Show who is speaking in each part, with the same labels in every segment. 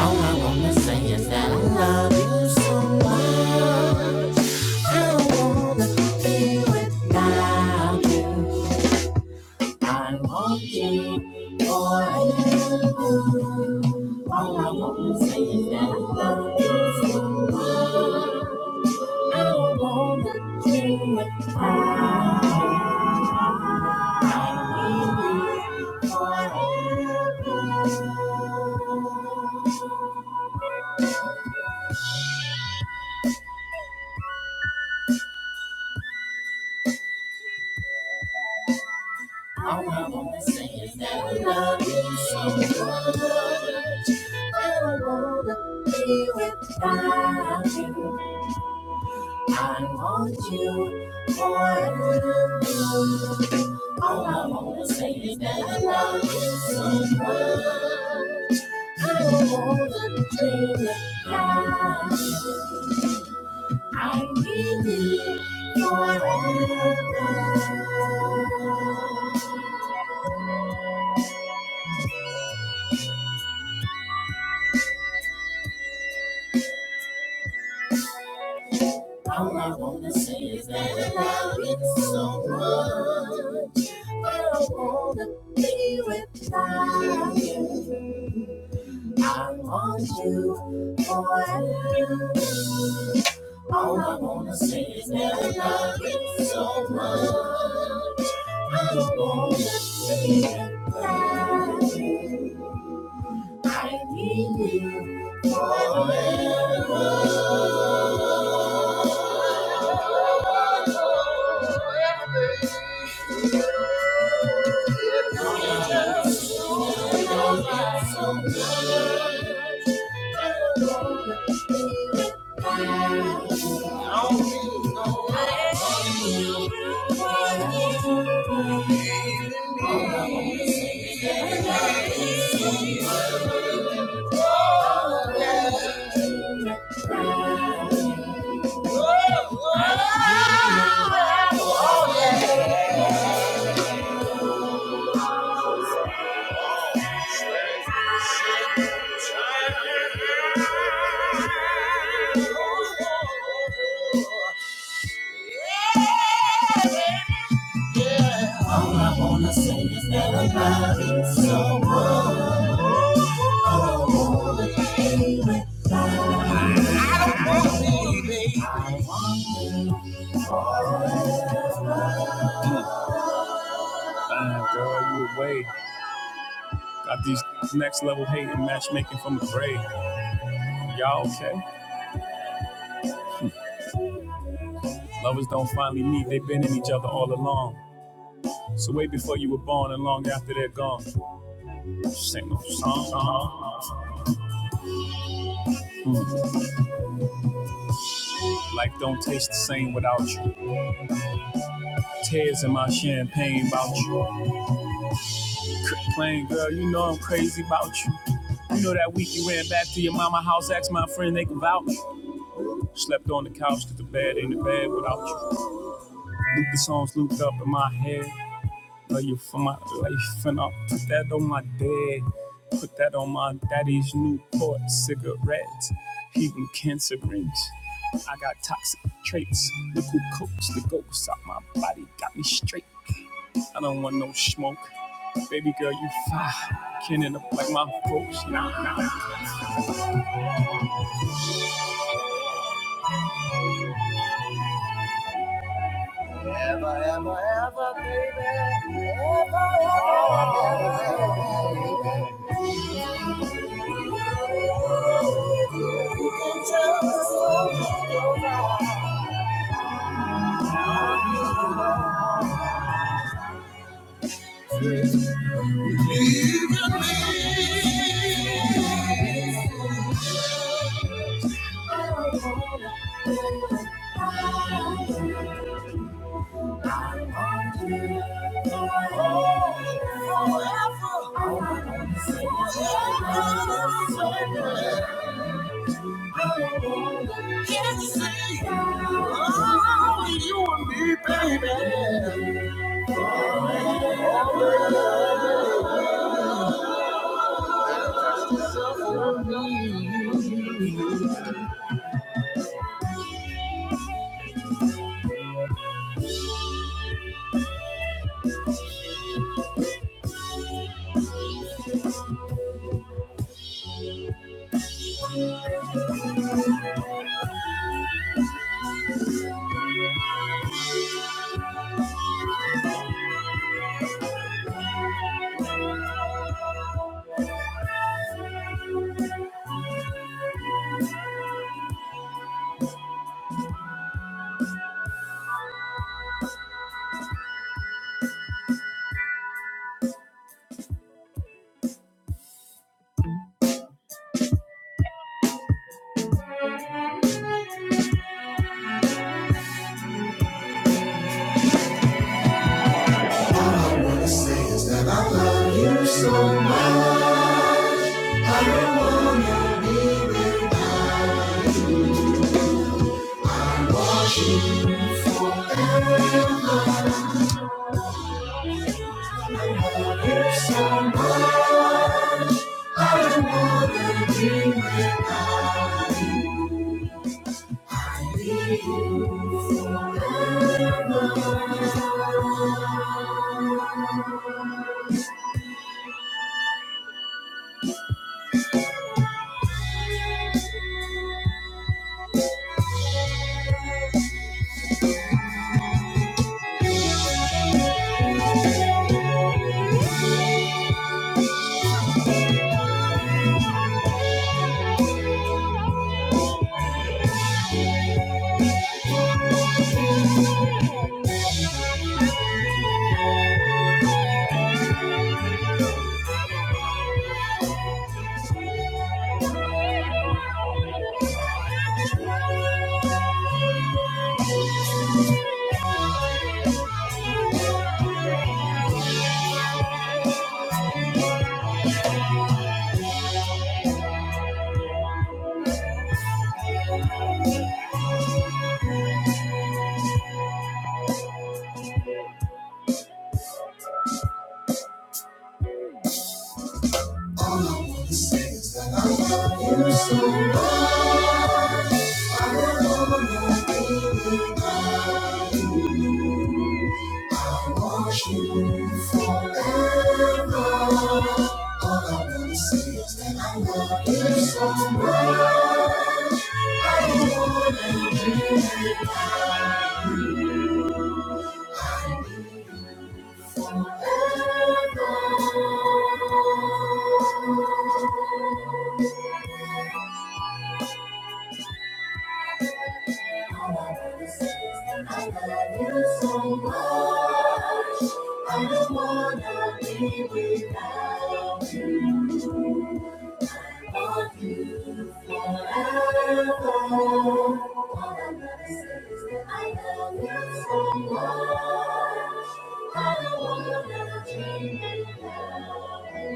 Speaker 1: All I wanna say is that I love you so much. I don't wanna be without you. I want you forever. All I wanna say is that I love you so much. I don't wanna be without you. I need you forever. All I wanna say is that I love you so much. And I wanna be without you. I want you forever. All I wanna say is that I love you so much. I don't wanna be without you. I need you forever. All I wanna say is that I love you so much. I wanna be without you. I want you forever. All I wanna say is that I love you so much. I wanna be without you. I need you forever. Everybody's So, oh, oh, oh, Oh, girl, you away. Got these next level hate and matchmaking from the grave. Y'all okay? Lovers don't finally meet, they've been in each other all along. So way before you were born and long after they're gone. Sing no song. Uh-huh. Mm. Life don't taste the same without you. Tears in my champagne about you. Plain girl, you know I'm crazy about you. You know that week you ran back to your mama house, asked my friend they could vouch. Slept on the couch 'cause the bed ain't a bed without you. Loop the songs looped up in my head. love you for my life, and I'll put that on my dad. Put that on my daddy's Newport cigarettes. He blew cancer rings. I got toxic traits. Look who coats the ghosts out my body, got me straight. I don't want no smoke. Baby girl, you fine. Can't end up like my folks. Nah, nah. Baby. I love you so much. I I I don't don't wanna Want wanna be be without without you. you you you. forever. All I'm gonna say is that I love you so much. I don't wanna be without you.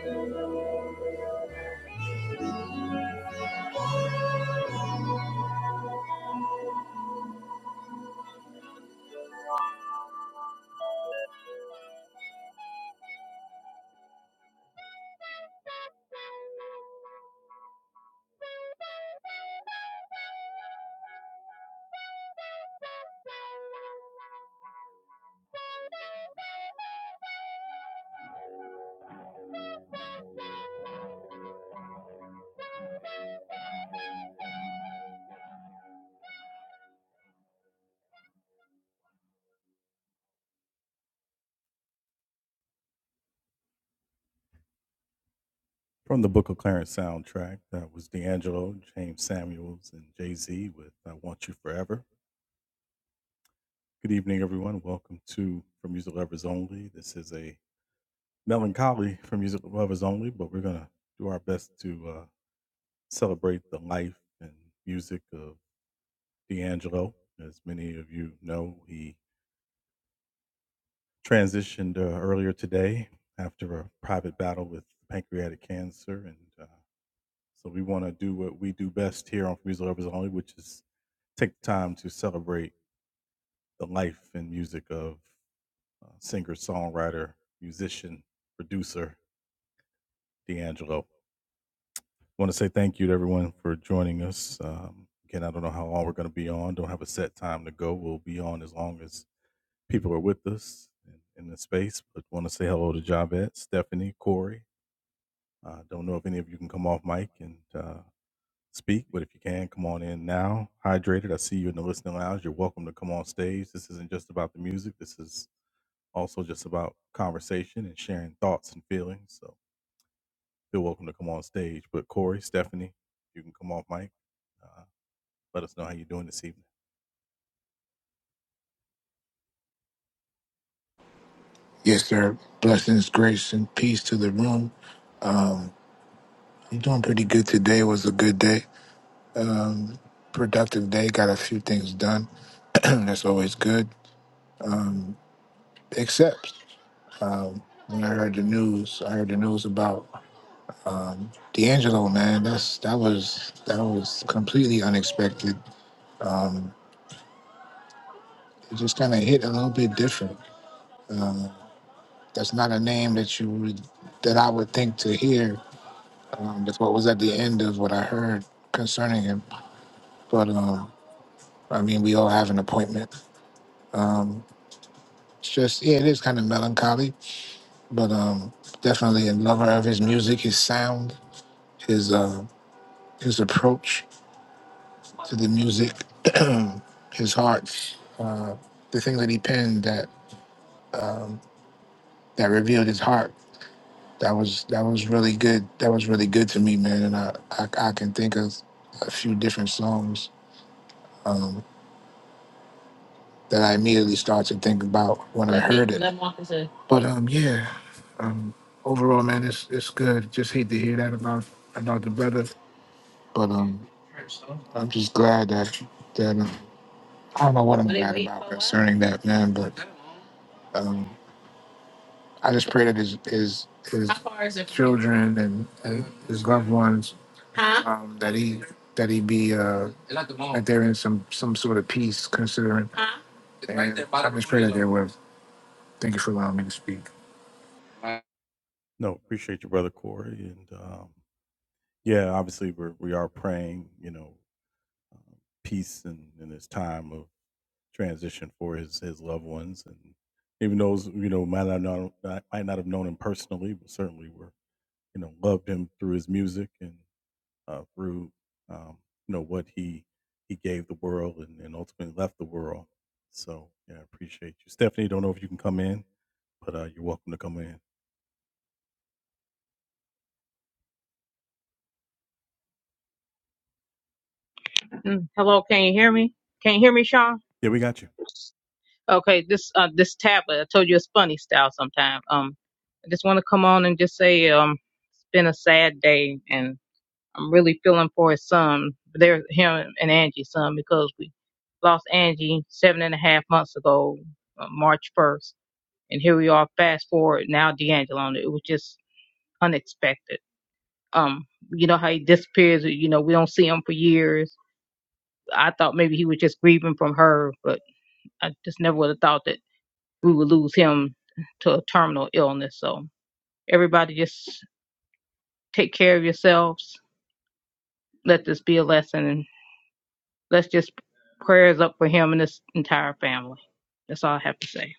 Speaker 2: Yes, sir. Blessings, grace, and peace to the room. I'm doing pretty good today. It was a good day. Um, productive day. Got a few things done. That's always good. Except when I heard the news, I heard the news about D'Angelo, man. That's that was that was completely unexpected. It just kind of hit a little bit different. That's not a name that you would that I would think to hear. Um, that's what was at the end of what I heard concerning him. But um, I mean, we all have an appointment. It's just yeah, it is kind of melancholy, but um, definitely a lover of his music, his sound, his uh, his approach to the music, his heart, uh, the things that he penned that um, that revealed his heart. That was that was really good. That was really good to me, man. And I I, I can think of a few different songs. Um, that I immediately started to think about when I heard it. But um, yeah, um, overall, man, it's it's good. Just hate to hear that about about the brother, but um, I'm just glad that that um, I don't know what I'm glad about concerning that man, but um, I just pray that his his his children and, and his loved ones um, that he that he be uh, that they're in some some sort of peace considering. And I just pray that they will. Thank you for allowing me to speak.
Speaker 3: Mm, Hello, can you hear me? Can you hear me, Sean? Okay, this uh this tablet, I told you it's funny style sometime. Um I just wanna come on and just say um it's been a sad day and I'm really feeling for his son, there him and Angie's son because we lost Angie seven and a half months ago, uh, March first. And here we are fast forward now D'Angelo and it was just unexpected. Um, you know how he disappears, you know, we don't see him for years. I thought maybe he was just grieving from her, but I just never would have thought that we would lose him to a terminal illness. So everybody just take care of yourselves. Let this be a lesson and let's just prayers up for him and his entire family. That's all I have to say.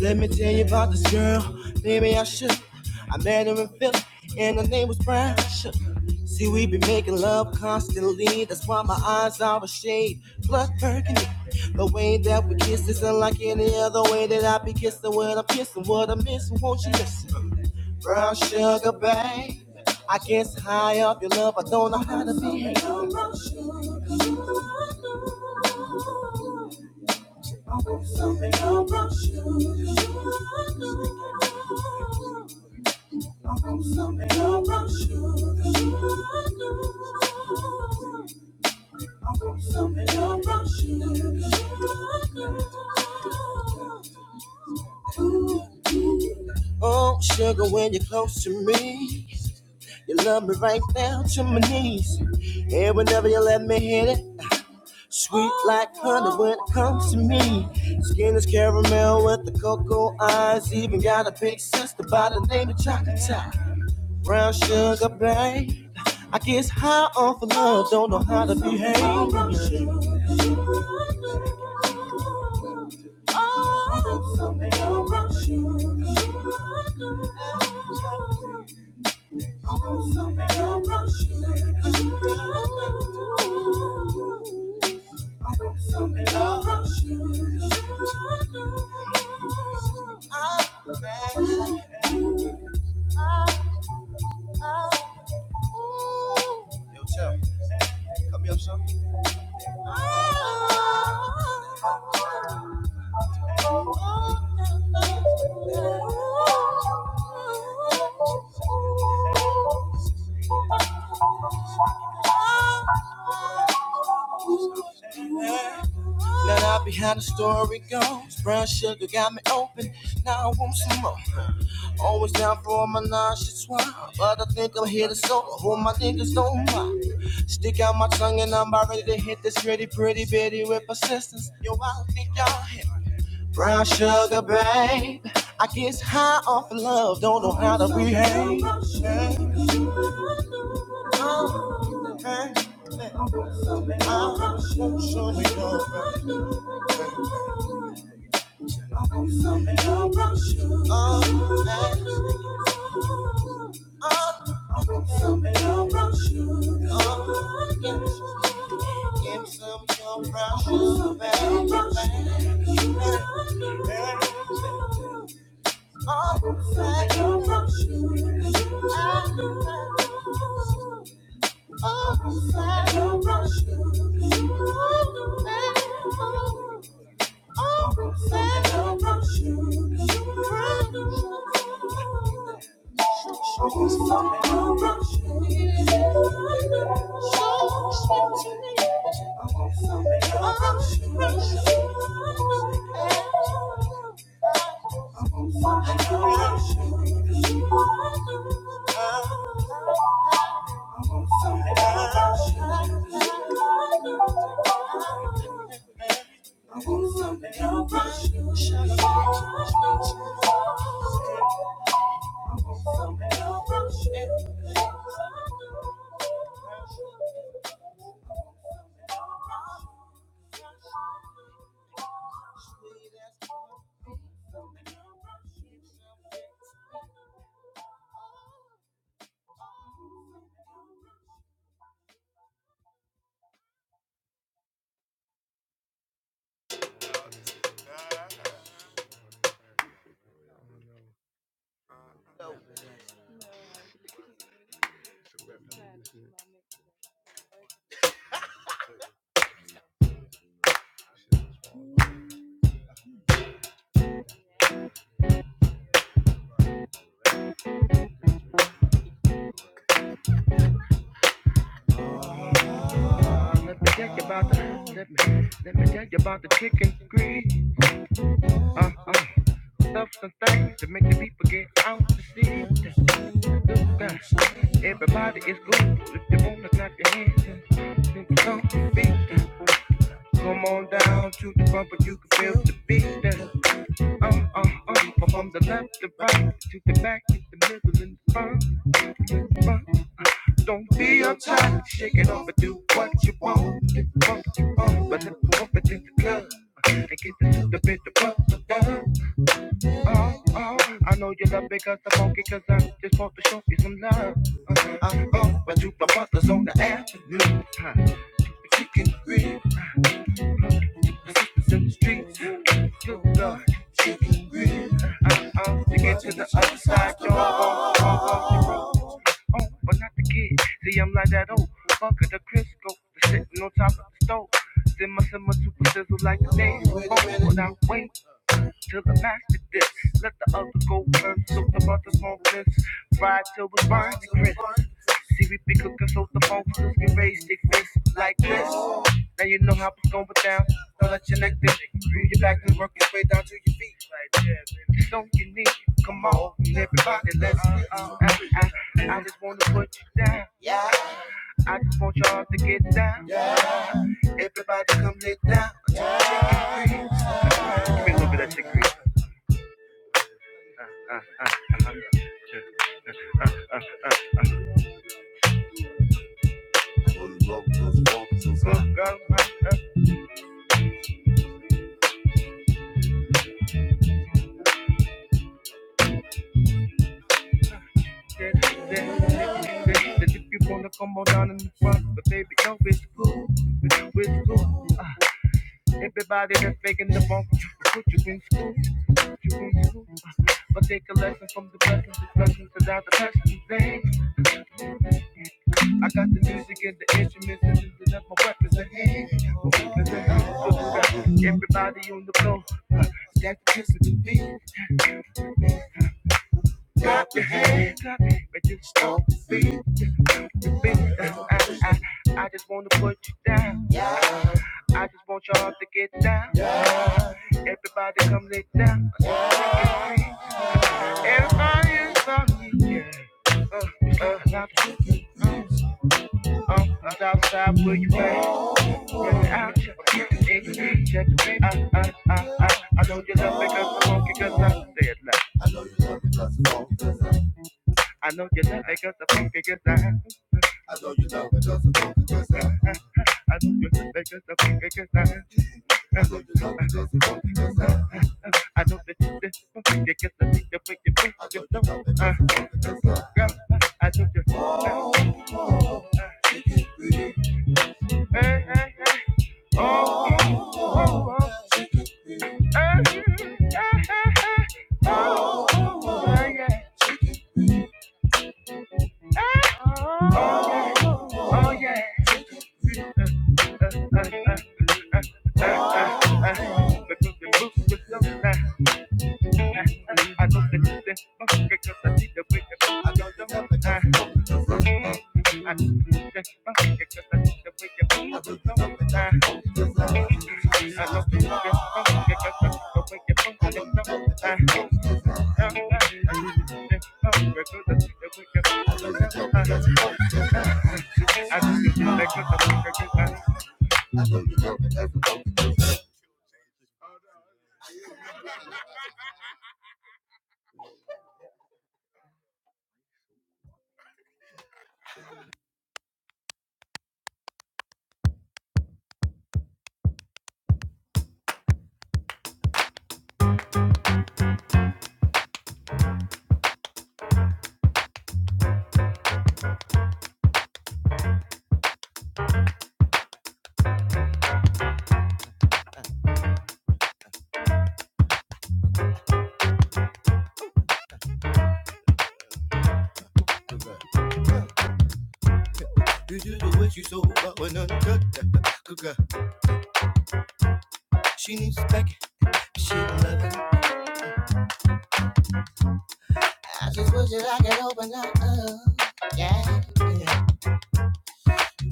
Speaker 1: Let me tell you about this girl. Maybe I should. I met her in Philly, and her name was Brown Sugar. See, we be making love constantly. That's why my eyes are a shade blood burgundy. The way that we kiss is unlike any other way that I be kissing. when I'm kissing, what I'm missing, won't you listen? Brown sugar, babe. I guess high up your love, I don't know how to be. Something about you. I want Something about you. I want Something about you. Oh, sugar, when you're close to me, you love me right down to my knees. And whenever you let me hit it. Sweet like honey when it comes to me. Skin is caramel with the cocoa eyes. Even got a big sister by the name of Chocolate. Brown sugar, babe. I guess high off of love, don't know how to behave. Oh, Yo, Tim, come here, son. Now that I be how the story goes. Brown sugar got me open. Now I want some more. Always down for all my nauseous wine. But I think I'm here to solo. Hold my niggas don't mind. Stick out my tongue and I'm about ready to hit this gritty, pretty bitty with persistence. Yo, I don't think y'all hit. me. Brown sugar, babe. I get high off of love, don't know how to behave. Yeah. Oh, hey, hey, oh, show- oh, hey, oh, oh, give some your brown sugar, babe, babe, babe. Oh, hey, oh, brown sugar. Oh, hey, Thank you. Let me tell you about the let me let me tell you about the chicken grease. Uh uh. Stuff and things to make the people get out to see. Look, everybody is good. If you wanna clap your hands and sing the song, beat. Come on down to the bumper, you can feel the beat. Uh uh uh. from the left to right, to the back, to the middle and the front. Don't be uptight, shake it off and do what you want. Do what you want, but if you want it in the club. And get into the little bit of what you want. Oh, oh, I know you love because I'm funky, cause I just want to show you some love. Uh, I'm up, but you my brothers on the afternoon. Huh. But you can grip, the sisters in the streets. Good Lord, I'm up to get to the other side, y'all. Oh, but not the kid. See, I'm like that old fucker, the Crisco, the sitting on top of the stove. Then my summer super sizzle like the day. Oh, without wait. Drip a master dip. Let the other go first. So the butter more bliss. Ride till we burn to crisp. See, we be cooking so the phone crews can raise their fists like this. Now you know how it's going down. Don't let your neck dip. Move your back and work your way down to your feet. Like, yeah, baby. Don't you need it? Come on, everybody, let's I, I, I just wanna put you down. I just want y'all to get down. Everybody come get down. Give me a little bit of that chick. Good girl, my girl. that, that, that, that, if you wanna come on down in the front, but baby, no, it's cool, it's, it's cool. Uh, everybody that's making the funk, put you in school, put you in school. Uh, but take a lesson from the blessings, the blessings without the passion things. I got the music and the instruments and lifting up my weapons and hands, my weapons and hands. So, uh, everybody on the floor, uh, that's just the beat. Clap your hands, clap, but just don't beat. I, just wanna put you down. I just want y'all to get down. Everybody come lay down. Everybody is on me, yeah. Uh, uh, love you. Uh, uh, outside where you at? Run out, check it, check it. Uh, uh, uh, uh. I know you love me 'cause I'm funky 'cause I said that. I know you love me 'cause I'm funky 'cause I. I know you love me 'cause I'm funky 'cause I. Uh, I know that you did something. You get the thing that make you move. You know, uh, girl, uh, I know you. Uh, uh, hey, hey, hey. Oh, oh, oh, oh. Hey, hey, hey, hey. Oh, oh, yeah. Hey, oh, yeah. Oh, yeah. See, uh, uh, uh, uh, uh, uh, uh, uh, uh. Because you move with love now. I go to the monkey because I need the way the I don't know what I I go to the monkey because I need the way the I don't know what I I go to the monkey because I need the way to I don't know what I I go to the monkey because I need the way to I don't know what I I go to the monkey because I need the way to you do the way you so but when I'm cut, she needs back, she love I just wish that I could open up. uh, Yeah. yeah.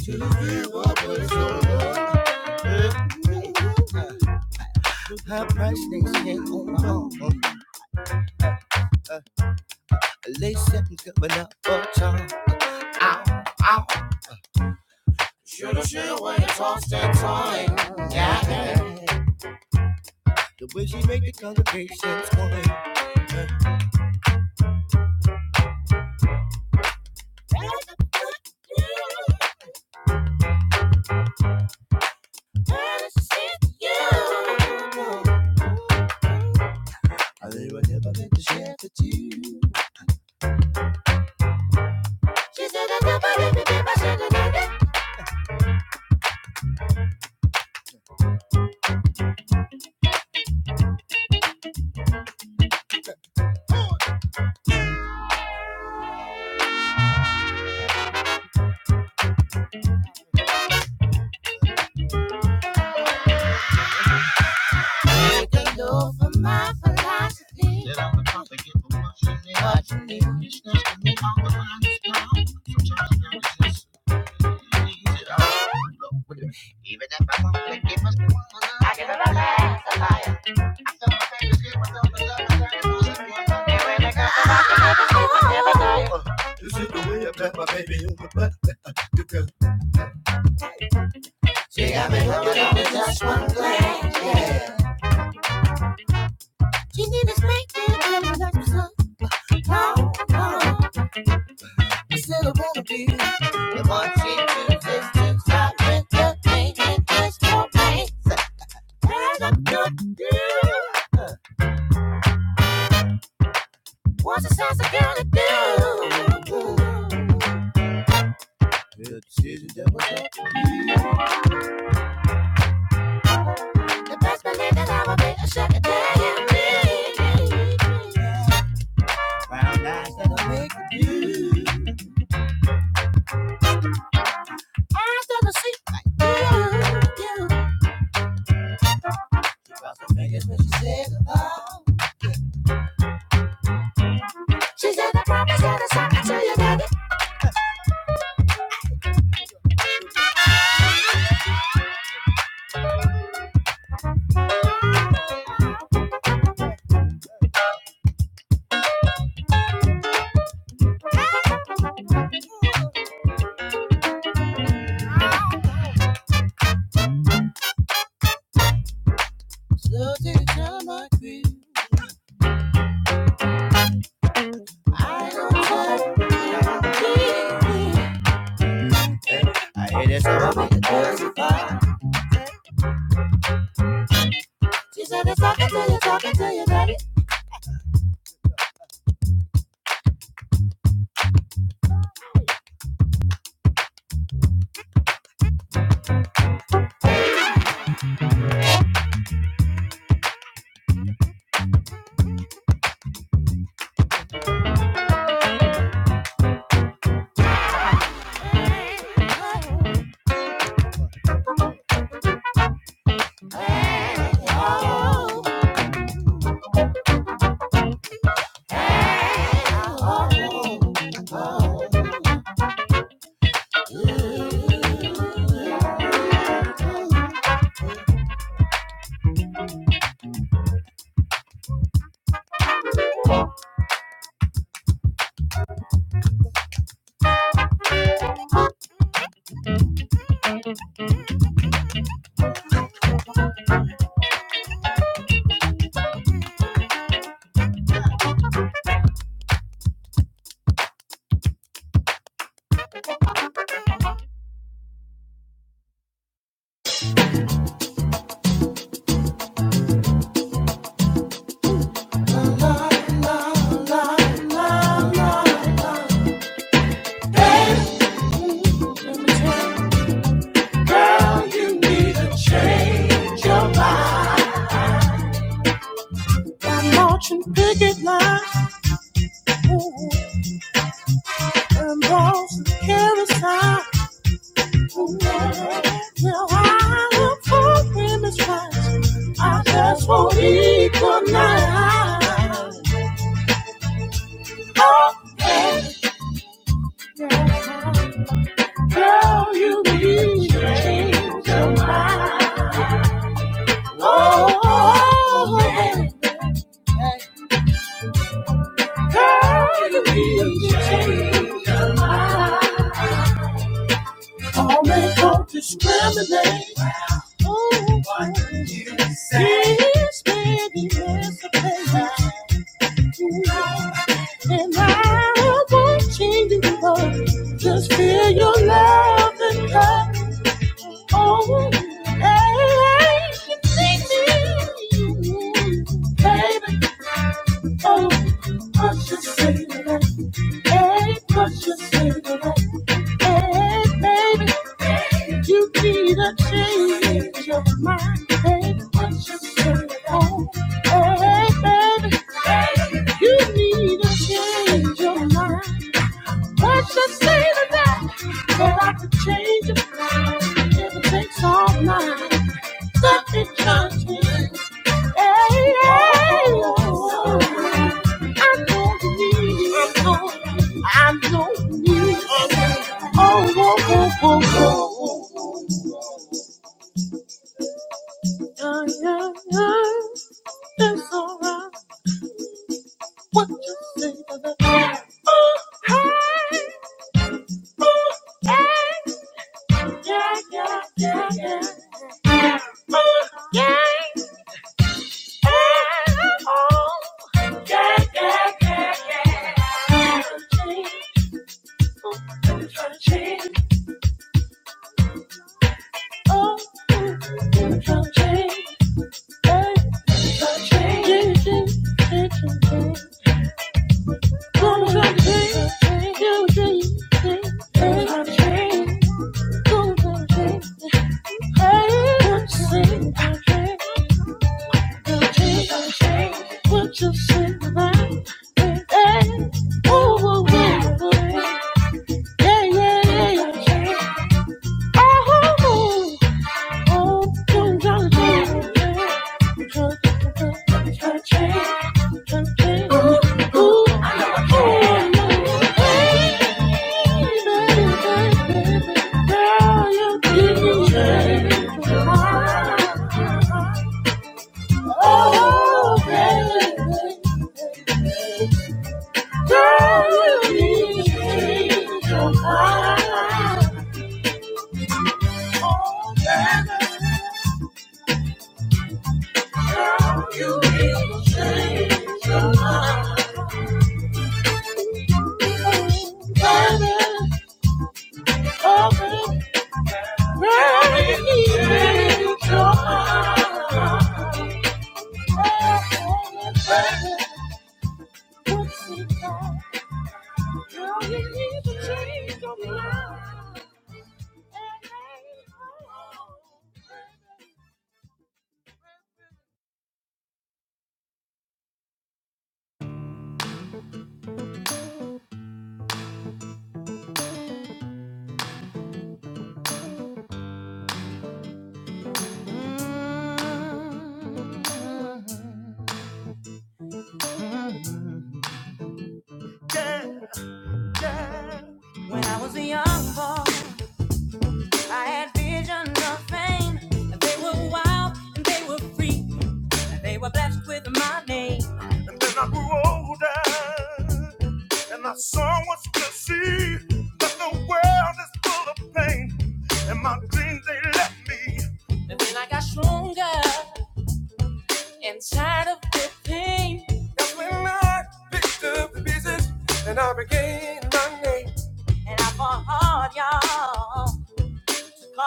Speaker 1: To the feel of so sun. High price things can't hold my own. Uh, uh, Late seconds coming up for time. Ow, ow. Shoulda, should when it's all that and Yeah. yeah. The way she make the congregation sway. I think never meant to share with you. She said I never meant to be watching you. Uh, This is the way I pat my baby on the butt. The girl She need a spanking and like some long, No, This little baby. You want she to just to stop with the pain and just no pain. There's a good deal. What's the sense of girl to do? Good season, double dip. The best believe that I will be a sugar daddy. Brown eyes that'll make you. Eyes that'll see like you. you. Cross her fingers when she said goodbye. She said I promise you the talking to your daddy. I hear this all over your cousin. She said it's talking to you, talking to your daddy. All you need to change your mind. Marching picket lines ooh, and those who carry signs. ooh. Well, I look for women's rights. I just won't equalize. Oh, girl, you need to change your mind. Oh, man. Girl, you need to change your mind. All men don't discriminate. Oh, what you say? This baby is a player. And I won't change you, Lord. Just feel your love and love. Oh, hey, you need me. Baby, oh, precious baby. Hey, precious baby. Hey, baby, you be the change of my baby. What you say? Oh, hey, baby, you need a change of mind. What you say to that? That I could change your mind if it takes all night. Such a change. Hey, hey, oh, I'm going to need you. Oh, yeah, yeah. yeah. Yeah, yeah, yeah, yeah. I'm trying to change. Oh, I'm trying to change. Oh, I'm trying to change. Hey, I'm trying to change. You think that you I'm trying to change. I'm trying to change. I'm trying to change. Hey, I'm trying to change. I'm trying What you say about me? Hey, ooh, ooh, ooh, ooh. Yeah, yeah, yeah. You need to change, so baby, oh, you. I had vision of fame. They were wild and they were free. And then I grew older and I saw what's to see. But the world is full of pain and my dreams they left me. And then I got stronger and tired of the pain. Lord, y'all,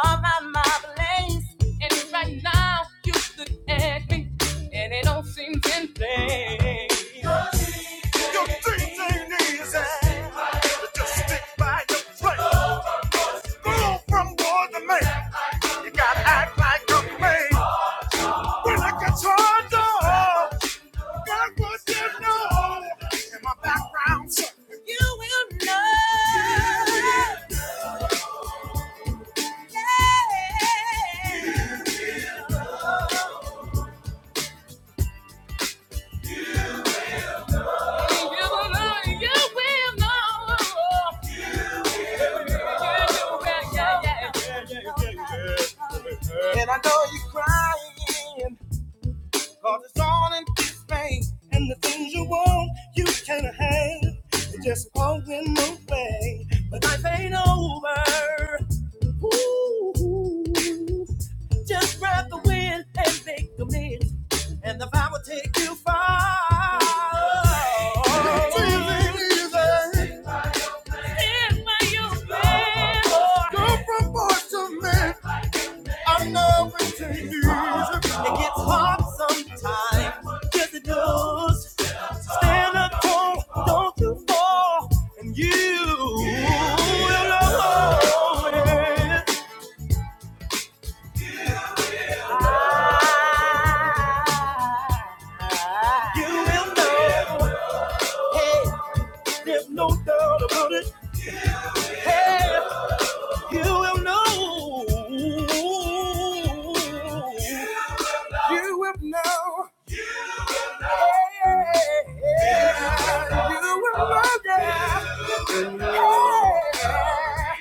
Speaker 1: all my, my place. And right now you look at me and it don't seem in place. Your things ain't easy. Just stick by your place. Grow from boy to man. You gotta act like a man. When I get turned on, God would you know? In my background, so And I know you cry, cause it's all in pain. And the phone you can't hang, just won't bang. Over. Ooh. Just grab the wind and make a move, and the vibe will take you far. It's easy, easy. Here's my youth, boy. Go from boy to man. I know it easy. It gets hard sometimes, yes it does. Stand up tall, don't you fall, and you will know. You will know, know, know.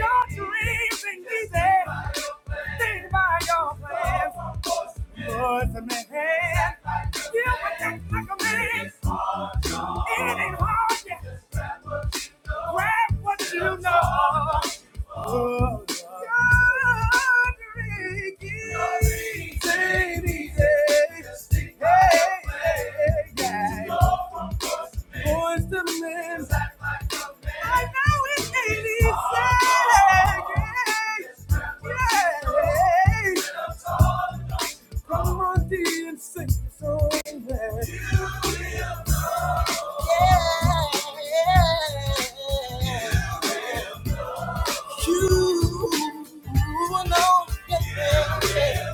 Speaker 1: Your dreams ain't easy. Think about your plans. Man, you would think like a man. It ain't hard yet. Grab what you know. Your dreams ain't easy. Yeah. Boys to men. I know it ain't easy. Yeah. Yeah. Come on, D, and sing the song. Yeah. yeah, You know. Yeah. yeah, yeah.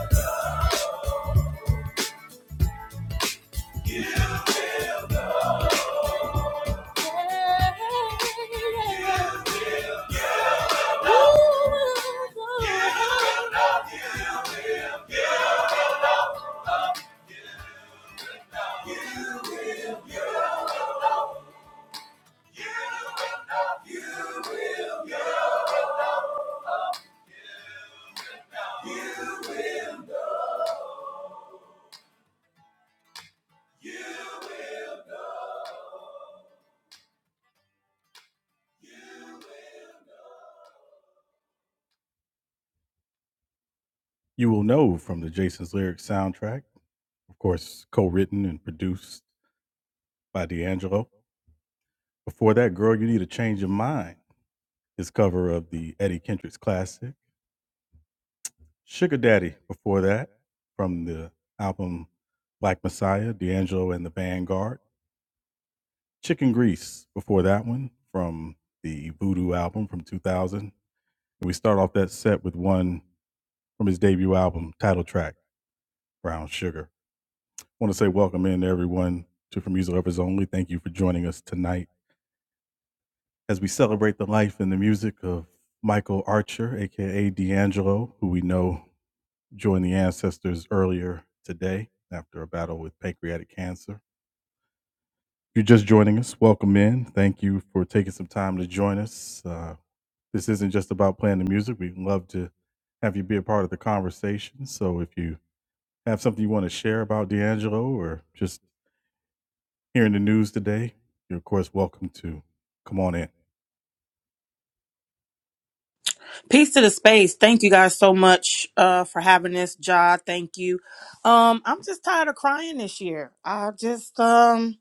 Speaker 4: Peace to the space. Thank you guys so much uh, for having this, Ja. Thank you. Um, I'm just tired of crying this year. I just, um,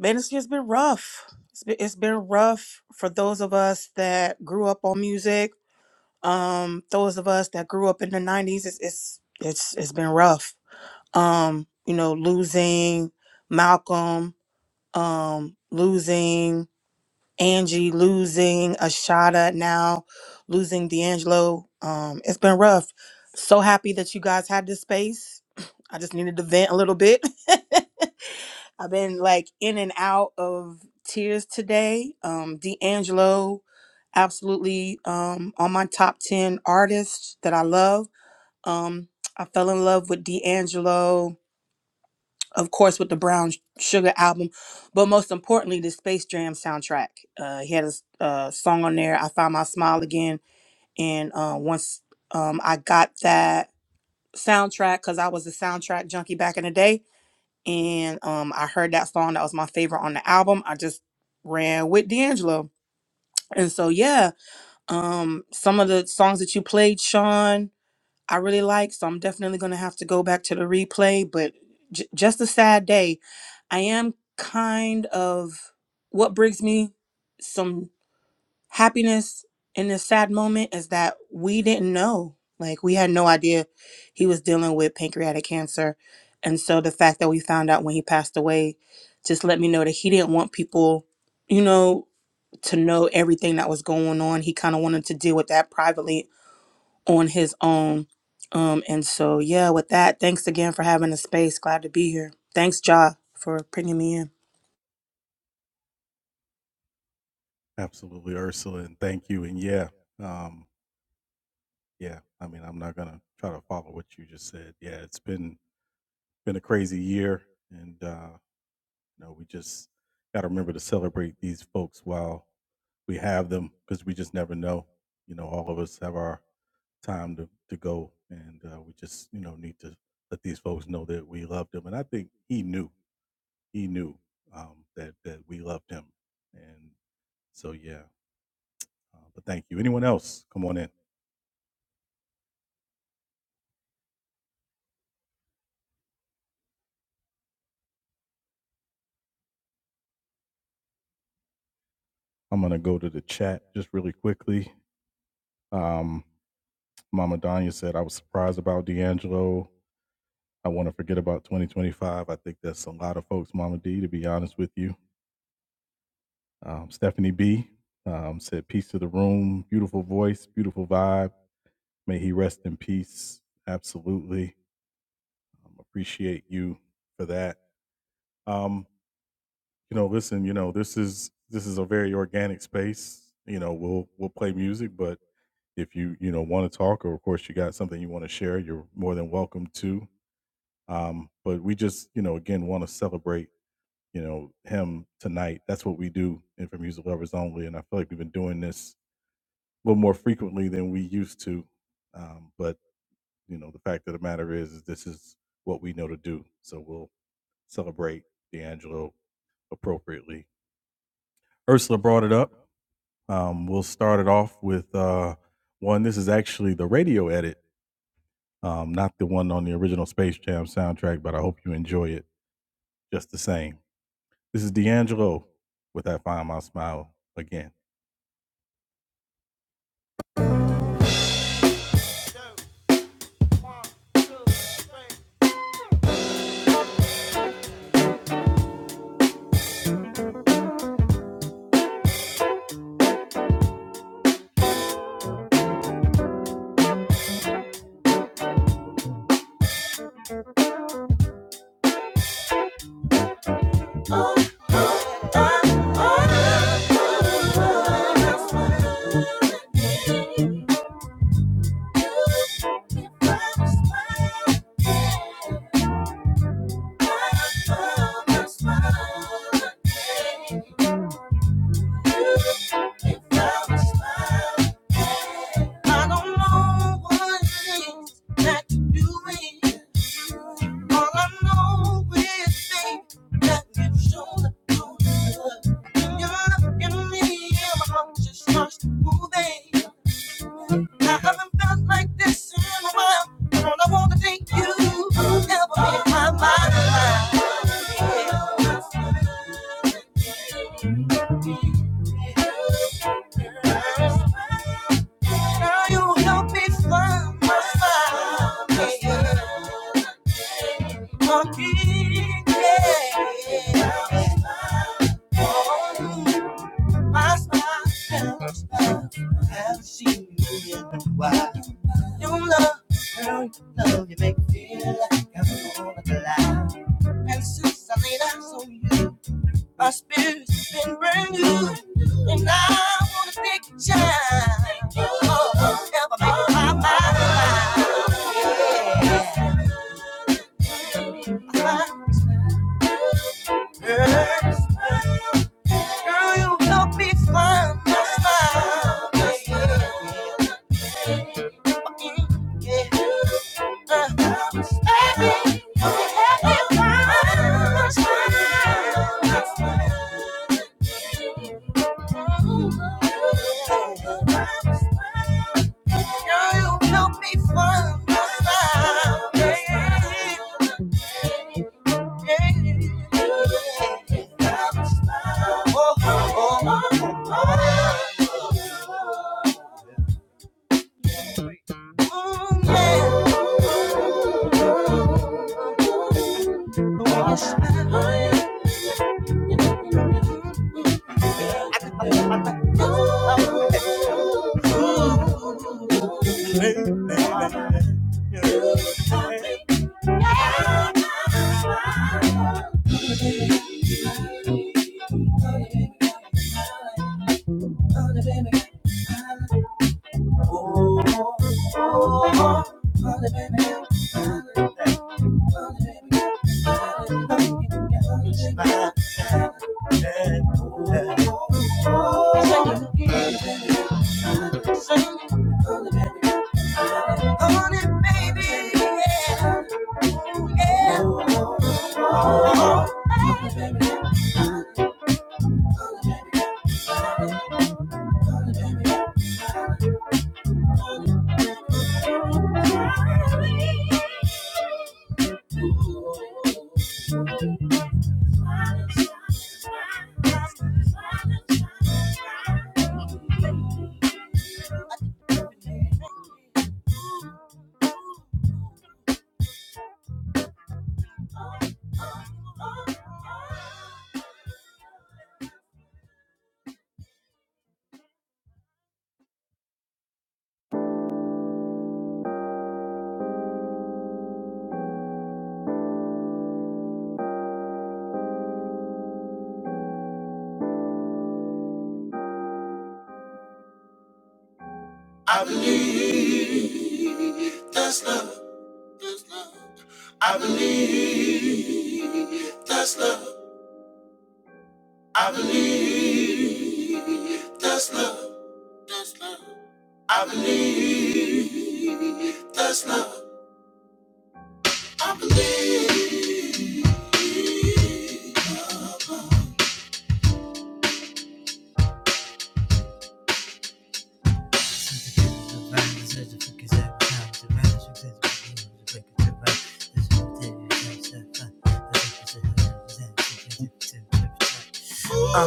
Speaker 4: man, this year's been rough. It's been, it's been rough for those of us that grew up on music. Um, those of us that grew up in the '90s. It's it's it's, it's been rough. Um, you know, losing Malcolm. Um, losing Angie losing Ashada now, losing D'Angelo. Um, it's been rough. So happy that you guys had this space. I just needed to vent a little bit. I've been like in and out of tears today. Um, D'Angelo, absolutely um, on my top 10 artists that I love. Um, I fell in love with D'Angelo of course, with the Brown Sugar album, but most importantly, the Space Jam soundtrack. Uh, he had a s- uh, song on there, "I Found My Smile Again," and uh, once um, I got that soundtrack, because I was a soundtrack junkie back in the day, and um, I heard that song. That was my favorite on the album. I just ran with D'Angelo, and so yeah, um, some of the songs that you played, Sean. I really like. So I'm definitely going to have to go back to the replay. But j- just a sad day. I am kind of what brings me some happiness in this sad moment is that we didn't know. Like, we had no idea he was dealing with pancreatic cancer. And so the fact that we found out when he passed away just let me know that he didn't want people, you know, to know everything that was going on. He kind of wanted to deal with that privately on his own. Um, and so, yeah, with that, thanks again for having the space. Glad to be here. Thanks, Ja, for bringing me in.
Speaker 1: Thank you. I don't know what it is that you're doing. All I know is, babe, that you You're looking me and my heart just starts moving. I haven't felt like this in a while. All I wanna thank you ever being my, my, Girl, you help me find my smile. Yeah. Oh, my smile. Haven't seen you in a while. You love, girl, you love, you make me feel like I'm on a cloud. And since I laid eyes on you, my spirit been brand new. And I wanna take a chance. Oh, oh, help me make my mind. Girl, you help me find my smile. Yeah. Yeah. Uh, baby, you help me find my smile. Girl, you help me find my smile. Yeah. Oh, Thank you. Uh,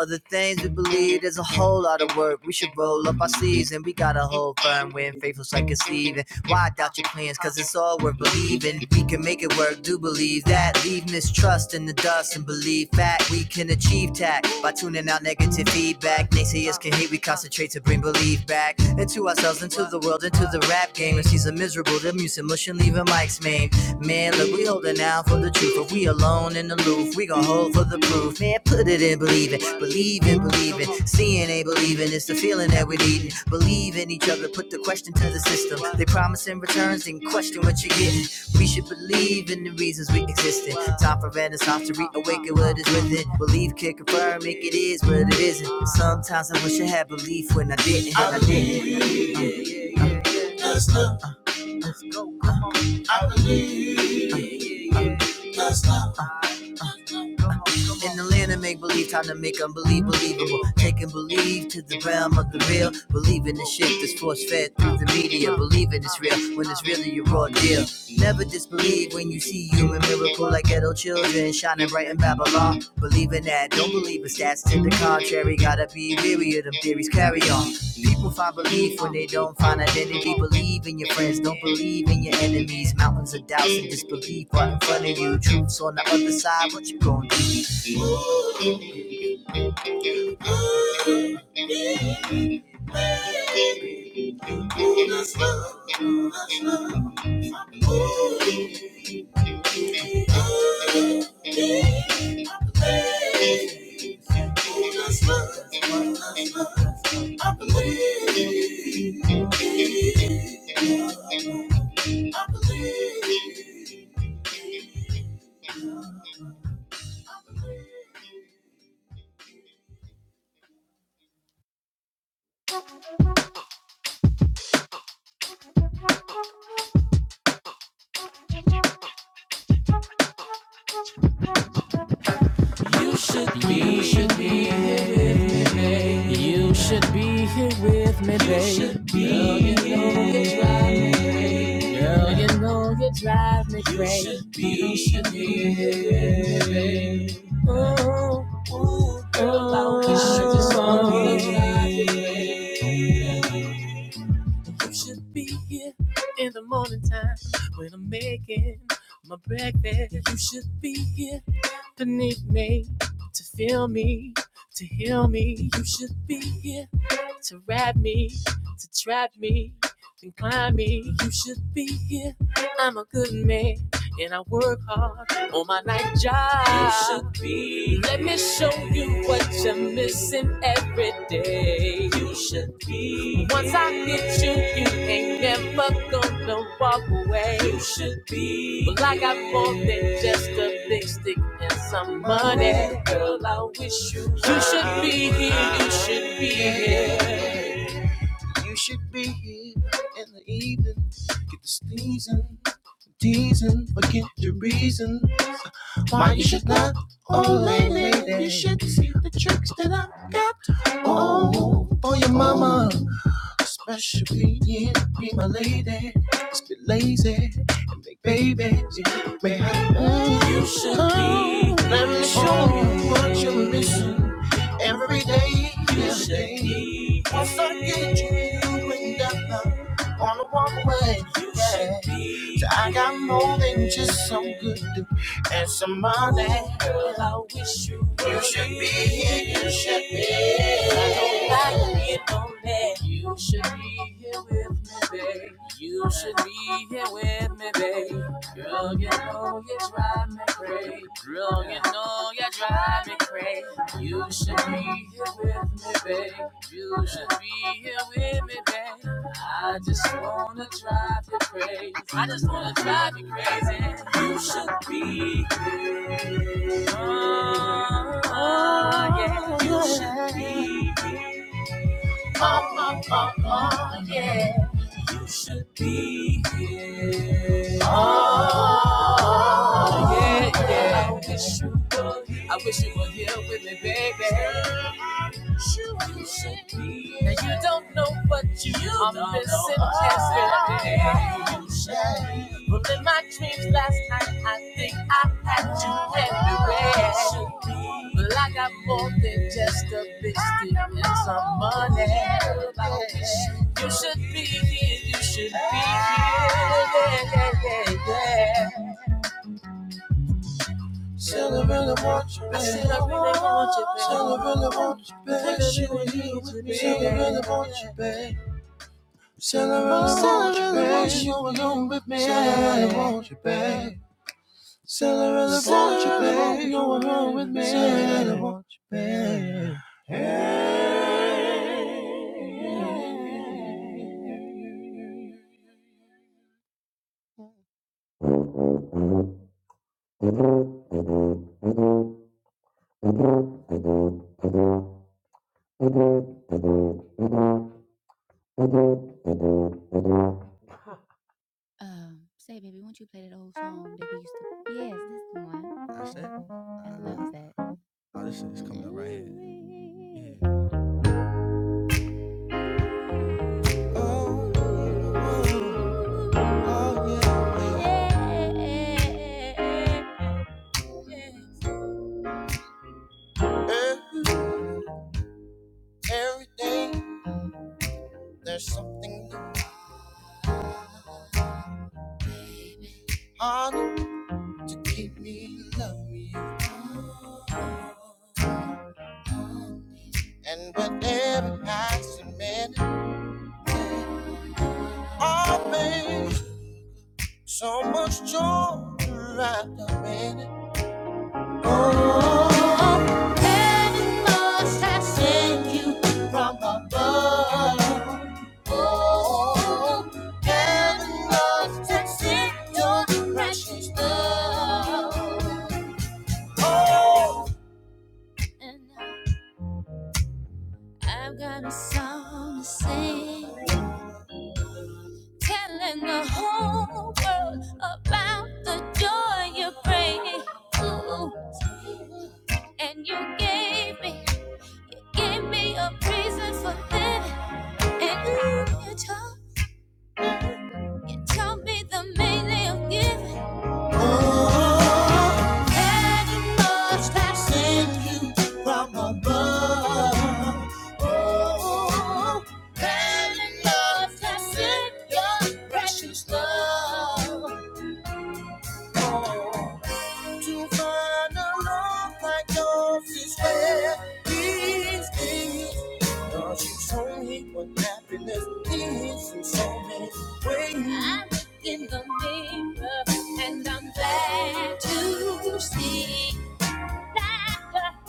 Speaker 1: other things we believe there's a whole lot of work. We should roll up our sleeves and we got a whole firm when faithful's like a Steven. Why doubt your plans? Cause it's all worth believing. We can make it work, do believe that. Leave mistrust in the dust and believe fact. We can achieve tact by tuning out negative feedback. Naysayers can hate, we concentrate to bring belief back into ourselves, into the world, into the rap game. If she's a miserable, the music mush and leave a mic's main. Man, look Look, we holding out for the truth, but we alone and aloof. We gon' hold for the proof. Man, put it in believe it, believe in believe it. Seeing ain't believing, it's the feeling that we needin'. Believe in each other, put the question to the system. They promising returns and question what you're getting. We should believe in the reasons we exist Time for renaissance to reawaken what is within. Believe can confirm, make it is what it isn't. Sometimes I wish I had belief when I didn't. And I didn't. In the land of make believe, time to make unbelieve believable. Taking believe to the realm of the real. Believe in the shit that's force fed through the media. Believing it's real when it's really a raw deal. Never disbelieve when you see human miracle like ghetto children shining bright in Babylon. Believe in that, don't believe in stats to the contrary. Gotta be weary of them theories, carry on. People find belief when they don't find identity. Believe in your friends, don't believe in your enemies. Mountains of doubts and disbelief right in front of you. Truths on the other side, what you gonna do? Thank you. with me, babe. Girl, you know you drive me crazy. Girl, you know you drive me crazy. You should be here. baby. Oh, oh, girl, I just wanna drive you crazy. You should be here in the morning time when I'm making my breakfast. You should be here beneath me to feel me, to heal me. You should be here to rap me, to trap me, to climb me. You should be here. I'm a good man and I work hard on my night job. You should be. Let me show you what you're missing every day. You should be. Once I get you, you ain't never gonna walk away. You should well, I got more than just a big stick and some money. Girl, I wish you. You should be here. You should be here. Oh, lady, you should. Let me show you what you're missing. Every you Once I get you, you bring that love on the walkway. I got more than just some good and some money. Girl, I wish I lonely. You should be here with me, babe. You should be here with me, babe. Girl, you know you drive me crazy. Girl, you know you drive me crazy. You should be here with me, babe. You should be here with me, babe. I just wanna drive you crazy. I just wanna drive you crazy. You should be here. Oh, oh yeah. You should be here. Oh oh oh oh yeah. You should be here. Oh, yeah, yeah. I wish you were, here. I wish you were here with me, baby. Now you don't know what you, you are don't missing know yesterday. you Well, in my dreams last night, I think I had you anyway. Well, I got more than just a biscuit and some money. You should be here, you should be here. Yeah, yeah, yeah, yeah. Tell her really want you, babe. I said I really want you, babe. Tell her really want you, babe. Wish you were here with me. Tell her really want you, babe. Tell her really want you alone with me. Tell her really want you, babe. Really want you, babe. You alone with me. Tell her really want you. um, say, baby, won't you play that old song that we used to? Yes, this the one. I love that. Every day there's something new. Harder to keep me loving you. And whatever every passing minute, I made so much joy throughout the minute. Oh, and must have seen you from above. Oh, heaven must have sent your precious love. And I've got a song to sing, telling the whole world about the joy you bring. Ooh, and you gave me, you gave me a reason for living. Oh, heaven must have sent you from above. Oh, heaven must have sent your precious love home. To find a love like yours is rare. these things. Cause you show me what happiness is in so many ways. I look in the mirror and I'm glad to see.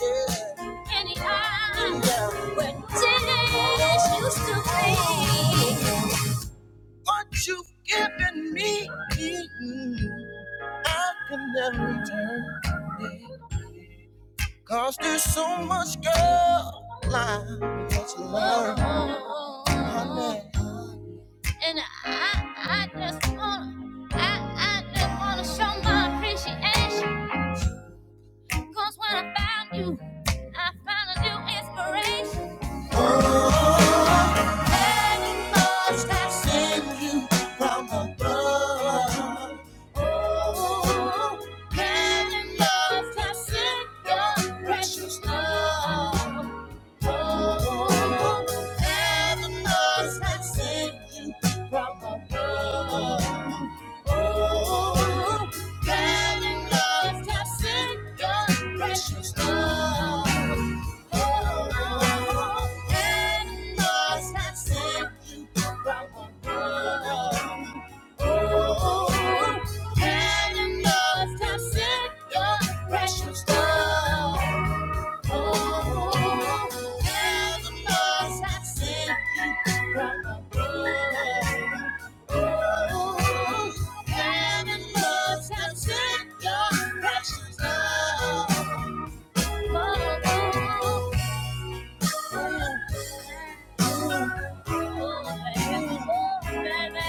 Speaker 1: Yeah. Any eye yeah. where tears used to be. What you've given me, I can never return. Cause there's so much girl line that you learn. honey. And I, I just wanna, I, I just wanna show my appreciation. 'Cause when I found you, I found a new inspiration. Oh, and must have sent you from above. Oh, and must have sent your precious love. Precious love. Oh, you the most I sent you from above. Oh, you the most I sent your precious love. Oh, oh, oh, oh, oh, baby.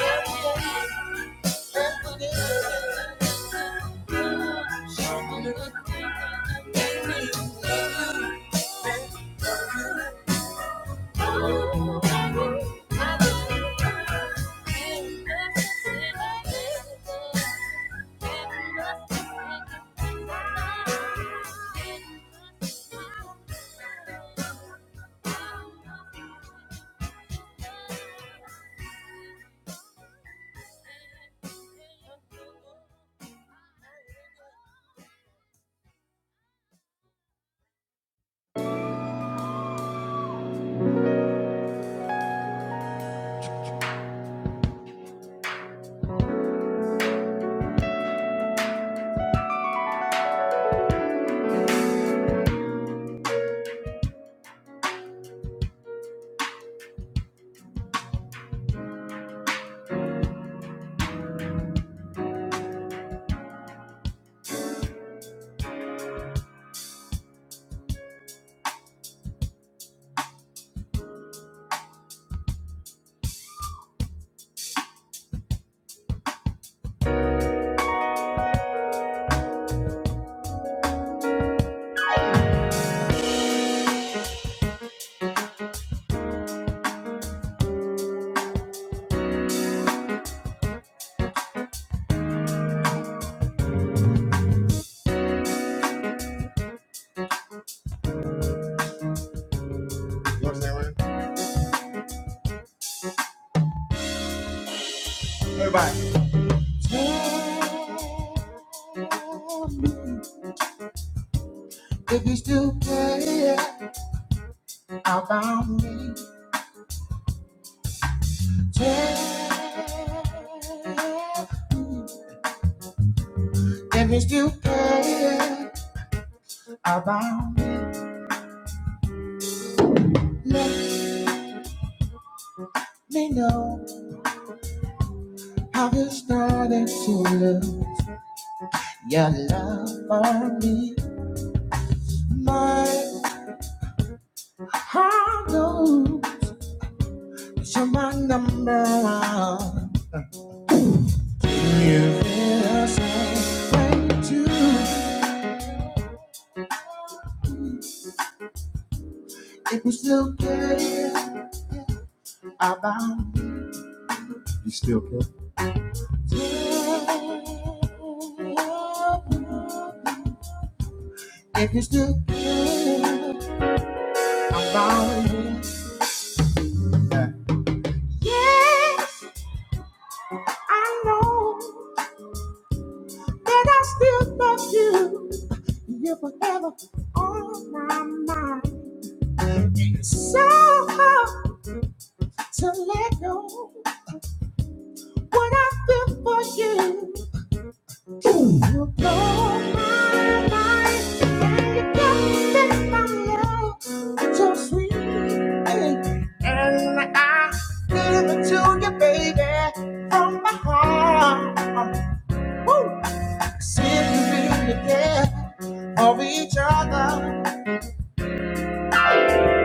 Speaker 1: Oh, baby. Thank you. Tell me if you still care about me. Tell me if you still care about me. Me know how you started to look your love for me. My heart knows you're my number one. You feel the same. You still, I know. And I still love you. You're forever on my mind. So hard to let go. What I feel for you. You blow my mind. And you got me my love. So sweet. Hey. And I give it to you, baby. From my heart. Ooh. See if you feel it, yeah. Of each other.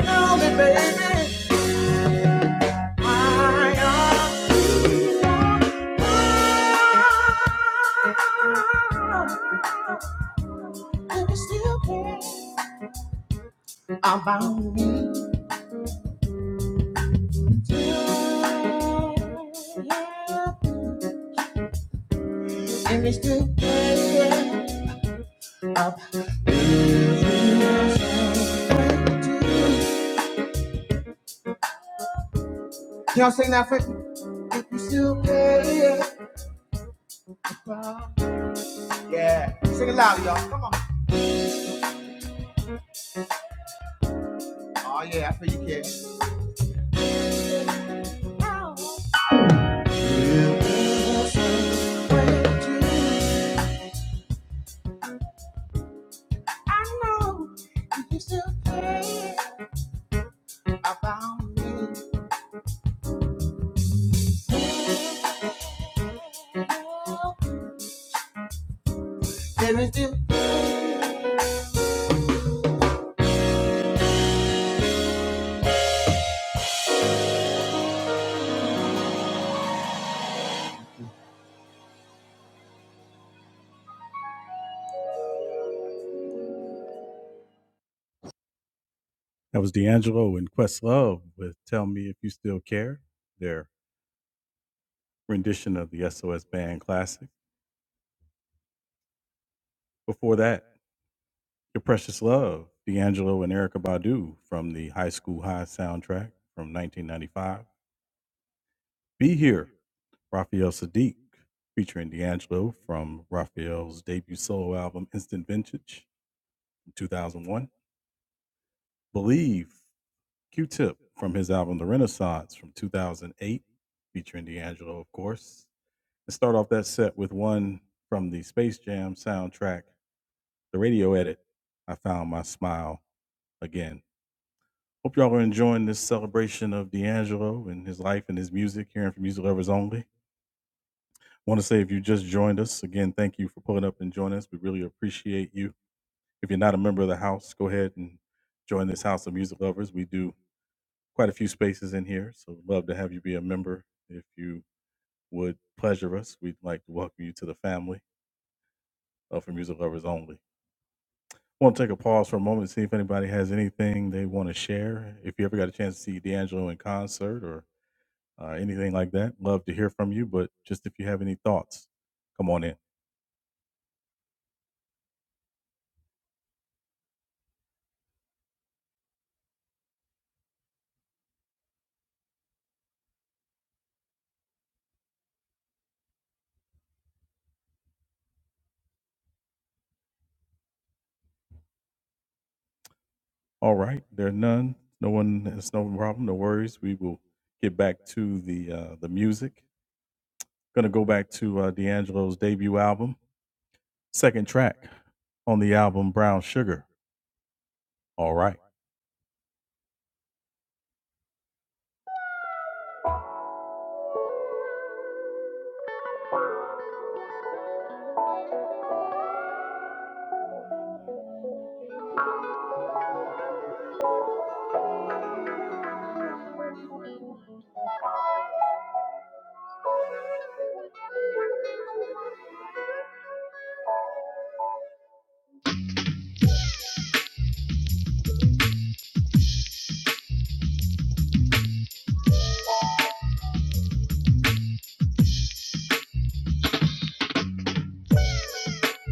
Speaker 1: Tell me, baby. About me, and they still care. You still care. Oh yeah, I feel you care about me, and they still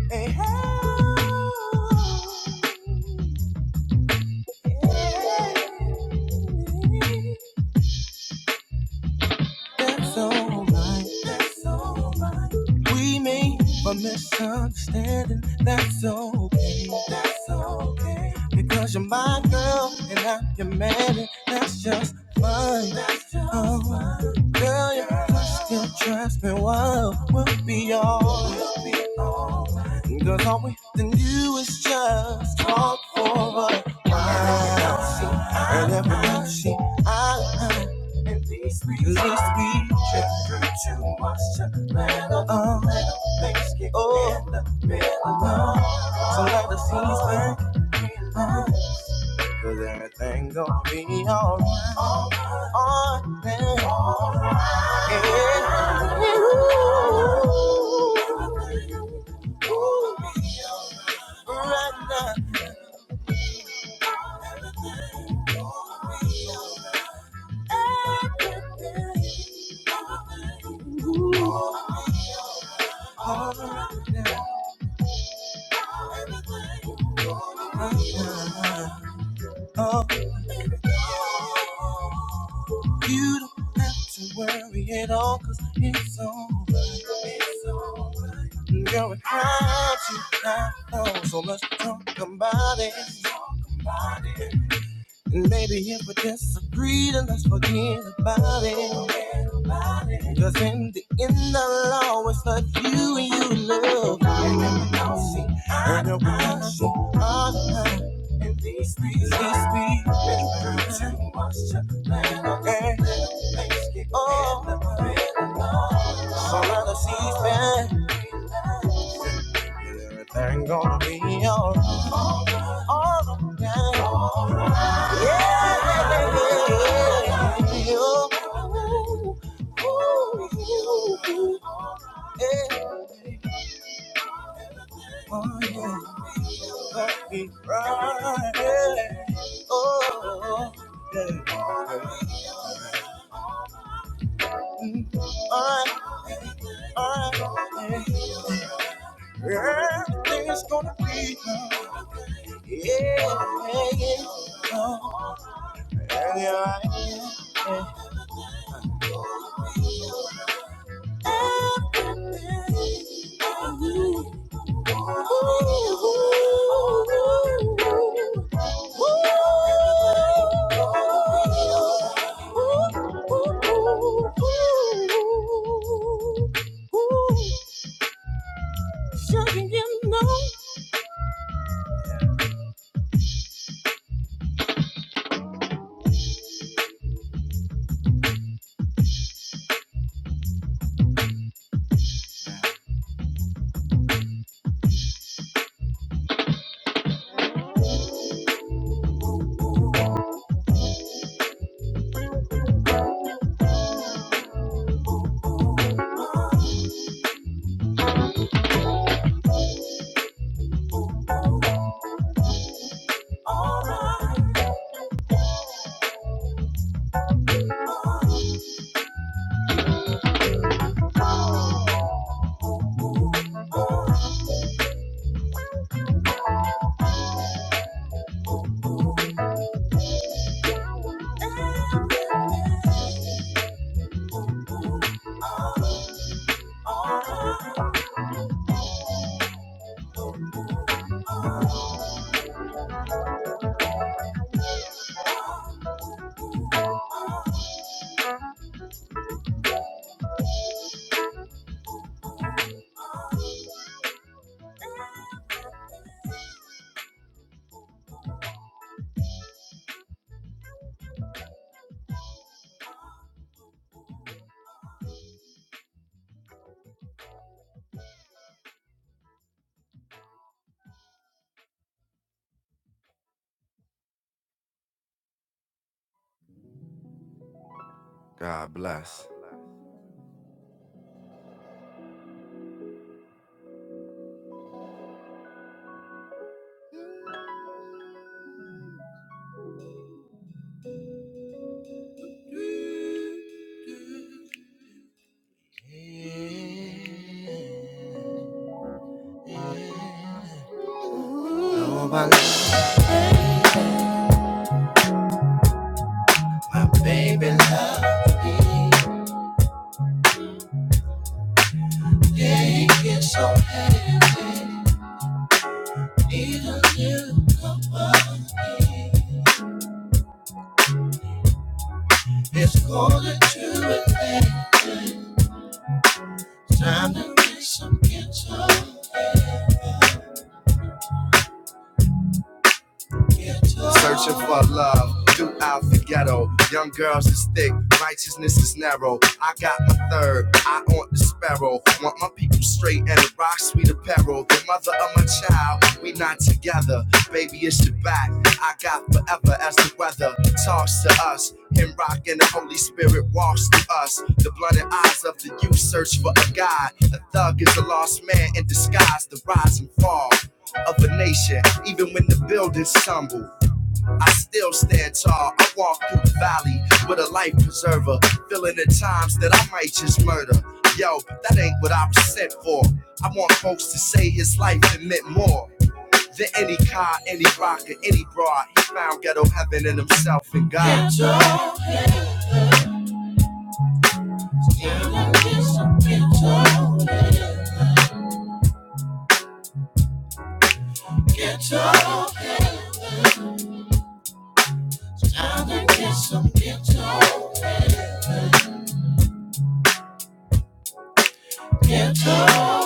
Speaker 1: care. That's alright. We may a misunderstanding. That's okay. That's okay. Because you're my girl and I'm your man, and that's just fine. That's just oh, fine. girl, your touch still drives me wild. We'll be all. Because all we can do is just talk for a while. And every night she, I. I at least we, at least we drink too much chocolate. Oh, things get oh, in the middle of. So let the seas burn. Oh. Cause everything gonna be alright. Alright, yeah. Ooh, ooh, right now. Everything gonna be alright. You don't have to worry at all, cause it's alright. It's alright. Girl, it's not too high, low, so let's talk about it. And maybe everything gonna be alright. all around. Yeah, yeah, yeah. yeah. Ooh, ooh, ooh, yeah. Oh, yeah. Let me ride. yeah. Oh, yeah. Alright, alright, yeah. Everything's gonna be good. Yeah, yeah, yeah. Oh, yeah, yeah, yeah. Thick, righteousness is narrow. I got my third. I want the sparrow. Want my people straight and a rock sweet apparel. The mother of my child. I together, baby, it's your back. Weather talk. The blooded eyes of the youth A thug is a lost man in disguise. The rise and fall of a nation, even when the buildings stumble. I still stand tall. I walk through the valley with a life preserver, feeling the times that I might just murder. Yo, but that ain't what I was sent for. I want folks to say his life it meant more than any car, any rocker, any broad. He found ghetto heaven in himself and God.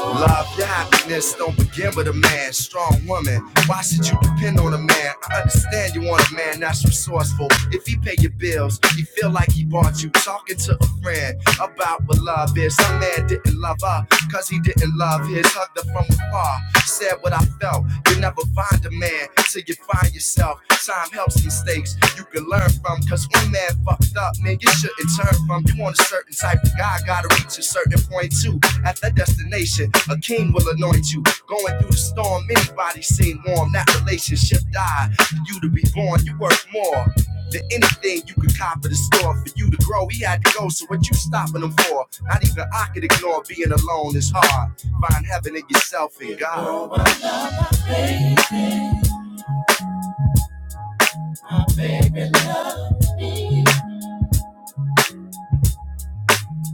Speaker 1: Love, your happiness don't begin with a man, strong woman. Why should you depend on a man? I understand you want a man that's resourceful. If he pay your bills, he feel like he bought you. Talking to a friend about what love is. Some man didn't love her, cause he didn't love his. Hugged her from afar, said what I felt. You never find a man till you find yourself. Time helps mistakes you can learn from. Cause one man fucked up, man, you shouldn't turn from. You want a certain type of guy, gotta reach a certain point too. At that destination, a king will anoint you. Going through the storm, anybody seem warm. That relationship died. You to be born, you worth more. Anything you could cop at the store for you to grab to go. So what you stopping them for? Not even I could ignore being alone is hard. Find heaven in yourself and God. My baby love me.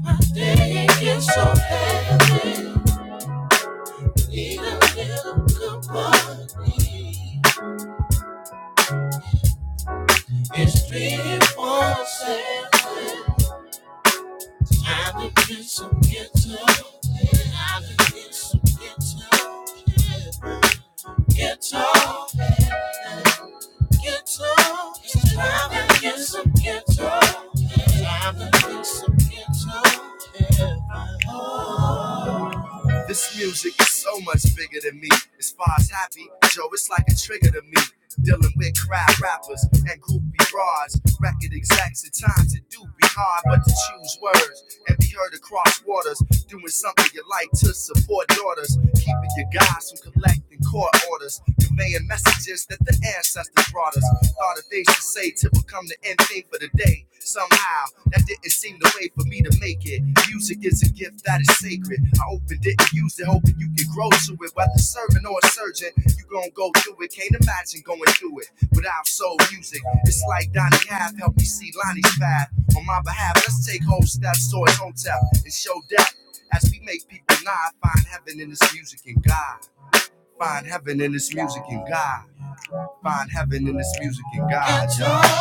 Speaker 1: My day gets so heavy. Need a little company. It's three, four, seven. Time to get some guitar. Ghetto, ghetto, it's Time to get some ghetto. Time to get some ghetto. This music is so much bigger than me. As far as happy, Joe, it's like a trigger to me. Dealing with crowd rappers and groupie broads, record execs at times it do be hard, but to choose words and be heard across waters, doing something you like to support daughters, keeping your guys from collecting court orders, conveying messages that the ancestors brought us, all the things to say to become the end thing for the day. Somehow that didn't seem the way for me to make it. Music, if that is sacred, I open you You gon' go through it, can't imagine going through it without soul music. It's like Donny Half helped me see Lonnie's five. On my behalf, let's take whole steps towards hotel and show depth. As we make people nod, find heaven in this music and God. Find heaven in this music and God. Find heaven in this music and God.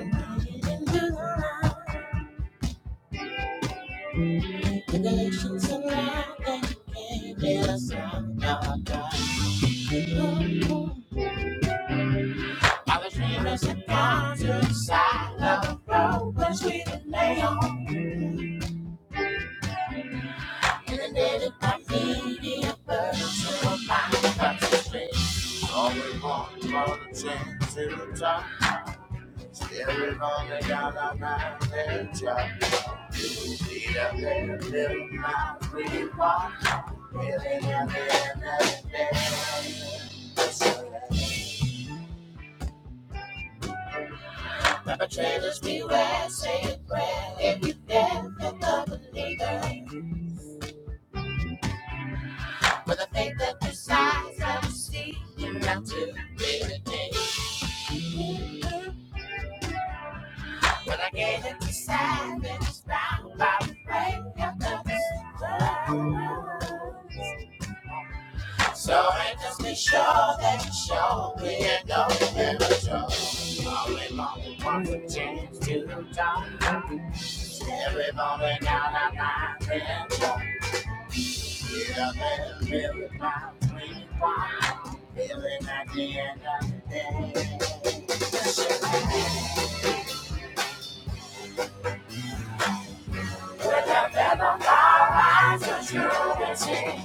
Speaker 1: y'all. All the dreamers and concerts, side of the road, when we lay on it, but trailers beware, say a prayer if you dare, for the believer, with a faith that decides that you see him not to. I gave it to silence, round by the break of the sun. One chance to the dawn. Everybody down that mountain, yeah, there's really mountain wild, feeling at the end of the day. That's what you're always thinking.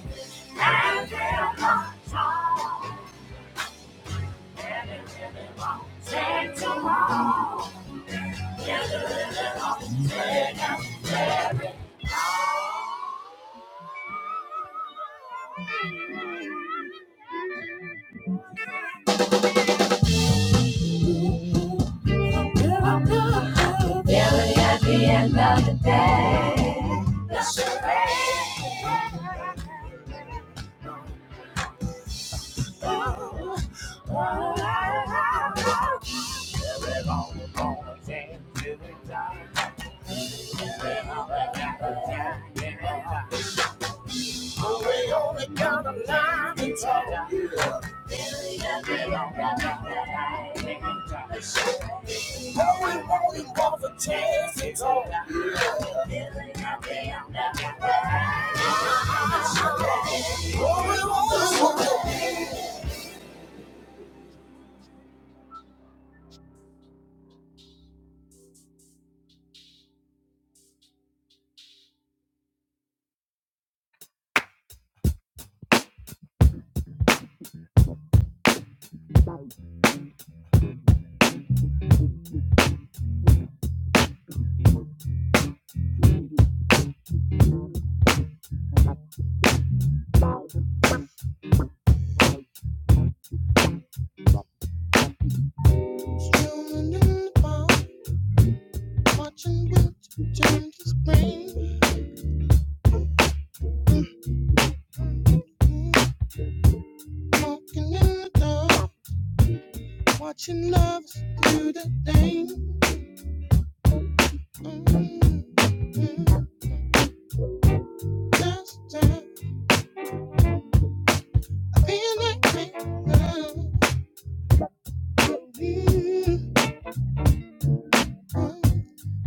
Speaker 1: Feeling good, feeling bad. Well, I- I- I- but we only got a line to toe. All you. Oh, we want is one for chance to toe.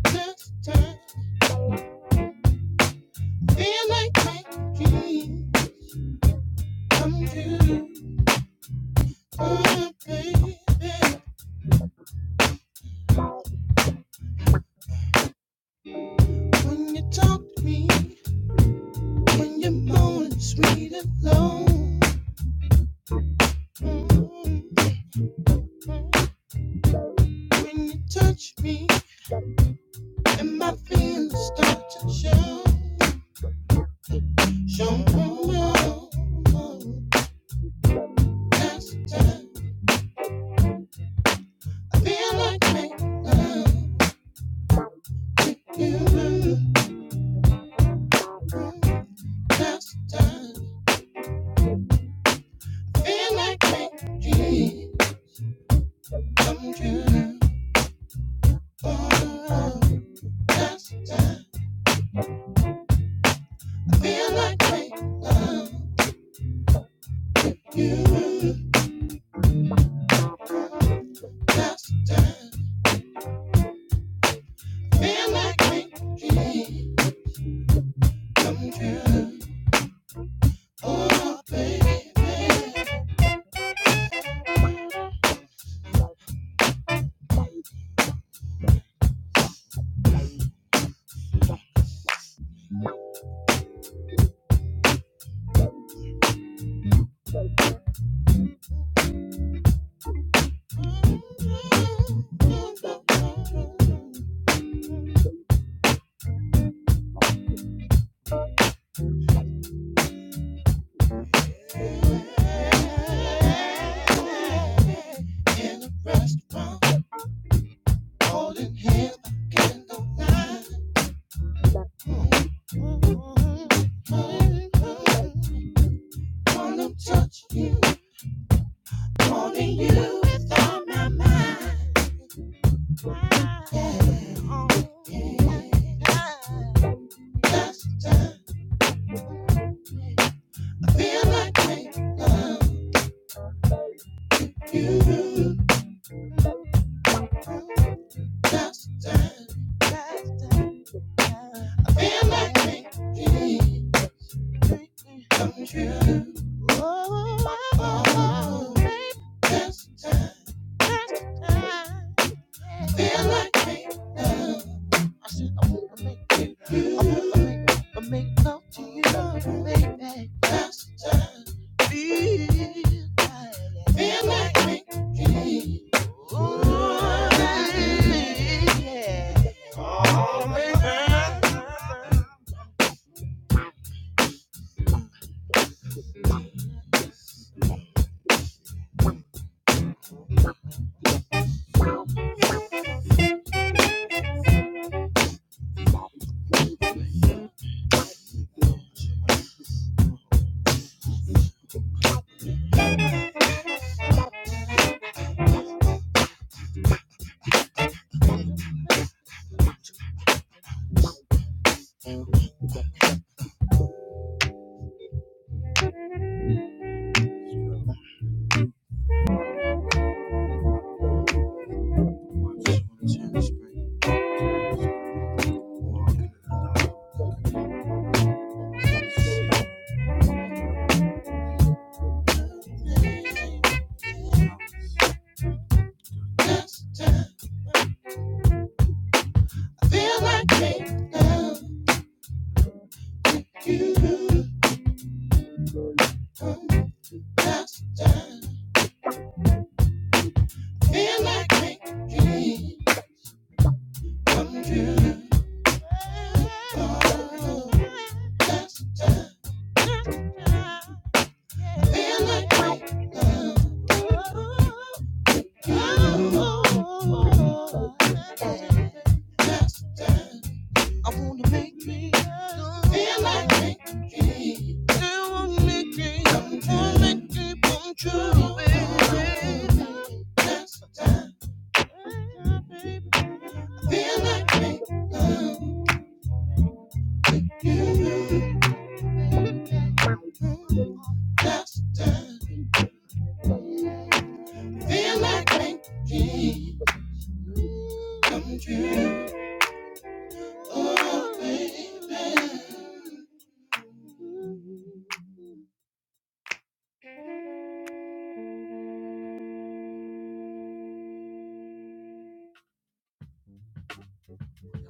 Speaker 1: Tick, tick, When you're more sweet alone. Mm, When you touch me.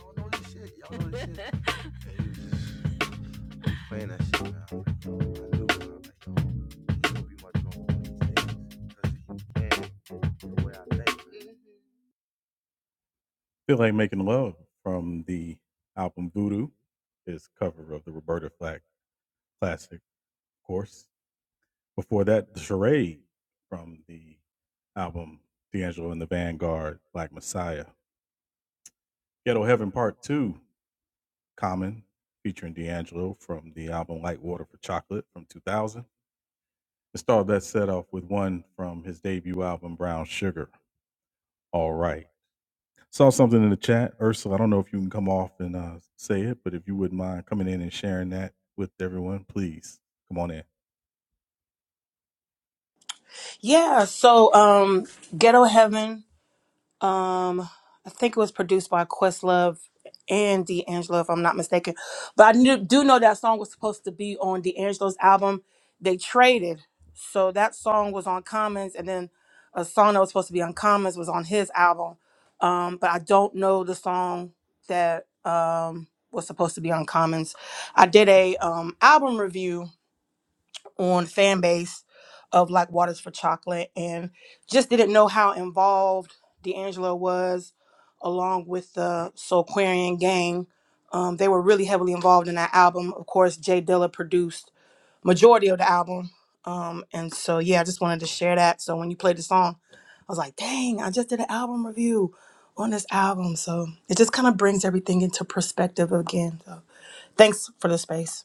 Speaker 1: Y'all know this shit. Y'all know this shit. Playing that shit, man. I knew it. I like, yo, gonna be my drummer one these days. 'Cause he the way I think.
Speaker 4: Yeah, so um, Ghetto Heaven Um, I think it was produced by Questlove and D'Angelo, if I'm not mistaken. But I knew, do know that song was supposed to be on D'Angelo's album. They traded, so that song was on Commons, and then a song that was supposed to be on Commons was on his album. Um, but I don't know the song that um was supposed to be on Commons. I did a um album review on fan base of like Waters for Chocolate and just didn't know how involved D'Angelo was along with the Soulquarian gang. Um, they were really heavily involved in that album. Of course, Jay Dilla produced majority of the album. Um, and so yeah, I just wanted to share that. So when you played the song, I was like, dang, I just did an album review on this album. So it just kind of brings everything into perspective again. So thanks for the space.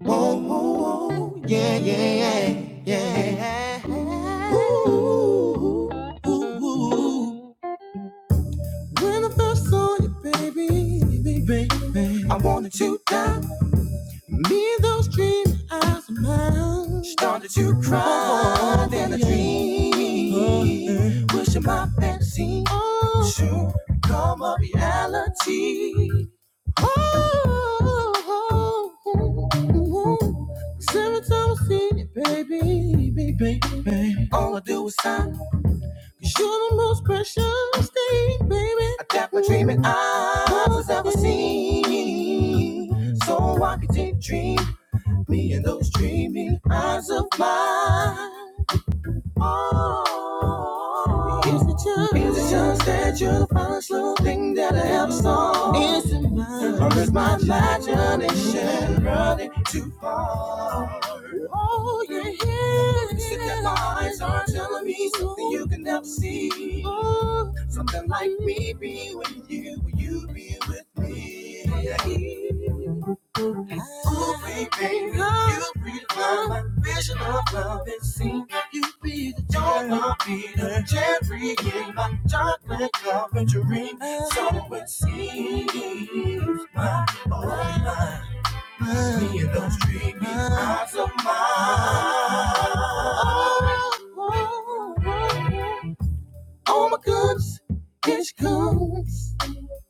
Speaker 1: Whoa, whoa, whoa. Yeah, yeah, yeah, yeah. yeah. Ooh, who's on you, baby? Baby, you got me. Pushing my fantasy. reality. Oh, reality. Every time I see it, baby, baby. So I can dream me and those dreamy eyes of mine. Oh, Here's the chance. Here's the chance that you are the a slow thing that I ever saw. It's in mine. Or is my imagination running too far? Oh, you're here. Sit there, my eyes are telling me something you can never see. Oh. Something like me be with you, will you be with me? Ooh, baby, you redefine my vision of love and seen. You be the joy of being a cherry in my chocolate carpentry. So it seems my oh my, me and those dreamy eyes of mine. Oh oh, oh, oh my goodness, here she comes,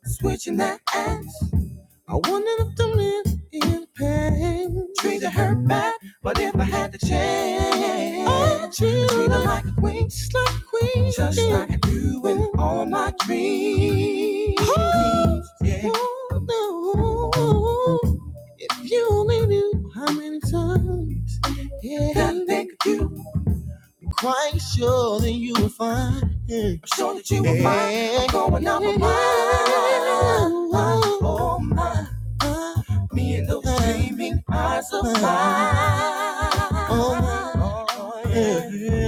Speaker 1: switching that ass. I wanted them to live in pain. Treated her bad, but if I had to change, i treat her like a queen, just like a queen, just like I do in all my dreams. Oh, yeah. oh, no. If you only knew how many times, yeah, I think of you I'm Quite sure that you will find. I'm sure that you will find. I'm going out of my mind. Oh my. Me and those gleaming eyes of mine. Oh my. oh yeah.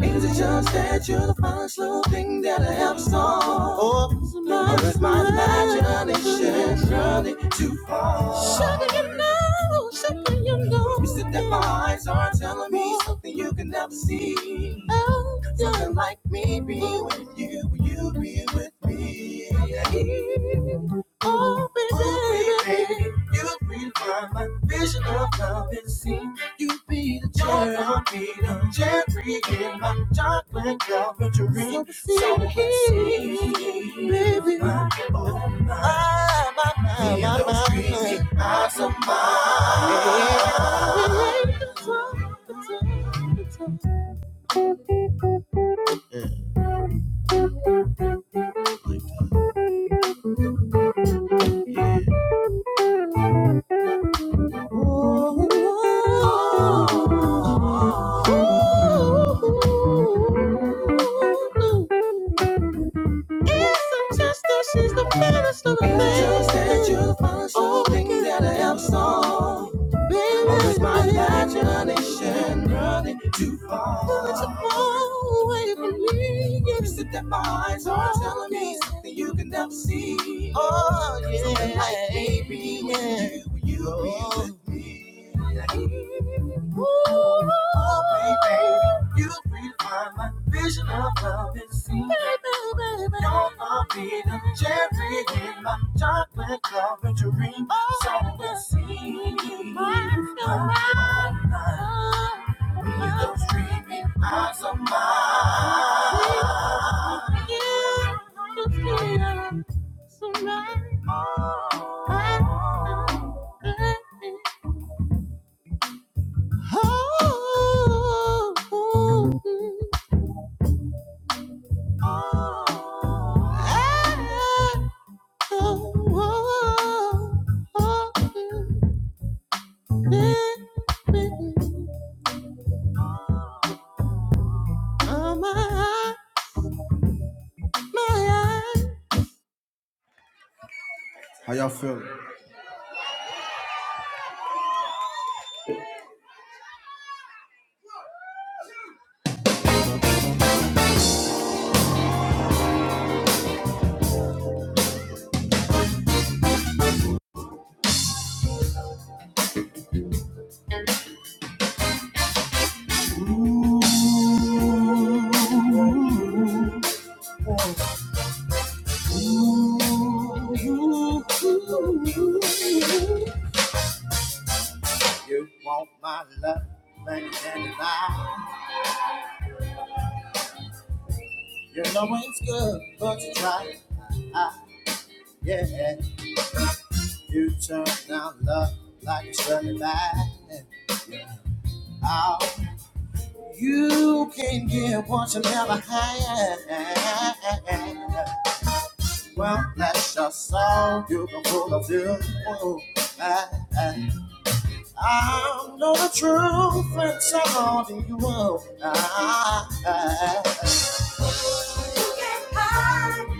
Speaker 1: Means it's just that you're the first little thing that I have saw. Oh, it's my imagination running too far. Sugar, you know, sugar, you know. You said that my eyes are telling me something you can never see. Oh, yeah. Something like me be with you, you be with me. Oh, baby, oh, baby, baby. you refine my vision of love and see. You be the cherry, I'll be in my chocolate Calvary. So so sweet, baby. My, oh my, ah, my, my, Hear my, those my, eyes of mine. Ooh. It's just that she's the baddest of the best. that you'll find something oh, that helps all. Baby, oh, it's my imagination running too far. But you fall away from me. You sit there behind someone telling me something you can never see. Oh, yeah. Something like, baby, yeah. when you, when you oh. be with me. Like, Ooh, oh, baby. You redefine my vision of love and see. Baby, baby. You're my freedom, cherry in my chocolate covered dream. Oh, so we see. Mine, your mine. With those dreamy eyes of mine. You, you feel so right. Oh, oh, oh. oh. How y'all feeling? You want my love, like dandelion. You know it's good, but you try. Ah, yeah, you turn down love like a sunny light. Oh, you can get what you never had. Well, that's just all you can pull of you. Oh, I, know the truth and so on in you. Oh, I, I, you can't hide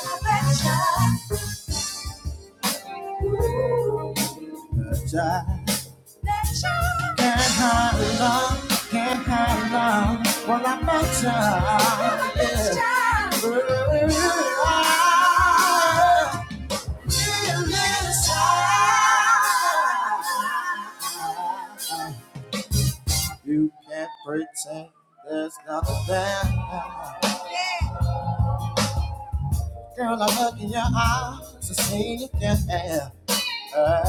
Speaker 1: my affection. I can't hide love, can't hide love. Well, I'm better. Yeah. Ooh, I, You can't pretend there's nothing there. Girl, I look in your eyes and see you can't have. her.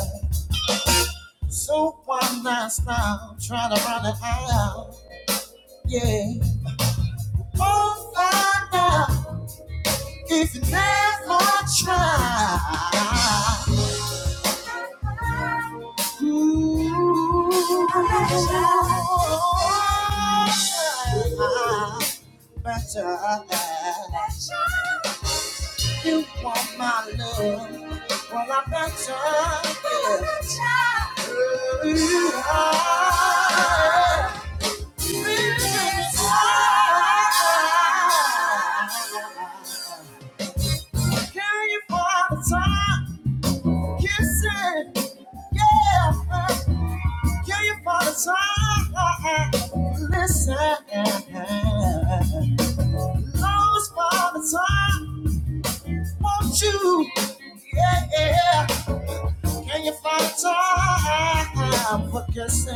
Speaker 1: So one night now, trying to run it out. Yeah. Oh, find out if you never try. Ooh, better. Better. You want my love? Well, I've got to give you are. Kill you for the time, kissing, yeah. Kill you for the time, listen. Lost for the time, won't you? Yeah. yeah. Can you find time for kissing.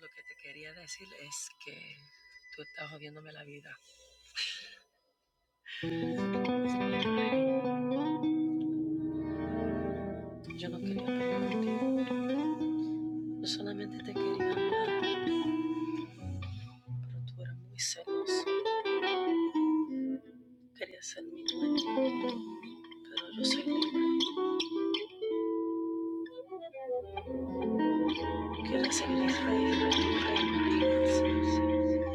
Speaker 1: Lo que te quería decir es que tú estás jodiéndome la vida. Yo no quería pelear contigo. Yo solamente te quería amar, pero tú eras muy celoso. Querías ser mi dueño, pero yo soy libre. Quería ser mi rey, rey, rey. rey.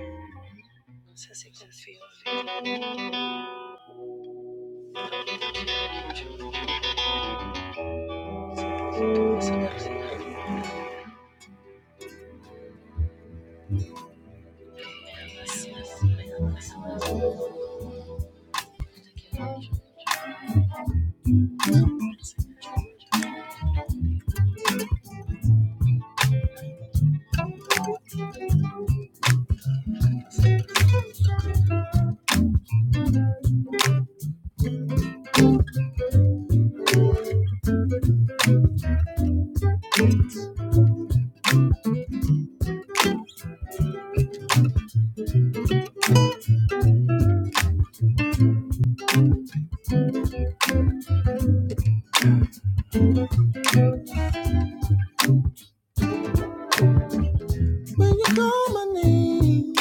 Speaker 1: When you call my name,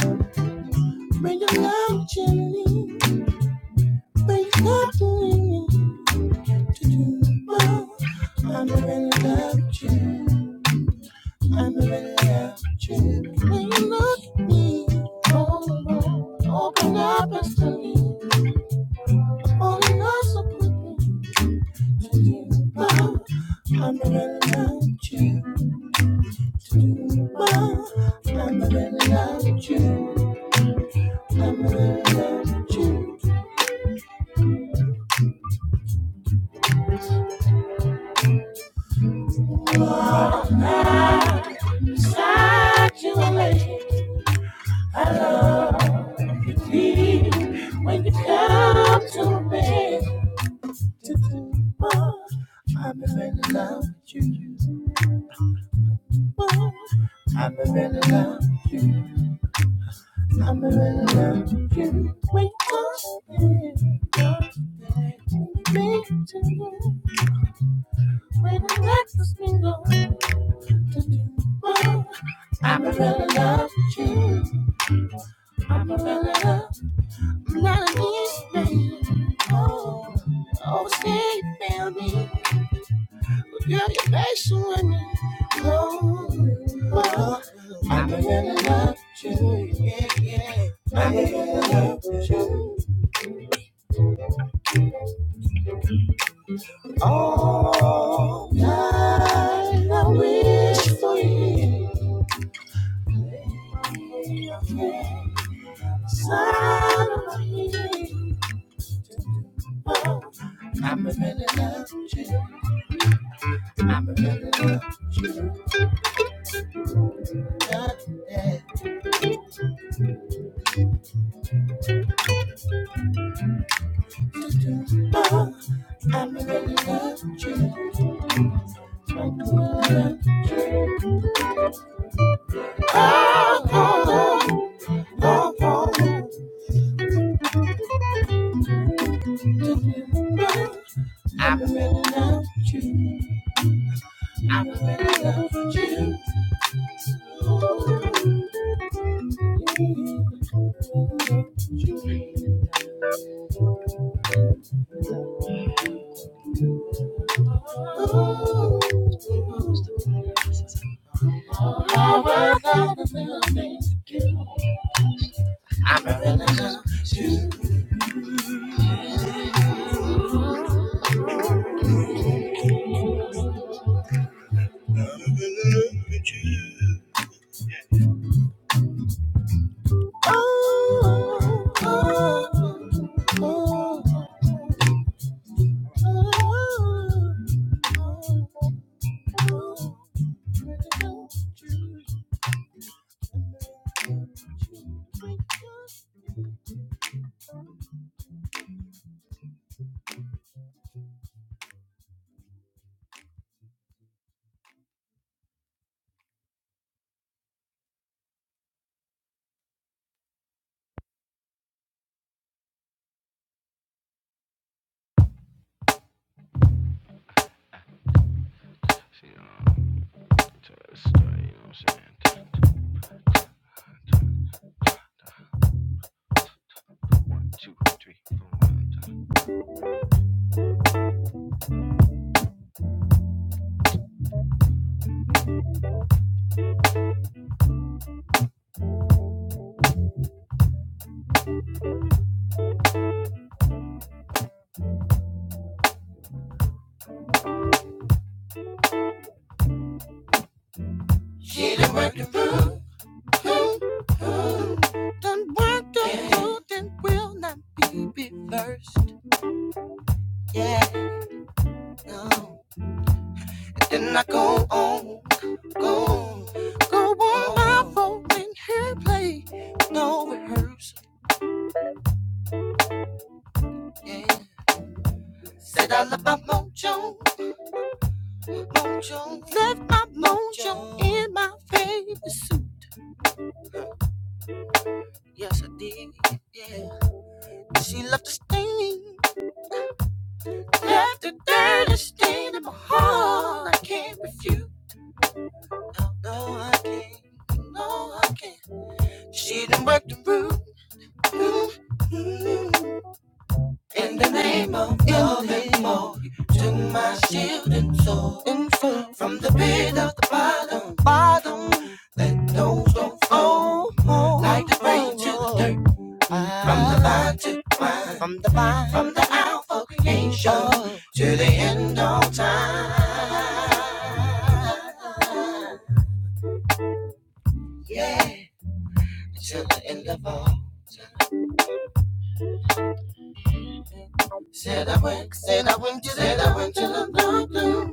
Speaker 1: when you love Jenny, when you talk me, to do my, I'm a really love you. I'm a really love you. When you look at me, oh, oh, open up and to me, only us so quickly. tomorrow. I'm gonna love you tomorrow. I'm gonna love you. I'm gonna love you. What am night beside you, lady. I love you deep when you come to me. Tomorrow. I'm gonna love you. I'm gonna love you. I'm in to love with you. Wait up, big to you. When I let this thing go to do more. I'm in to love with you. I'm in to love. I'm not an easy man. Oh, oh, stay fail me. But girl, you're patient with me. Oh, oh. I'm in to love with you. Yeah, yeah. I'm in to love with you. All night I wish for you. Inside of me. Oh, I'm a really love you. I'm a really love you. Got that to do. Oh, I'm a really love you. I'm a really love you. Oh, oh, oh, oh, oh. Oh, I'm a really love you. I'm a really love you. Ooh, I work out the building. Ooh, ooh, ooh, ooh. I want you in no time. Yeah, till the end of all. Said I went, said I went to, said I went to the doctor.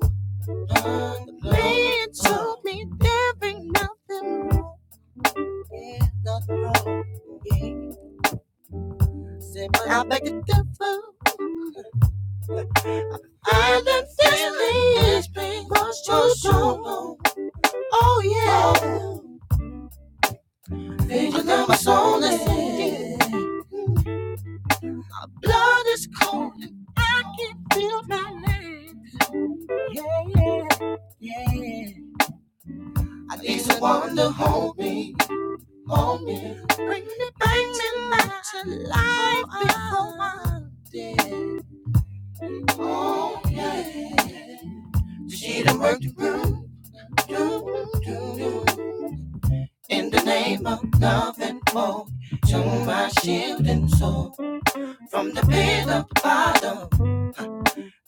Speaker 1: The man told me there ain't nothing wrong. Yeah, nothing wrong. Yeah. Said, but I beg to differ. I done feel this pain. Lost your soul. Oh, yeah. Vision of my soul is sinking. Blood is cold. and I can't feel my legs. I need someone to hold me. Hold me. Bring me, bring me back to life before I'm dead. Oh, yeah. She done worked the room, do, do, do. In the name of love and hope, show my shield and soul. From the pit of the bottom,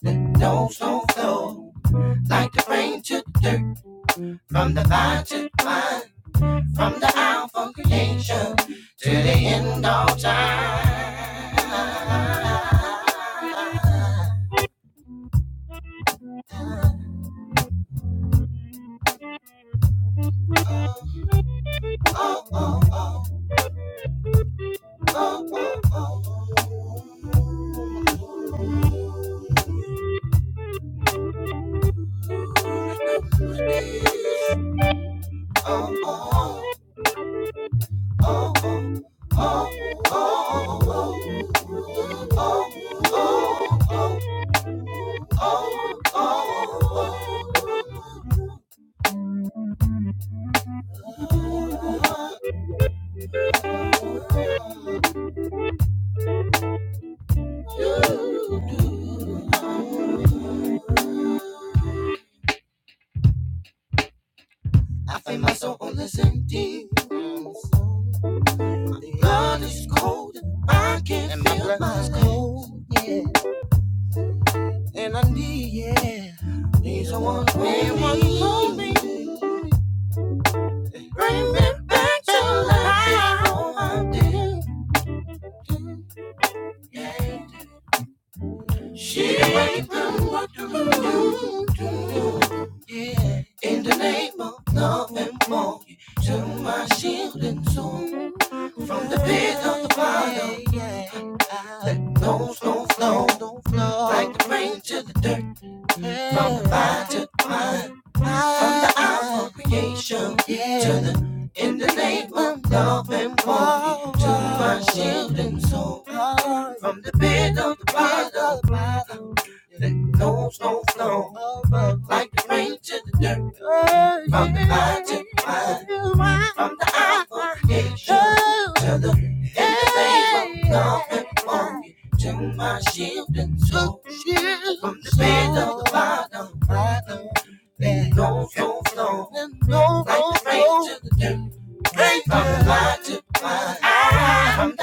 Speaker 1: let no stone flow. Like the rain to the dirt, from the fire to the wine. From the alpha, I feel my soul on the same Blood is cold, I can't and my feel blood my blood is cold. Yeah, and I need, yeah, need someone to hold me. Bring me back to life. Oh, I did. She bring from the mind to mind, from the eye to everything but love and warmth. You know the vibe, no, like the rain to the day, from the line to the eye, from the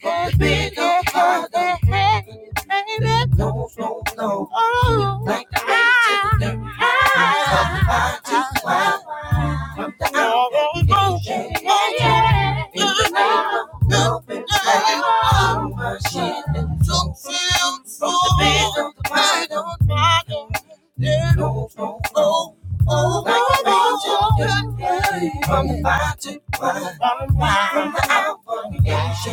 Speaker 1: from the big old heart that don't know, like the rain to the dirt, from the mind to the eye. From the fire to the wine, from the outreach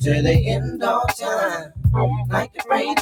Speaker 1: to the end of time, like the rain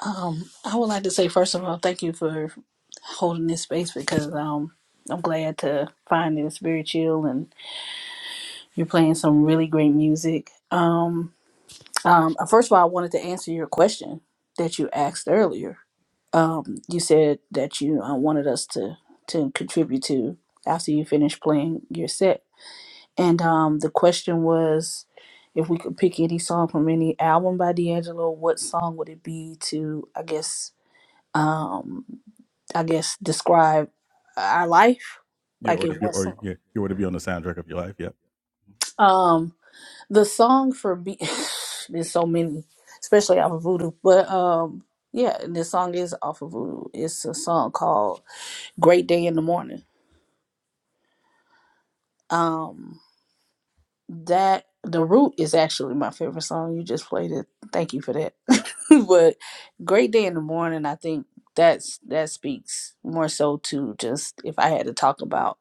Speaker 5: Um, I would like to say first of all, thank you for holding this space because um, I'm glad to find that it's very chill and you're playing some really great music. Um, um, first of all, I wanted to answer your question that you asked earlier. Um, you said that you uh, wanted us to to contribute to after you finished playing your set, and um, the question was if we could pick any song from any album by D'Angelo, what song would it be to? I guess. Um, I guess describe our life like it was Um, the song for B. there's so many, especially off of Voodoo, but um, yeah, and this song is off of Voodoo. It's a song called "Great Day in the Morning." Um, that the root is actually my favorite song. You just played it. Thank you for that. but "Great Day in the Morning," I think that's that speaks more so to just if I had to talk about.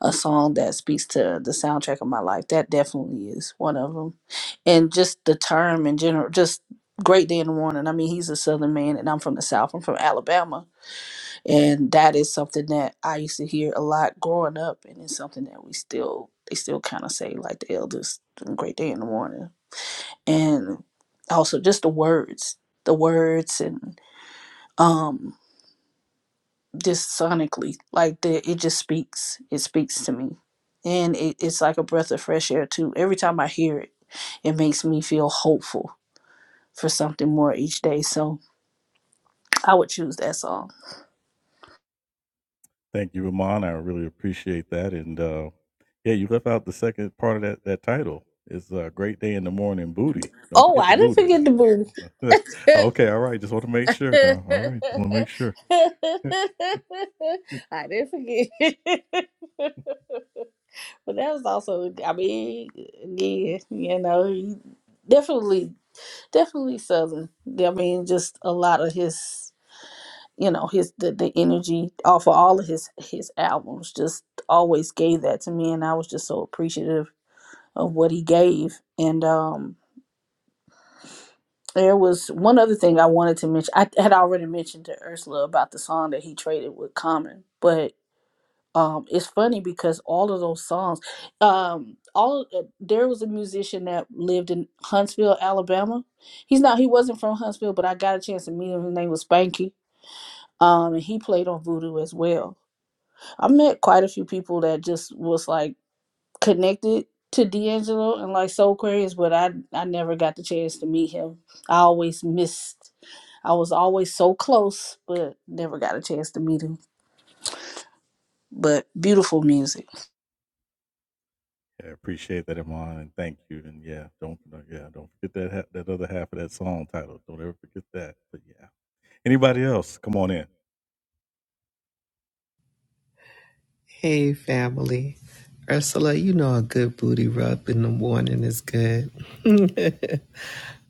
Speaker 5: a song that speaks to the soundtrack of my life. That definitely is one of them. And just the term in general, just Great Day in the Morning. I mean, he's a Southern man, and I'm from the South. I'm from Alabama, and that is something that I used to hear a lot growing up, and it's something that we still they still kind of say like the elders, Great Day in the Morning, and also just the words, the words, and um. just sonically like the, it just speaks it speaks to me and it, it's like a breath of fresh air too every time i hear it it makes me feel hopeful for something more each day so i would choose that song oh i didn't forget the boo i didn't forget but that was also i mean yeah you know he definitely definitely southern i mean just a lot of his you know his the, the energy off of all of his his albums just always gave that to me and i was just so appreciative of what he gave and um there was one other thing i wanted to mention i had already mentioned to ursula about the song that he traded with common but um it's funny because all of those songs um all uh, there was a musician that lived in huntsville alabama he's not he wasn't from huntsville but i got a chance to meet him his name was spanky um and he played on voodoo as well I met quite a few people that just was like connected to D'Angelo and like Soul Aquarius, but I I never got the chance to meet him. I always missed. I was always so close, but never got a chance to meet him. But beautiful music.
Speaker 6: Hey, family. Ursula, you know a good booty rub in the morning is good.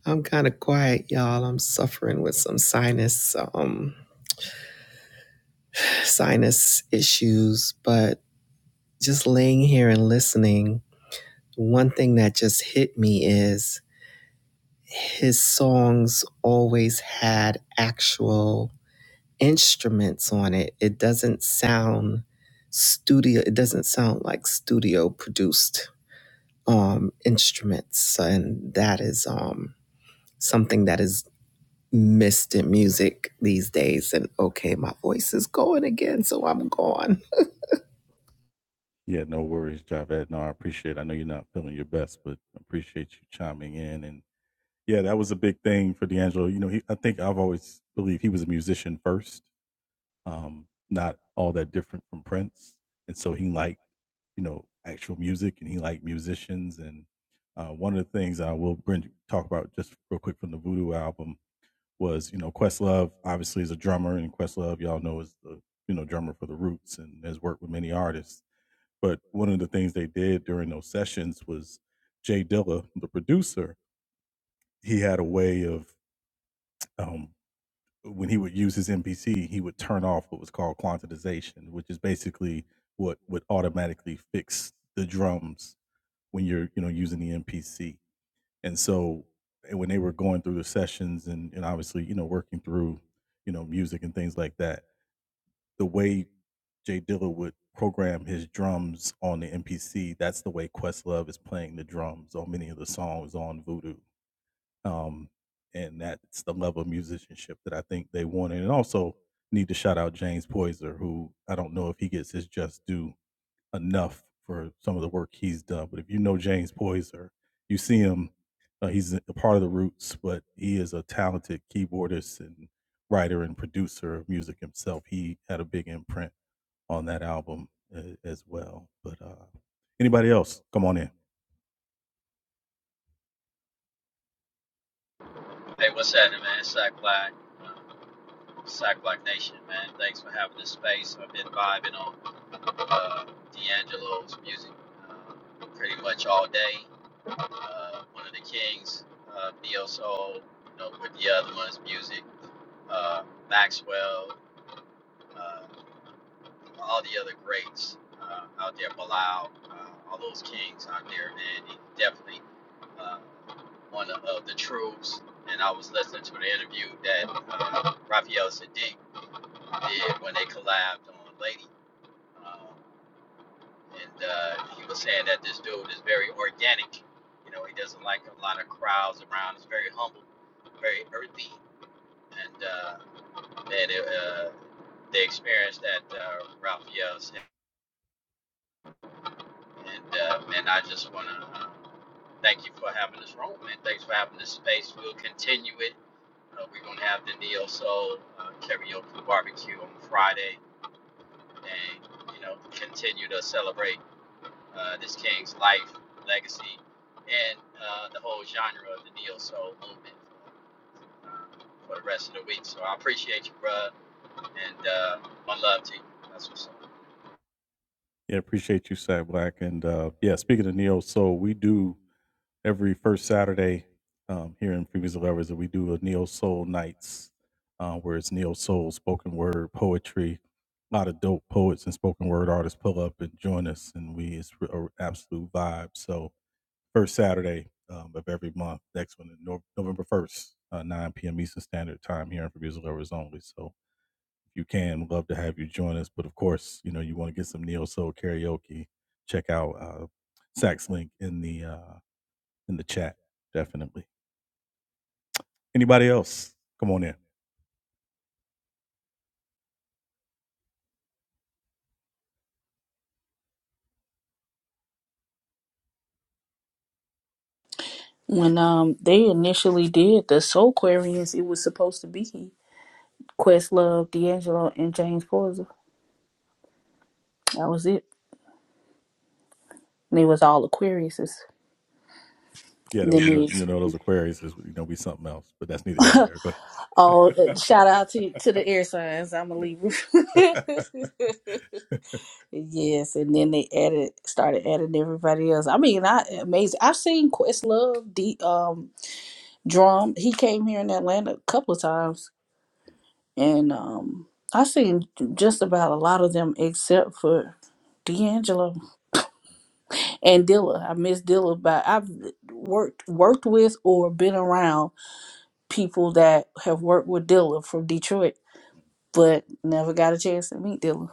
Speaker 6: I'm kind of quiet, y'all. I'm suffering with some sinus um sinus issues, but just laying here and listening, one thing that just hit me is his songs always had actual instruments on it. It doesn't sound studio, it doesn't sound like studio produced um, instruments, and that is um, something that is missed in music these days. And okay, my voice is going again, so I'm gone.
Speaker 7: Hey, what's happening, man? It's Sack Black, uh, Sack Black Nation, man. Thanks for having this space. I've been vibing on uh, D'Angelo's music uh, pretty much all day. Uh, one of the kings, uh, Neo Soul, you know, with the other one's music, uh, Maxwell. uh, all the other greats uh, out there, Bilal, uh, all those kings out there, man. He definitely uh, one of of the troops. And I was listening to the interview that uh, Raphael Sadiq did when they collabed on Lady. Um, and uh, he was saying that this dude is very organic. You know, he doesn't like a lot of crowds around. He's very humble, very earthy. And uh, man, it, uh, they experienced that uh, Raphael And uh, man, I just want to uh, thank you for having this room, man. Thanks for having this space. We'll continue it. Uh, we're gonna have the Neo Soul uh, karaoke barbecue on Friday, and you know, continue to celebrate uh, this king's life, legacy, and uh, the whole genre of the Neo Soul movement uh, for the rest of the week. So I appreciate you, bruh, and uh, my love to you. That's what's up.
Speaker 5: When um they initially did the Soul Aquarius, it was supposed to be Questlove, D'Angelo, and James Poison. That was it. And they was all Aquariuses. Then they Oh, uh, shout out to to the air signs. I'm a Libra. yes, and then they added, started adding everybody else. I mean, I amazing. I've seen Questlove, the um drum. He came here in Atlanta a couple of times, and um, I seen just about a lot of them except for D'Angelo and Dilla. I miss Dilla, but I've worked worked with or been around people that have worked with Dilla from Detroit but never got a chance to meet Dilla.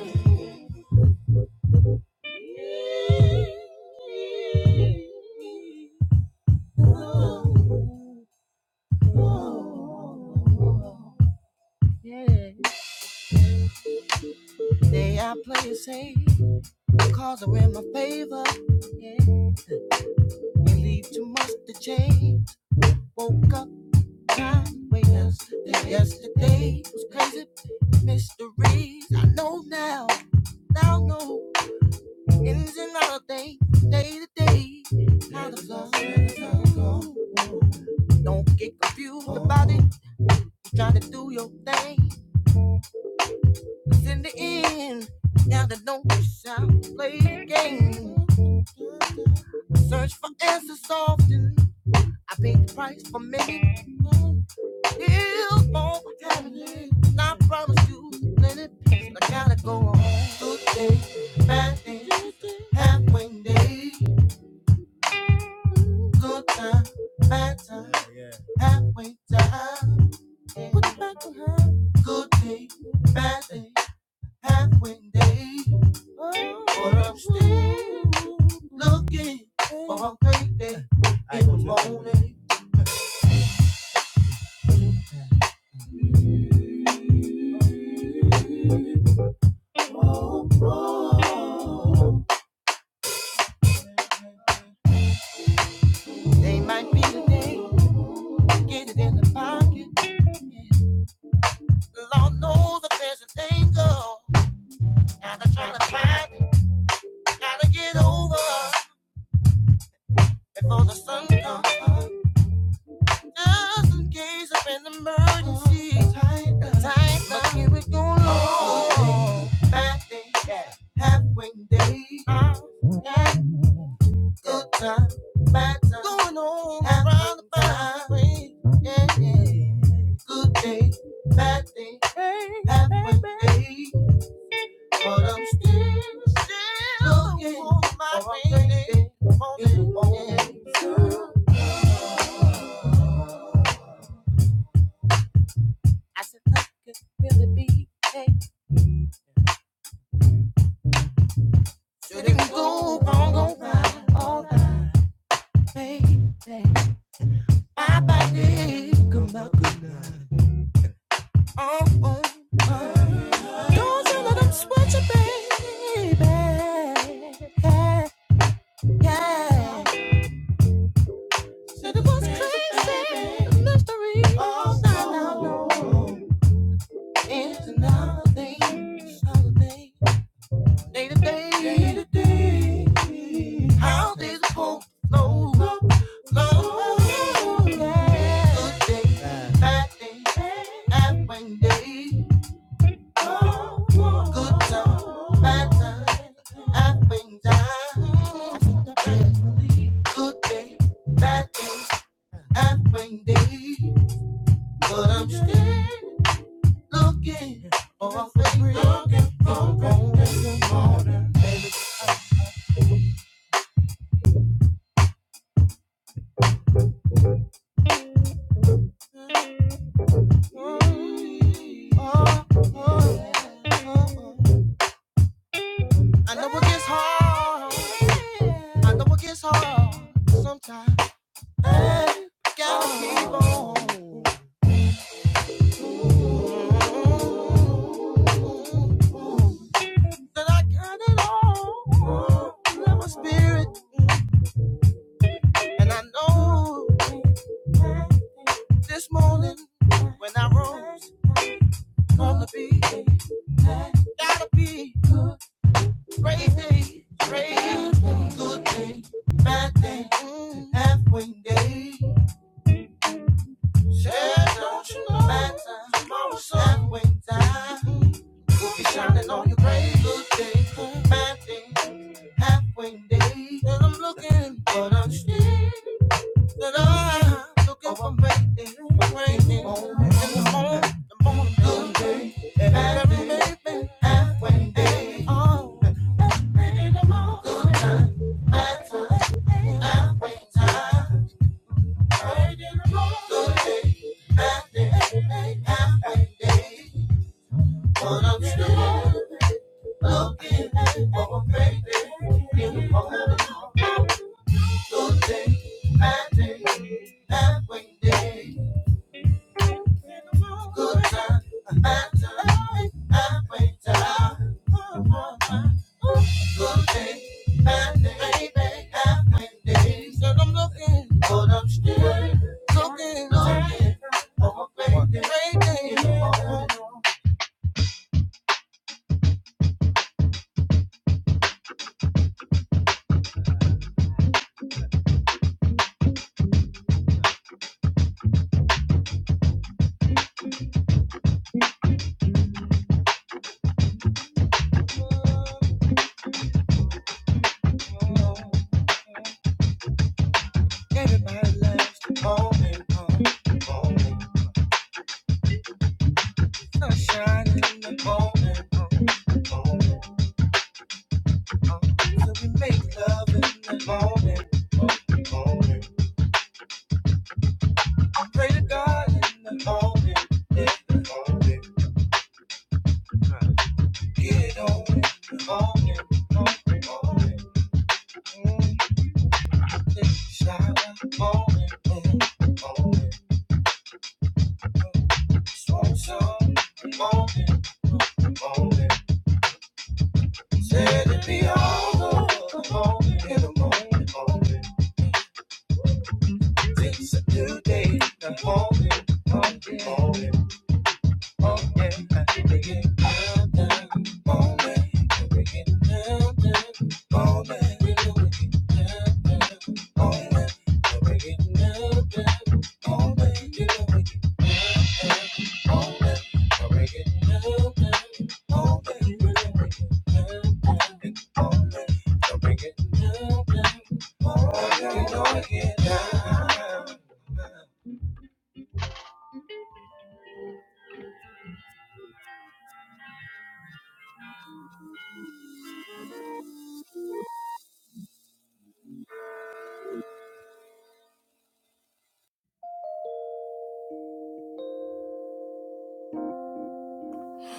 Speaker 1: to Yeah. Today I play it safe, cause are in my favor. Yeah. You leave too much to change. Woke up time waiters. Yesterday, was crazy mysteries. I know now, now know ins and out of things, day to day. How the flow, how the flow go. Don't get confused about it. Try to do your thing. but in the end, now they don't wish out, play games. Search for answers often. I paid the price for many. Still more happening. And I promise you, plenty. I gotta go on. Good day, bad day, halfway day. Good time, bad time, halfway time. Put it back behind. Good day, bad day. halfway day, but I'm still looking for a great day in the morning. They might be the day, get it in the pocket. The Lord knows that there's a danger, and I'm trying to fight, gotta get over before the sun comes. Just in case of an emergency, tight, but here we go, Lord. Bad day, halfway day. Good time, bad time. Going on around the time. way. Yeah, yeah. Good day, bad day. Hey, halfway day. But I'm still, still looking for my for day. I said, nothing could really be. You can go wrong, go right, all right, baby. My body, come out. Oh, oh, oh. Don't you let 'em sweat you, baby. Yeah, yeah. Said it was crazy, mystery. Oh, now, now, no. It's another thing, another Day day, to day. How these folks flow, flow, flow. Yeah. Good day, bad day, halfway day. Good time, bad time, up and Good day, bad day, up and But I'm still looking for Looking for a way. Oh, oh, oh, oh. I know it gets hard. I know it gets hard sometimes. Hey, gotta keep on. Ooh, ooh, ooh. that I got it all. You my spirit, and I know. And don't you know tomorrow's sun that I'm looking for rain, for rain in the morning, the morning good day, every baby halfway day. Oh, in the morning, good time, bad time, halfway time. Right in the morning, good day, bad day, halfway day. But I'm still looking for a baby. Beautiful and a good day. Bad day. Halfway day. Good time. Bad time. Halfway time. Good day. Bad day. baby, Halfway day. Said I'm looking. But I'm still looking. Looking for a baby. Beautiful and a good day. So we make love in the morning. Pray to God in the morning. If you Get on in the morning. Morning, morning. Mm, Take a shower. Morning, mm, morning.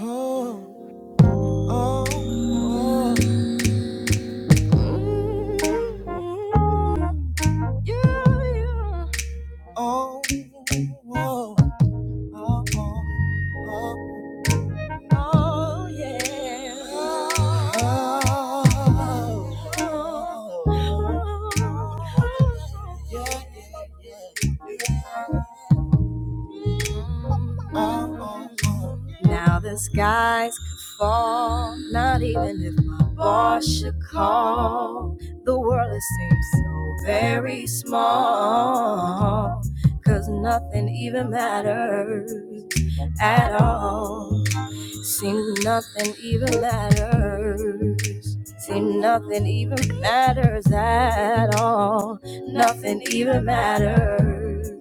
Speaker 1: Oh, oh, oh. Mm, yeah, yeah. Oh, oh, oh, oh, oh. oh. Oh yeah. Oh, oh, oh. oh. Yeah, yeah, yeah. Oh, oh. Now the skies could fall, not even if my boss should call. The world it seems so very small. 'Cause nothing even matters at all. Seem nothing even matters. Seem nothing even matters at all. Nothing even matters.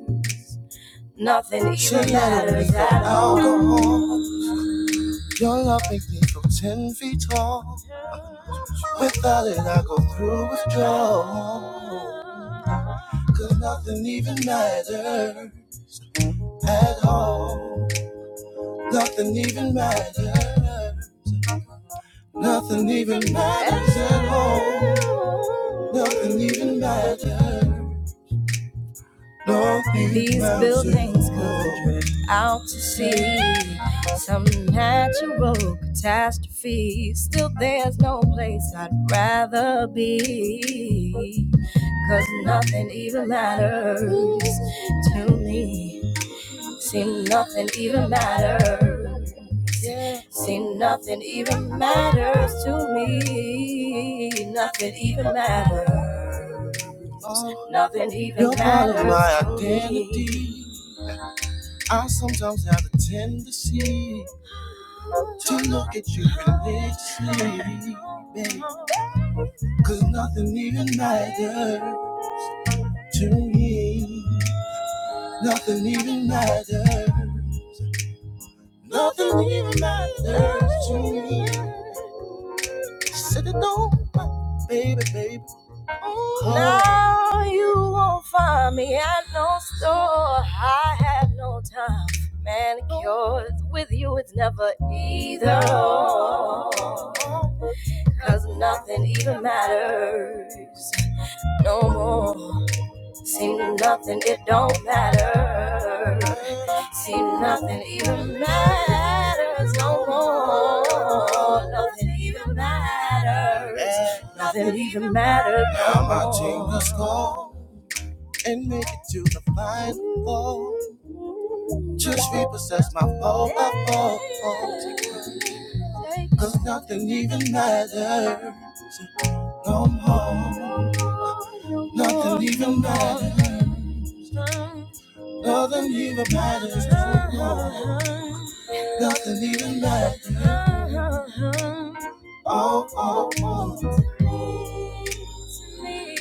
Speaker 1: Nothing even matters at all. alcohol. Your love makes me feel small. Without it all. These buildings could drift out to sea. Some natural catastrophe. Still, there's no place I'd rather be. 'Cause nothing even matters to me. Seem nothing even matters. Yeah. Seem nothing even matters to me. Nothing even matters. Oh, Nothing even You're matters. You're part of my identity. I sometimes have a tendency to look at you religiously, babe. Cause nothing even matters. Nothing even matters to me. Now you won't find me at no store. I have no time for manicures. With you, it's never either. or. Cause nothing even matters no more. Seem nothing, it don't matter. Seem nothing even matters no more. Nothing even matters. Nothing even matters no more. Now my more. tingles cold, make it tight, oh, just repossess my phone, my phone. Nothing even matters. no more, nothing even matters. Nothing even matters Nothing even matters. Oh, oh, oh. to me.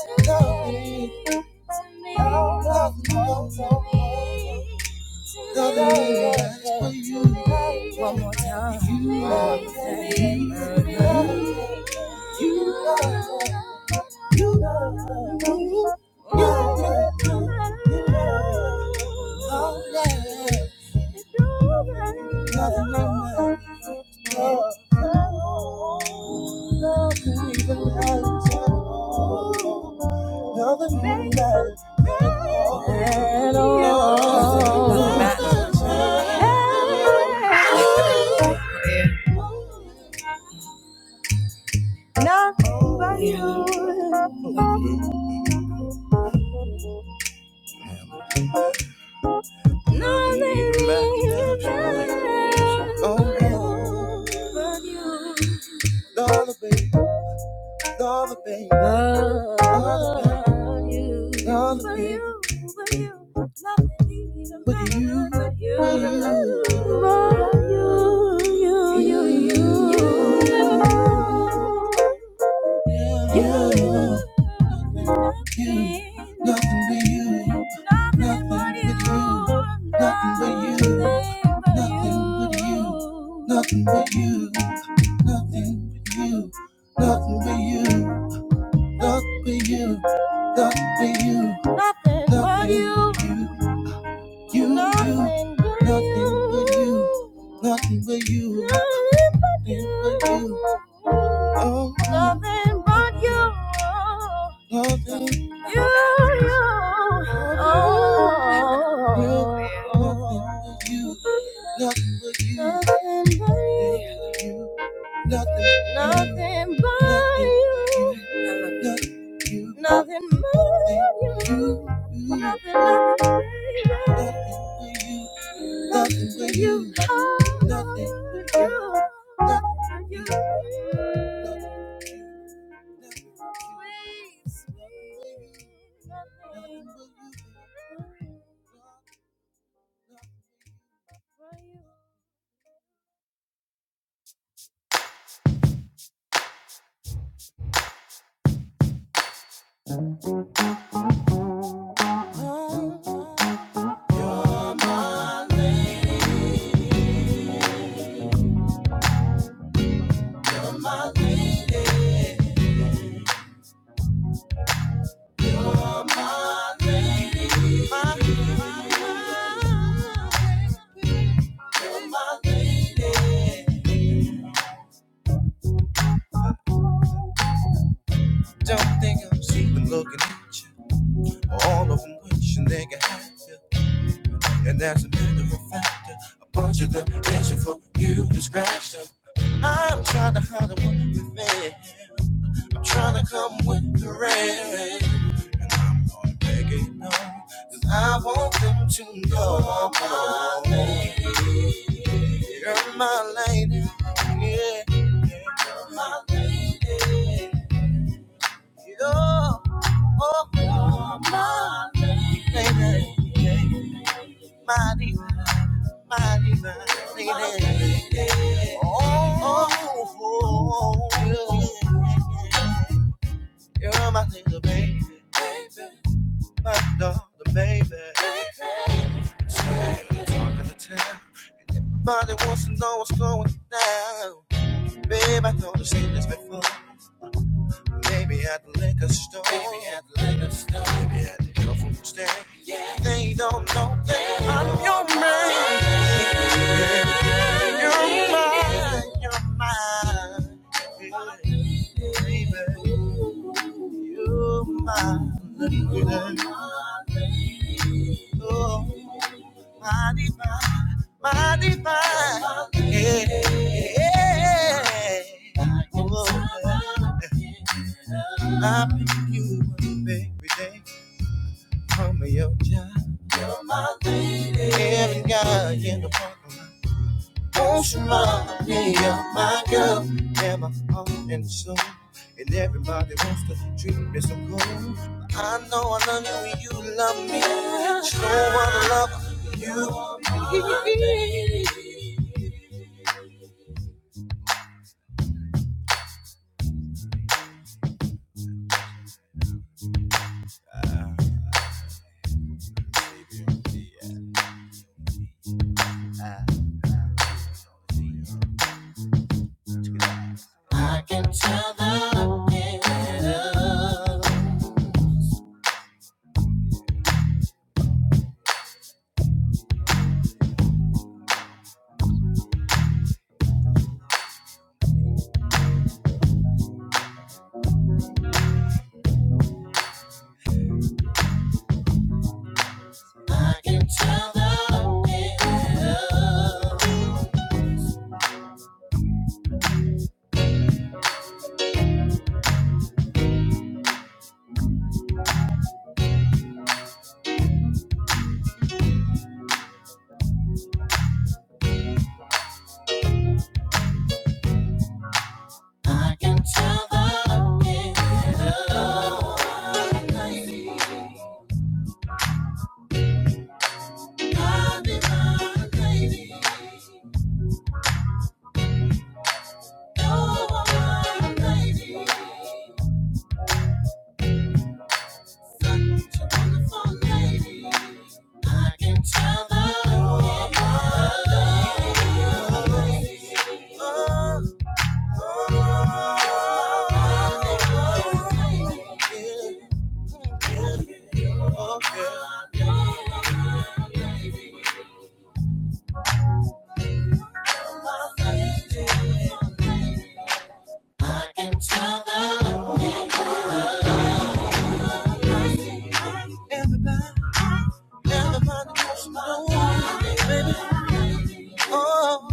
Speaker 1: to me, to me. Oh, oh, oh. Nothing even matters for you. One more time. You love me. You love me. You love me. Nothing matters. at all. Nothing Nothing but you. Nothing but you. Nothing but you. Nothing but you. Nothing but you. Nothing but you. you, Nothing but you. Nothing but you. Nothing but You, you. Oh. Nothing but you. Nothing, nothing but you. I love you. Nothing but you. Nothing, nothing but you. Nothing but you. Nothing but you. My lady. Don't think I'm sleeping looking at you. All of them wishing they could have you. And as a matter of fact, a bunch of them dancing for you to scratch them. I'm trying to hide the one with me. I'm trying to come with the rain. And I'm gonna make it known to the baby. My daughter, baby. So I'm talking to town. Nobody wants to know what's going down. Babe, I know you've seen this before. Baby at the liquor store. Baby at the liquor store. Baby at the health stand. Yeah. They don't know that I'm your man. I'm your man. Baby, you're my Oh, my divine, my divine. Yeah. Yeah. Oh, I pick you up every day. I'm your child. You're my lady. Every guy in the parking lot wants your money. You're my girl. And my heart and soul. And everybody wants to treat me so cool. You're trying to love me. I can tell that I'm in love. I can tell that I'm in love. Lady, I'll be my lady. Oh, my lady. Everybody, everybody wants to know, baby. Oh,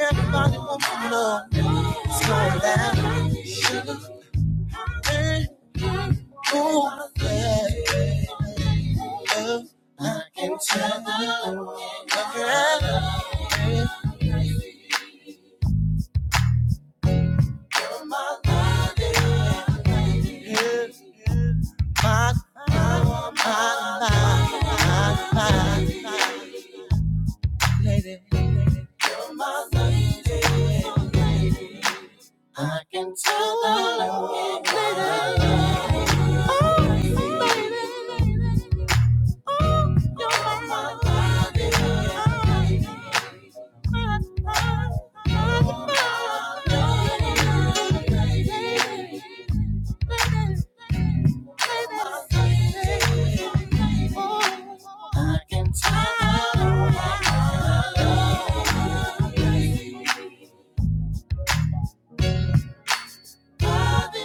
Speaker 1: everybody wants to know. You're my lady. I can tell that I'm getting better. Oh, baby. Oh, you're my body. I can tell. Love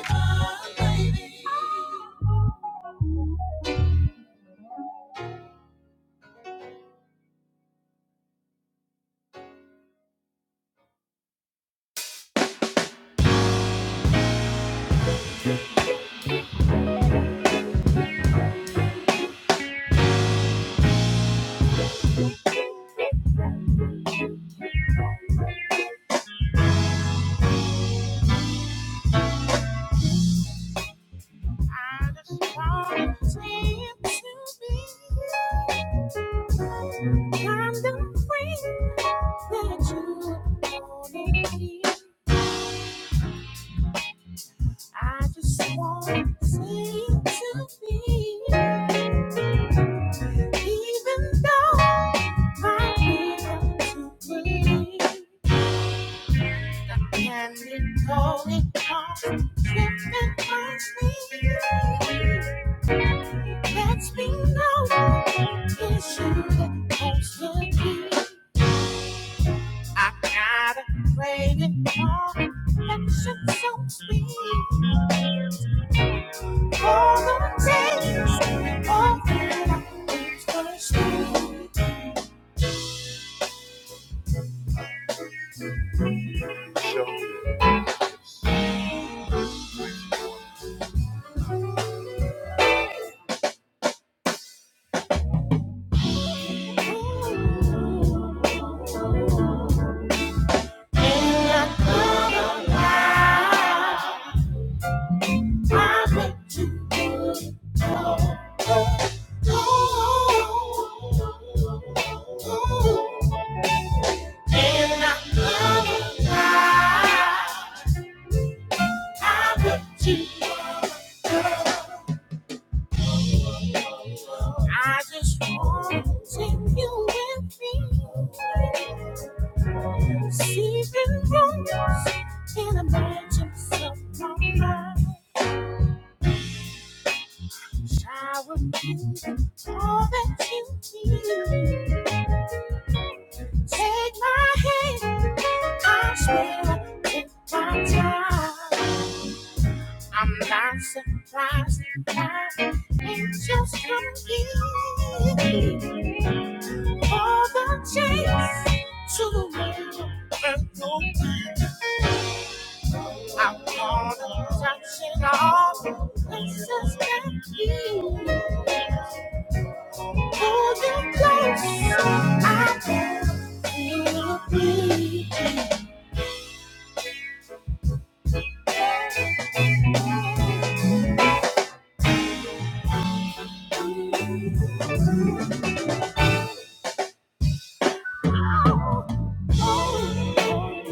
Speaker 1: I just wanna see it to be. I'm the friend that you wanna I just wanna see it to be. Even though my will to believe can be going on, slipping my sleep. Lets me know it's you that wants to be. I got a craving for affection so sweet. All the days, all that I used to sleep. I went to you. Ooh, And I love you. I, I went to you. I just want to take you with me. Seeping rooms in a mansion of my mind. Shower you all that you need. Take my hand, I swear I'll take my time. I'm not surprised by angels come in for the chance to the world and no peace. I wanna touch it all. Places that you hold it close. I bet you will be. Oh,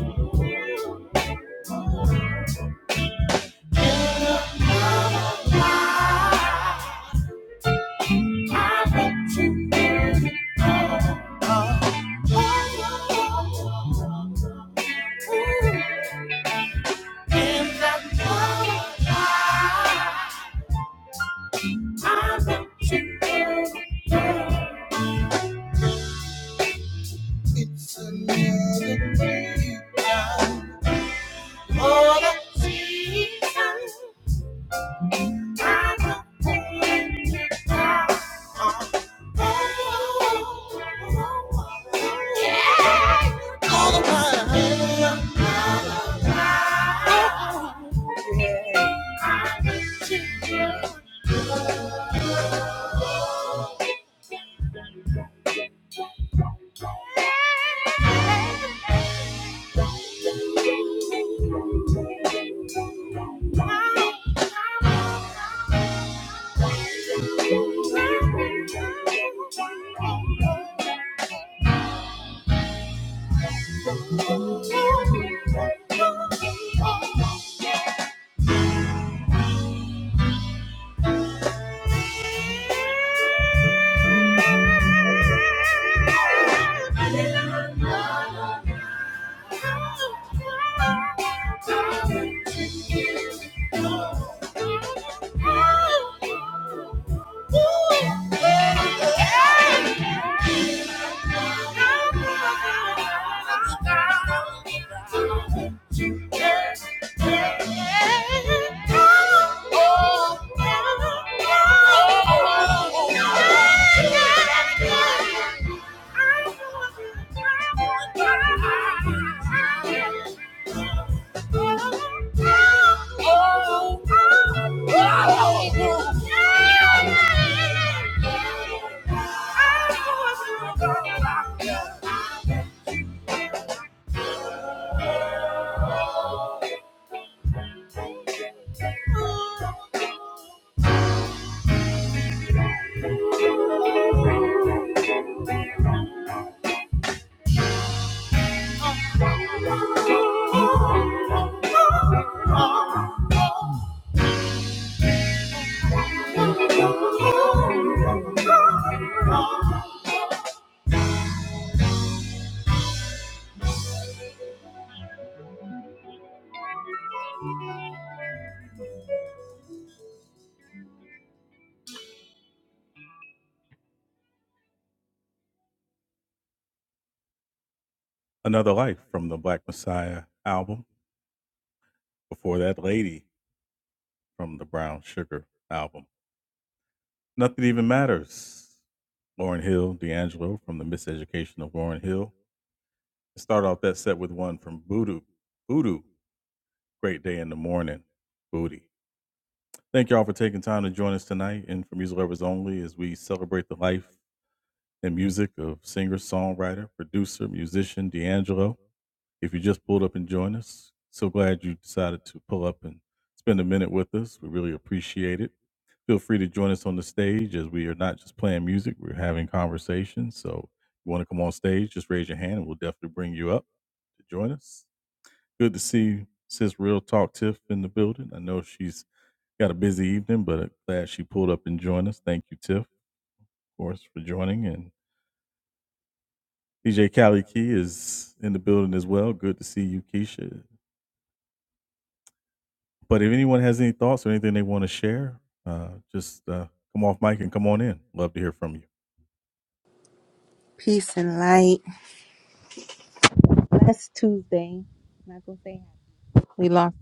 Speaker 1: I bet you will. It's another day. All the seasons I'm a painter. All the time. Oh,
Speaker 8: Peace and light. Last Tuesday, I'm not gonna say how we lost.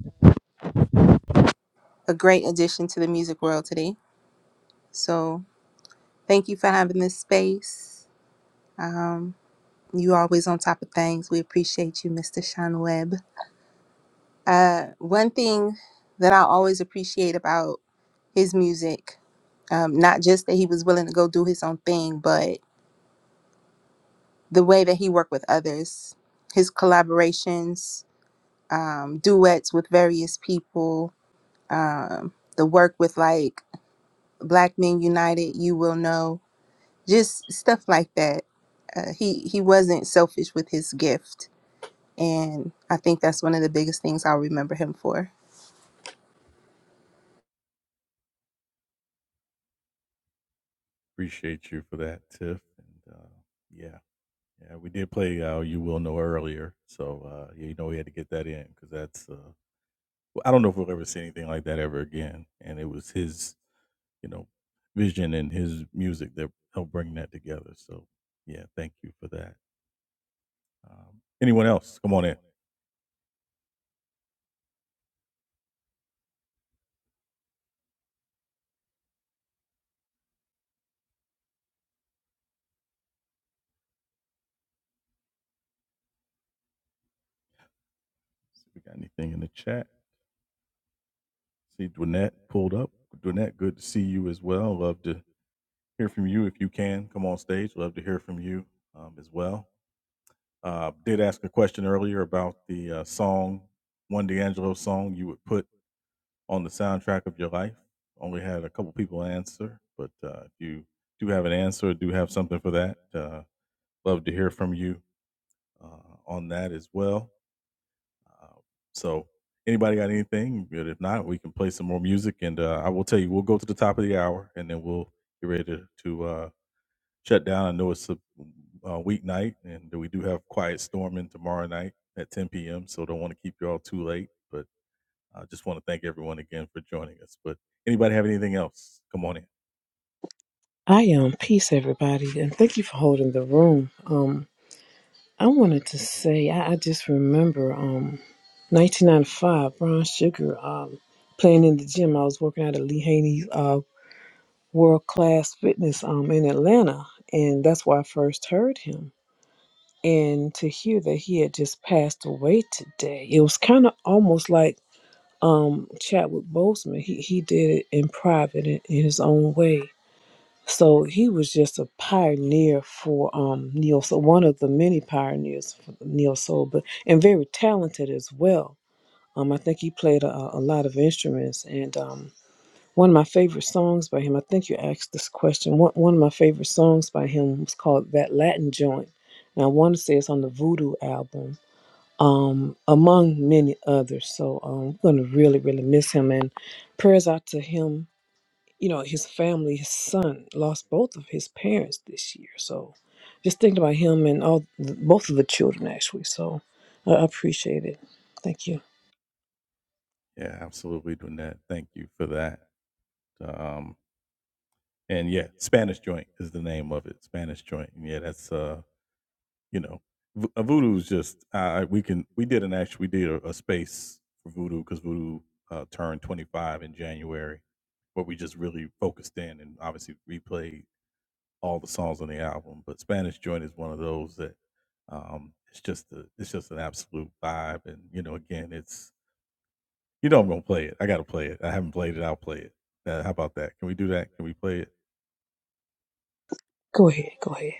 Speaker 8: A great addition to the music world today. So thank you for having this space. Um, you always on top of things. We appreciate you, Mr. Sean Webb. Uh, one thing that I always appreciate about his music, um, not just that he was willing to go do his own thing, but the way that he worked with others, his collaborations, um, duets with various people. um, the work with like Black Men United, you will know, just stuff like that. Uh, he he wasn't selfish with his gift, and I think that's one of the biggest things I'll remember him for.
Speaker 9: I am peace, everybody, and thank you for holding the room. Um, I wanted to say I, I just remember um 1995, Brown Sugar um playing in the gym. I was working out at Lee Haney's uh World Class Fitness um in Atlanta, and that's where I first heard him. And to hear that he had just passed away today, it was kind of almost like um Chadwick Boseman. He he did it in private in, in his own way So he was just a pioneer for um, neo soul, one of the many pioneers for neo soul, but and very talented as well. Um, I think he played a, a lot of instruments, and um, one of my favorite songs by him. I think you asked this question. One one of my favorite songs by him was called "That Latin Joint," and I want to say it's on the Voodoo album, um, among many others. So um, we're going to really, really miss him, and prayers out to him you know, his family, his son lost both of his parents this year. So just thinking about him and all both of the children actually. So I appreciate it. Thank you. Go ahead. Go ahead.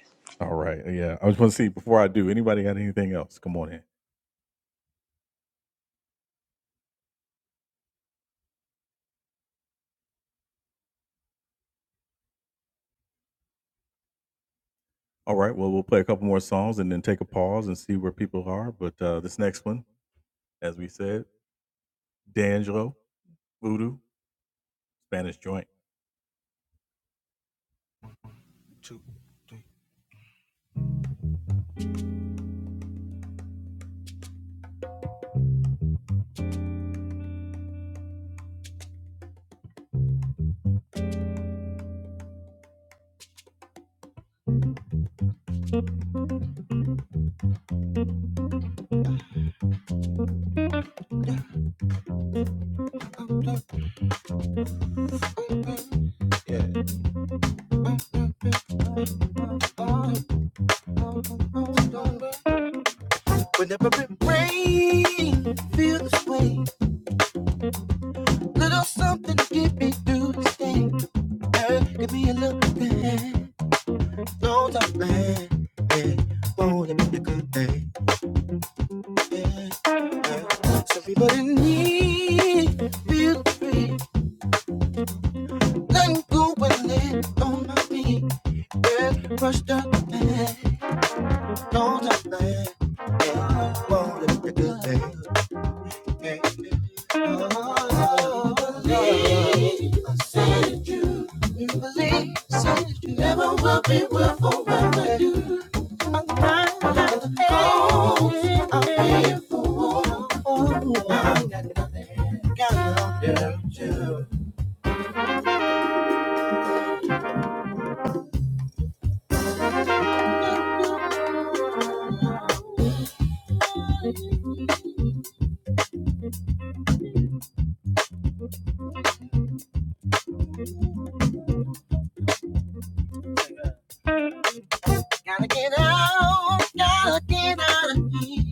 Speaker 1: Gotta get out, gotta get out of here.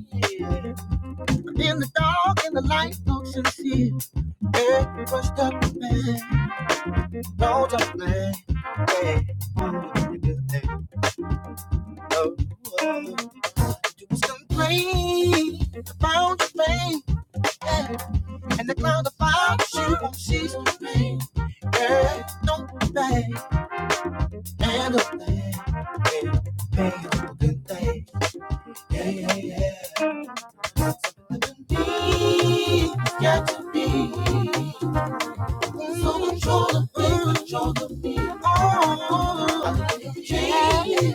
Speaker 1: I'm in the dark and the light looks sincere. Every rush up the man, no time Hey, no, you was complaining about your pain, yeah, and the cloud of fire you won't cease to rain. Yeah, no pain and a pain, yeah, pain is a good thing. Yeah, yeah, yeah. Be, got to be so control the pain, control the beat. Oh, yeah,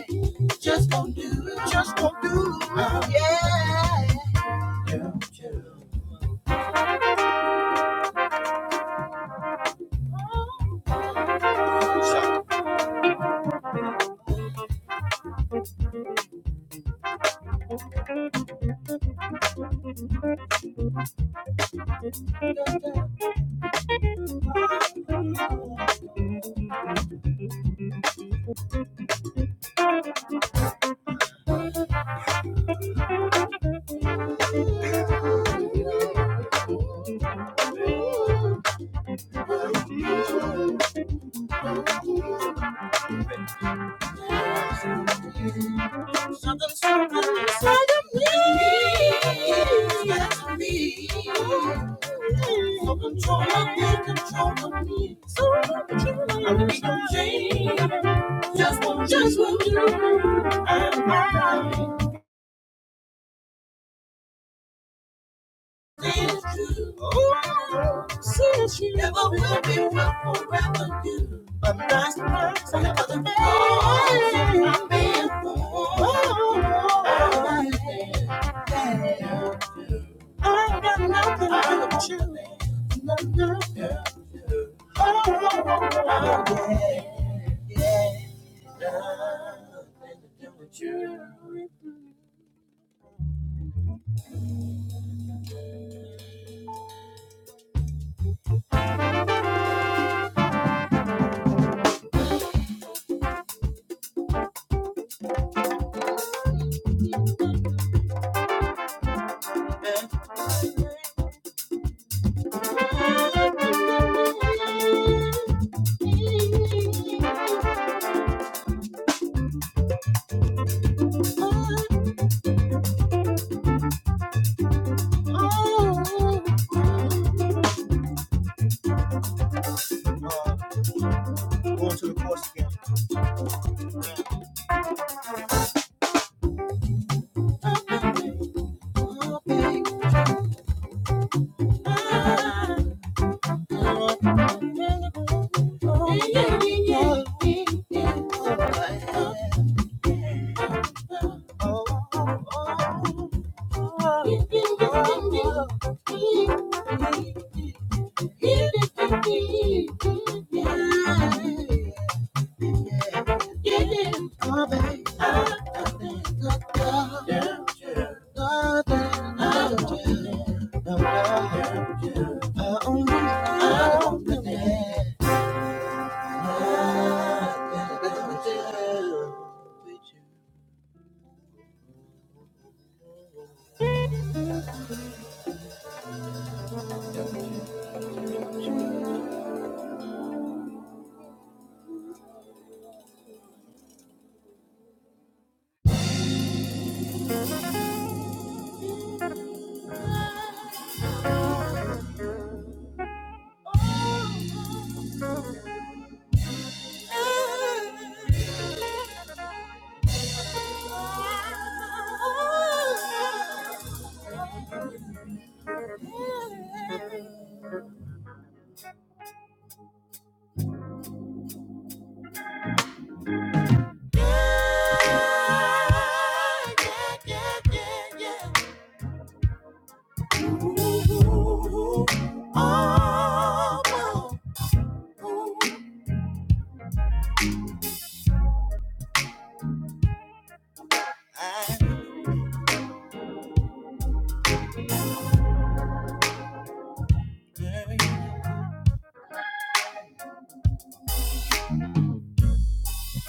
Speaker 1: just don't do it, just don't do it. Yeah. Something's happening inside of me. That's me. No control of me, control of me. So control of me. I need some change. Just what, just what you and I did you. Oh, since you never will be what forever you. But that's the price I have another man. I'm being born. Oh, I I got nothing but you. Nothing. Oh, yeah. Oh, I got nothing. Yeah. Yeah, yeah, yeah, yeah, yeah.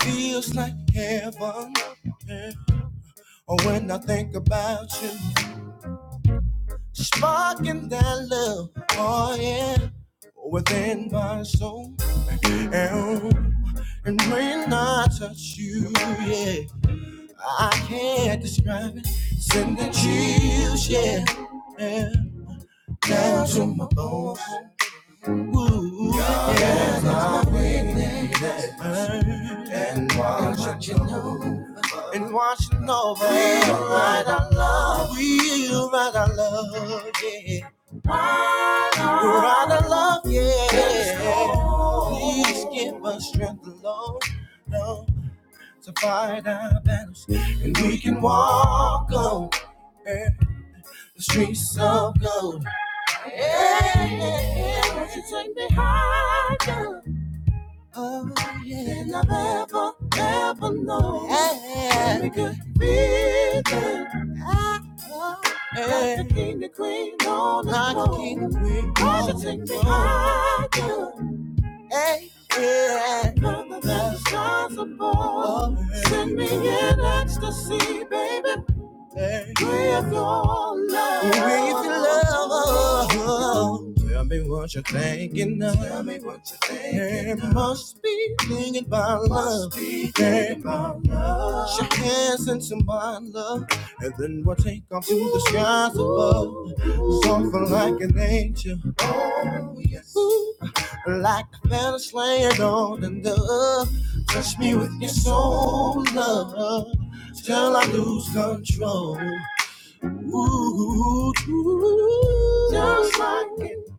Speaker 1: Feels like heaven eh, when I think about you. Sparking that love, oh yeah, within my soul. And, and when I touch you, yeah, I can't describe it. Sending chills, yeah, yeah, down to my bones. Ooh, yeah. and watching over, and watching over. We'll ride our love, we'll ride our love, yeah. We'll ride our love, yeah. Please give us strength, Lord, Lord, to fight our battles, and we can walk on the streets of gold. Yeah, yeah, yeah. Won't you take me higher? Oh, yeah. And I've ever, ever known. Yeah. Every good feeling. Oh, yeah. Like the king, the queen, on the like the king, the queen, Why should take me higher? Yeah. Mother, that the stars above. Oh, yeah. Send me in ecstasy, baby. With your love. With your love. Tell me what you're thinking of. Tell me what you're thinking of. Must be thinking about love. thinking about love. Shake hands and some my love. And then we'll take off to the skies above. Something like an angel. Like a feather laying on the dove. Touch me with your soul, love. Till I know.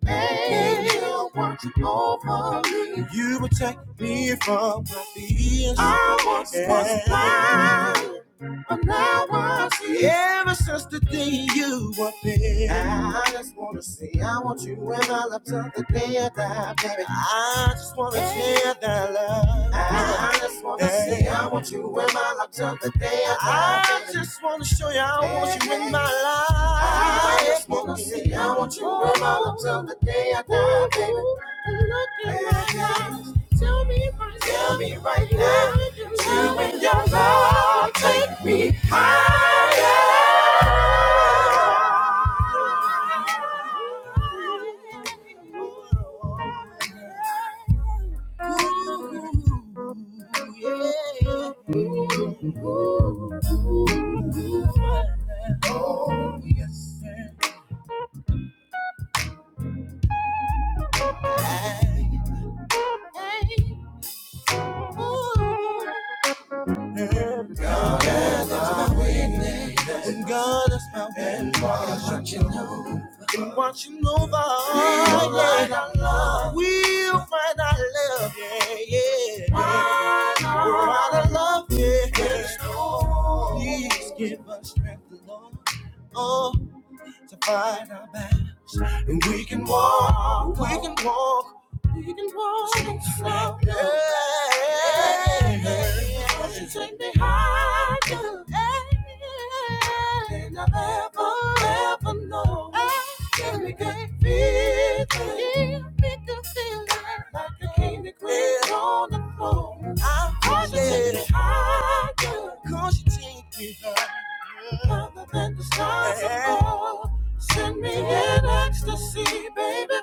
Speaker 1: angel watching over me. You protect me from my fears. I once was blind, but now I see ever since the day you were big. I just wanna say I want you and I love till the day I die, baby. I just wanna share that love. I just wanna say I want you in my life till the day I die. baby. I just wanna show you I want you in my life. I just wanna say I want you in my life till the day I die, baby. Look in my eyes. Tell me right Tell me right now. Tell me your love. Take me higher. Ooh, yeah. Ooh, ooh, ooh. Oh, yes. Watching over, we'll yeah. find our love. We'll find our love, yeah, yeah. Find our We're out of love, yeah. Yes, Please give us strength, Lord, to find our back and walk. We can walk. You can walk on slow. Don't you take me higher. Than I ever, ever know. Give me good feeling. Give me good feeling. Like a king and queen on the throne. I want you to take me higher. Other than the stars above, send me in ecstasy, baby.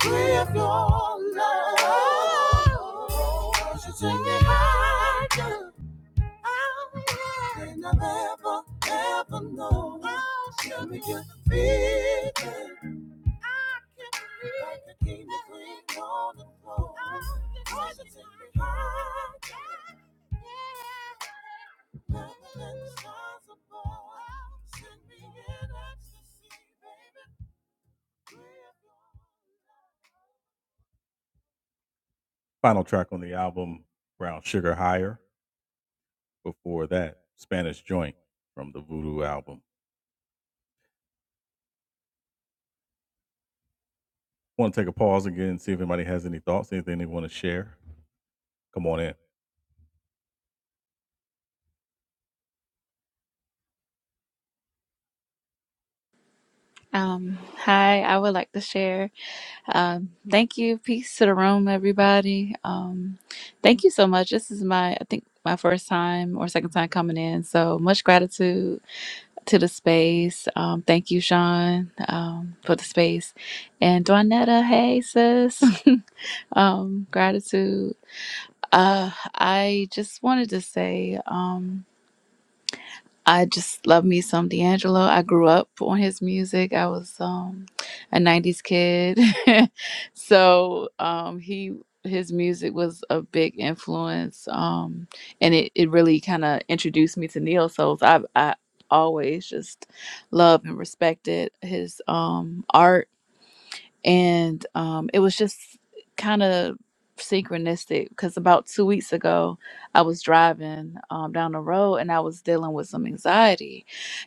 Speaker 1: Free of your love. You take me higher. Than I've ever, ever known. Let me get the feeling. Like a king, the queen on the throne. Wants to take me high. Higher than the stars Send me in ecstasy, baby.
Speaker 10: Um, hi, I would like to share. Um, thank you. Peace to the room, everybody. Um, thank you so much. This is my, I think, my first time or second time coming in. So much gratitude to the space. Um, thank you, Sean, um, for the space. And Dwanetta, hey, sis. um, gratitude. Uh, I just wanted to say, um, I just love me some D'Angelo. I grew up on his music. I was um, a '90s kid, so um, he his music was a big influence, um, and it, it really kind of introduced me to neo souls. I I always just loved and respected his um, art and um, it was just kind of synchronistic because about two weeks ago i was driving um, down the road and i was dealing with some anxiety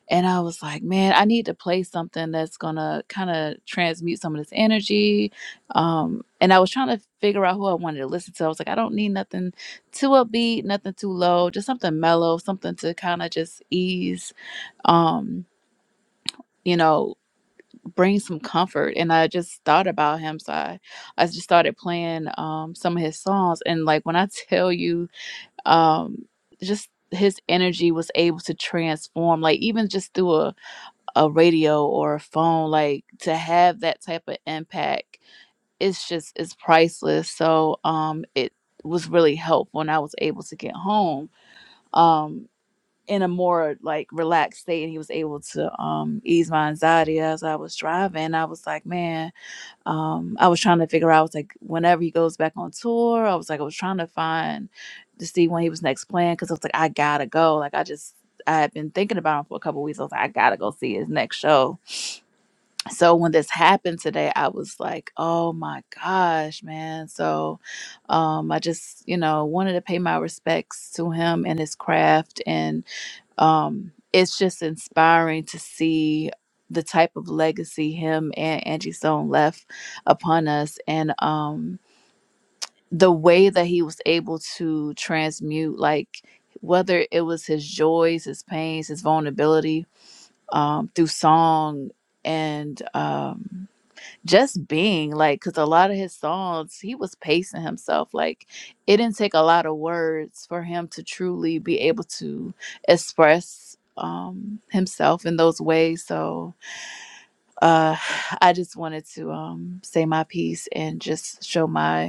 Speaker 10: and i was like man i need to play something that's gonna kind of transmute some of this energy um, and i was trying to figure out who i wanted to listen to i was like i don't need nothing too upbeat nothing too low just something mellow something to kind of just ease um, you know bring some comfort and i just thought about him so i, I just started playing um, some of his songs and like when i tell you um, just his energy was able to transform like even just through a, a radio or a phone like to have that type of impact it's just it's priceless so um it was really helpful and i was able to get home um in a more like relaxed state and he was able to um ease my anxiety as i was driving i was like man um i was trying to figure out like whenever he goes back on tour i was like i was trying to find to see when he was next playing because i was like i gotta go like i just i had been thinking about him for a couple weeks i was like i gotta go see his next show so when this happened today i was like oh my gosh man so um i just you know wanted to pay my respects to him and his craft and um, it's just inspiring to see the type of legacy him and Angie Stone left upon us, and um, the way that he was able to transmute, like whether it was his joys, his pains, his vulnerability um, through song and. Um, just being like because a lot of his songs he was pacing himself like it didn't take a lot of words for him to truly be able to express um himself in those ways so uh i just wanted to um say my piece and just show my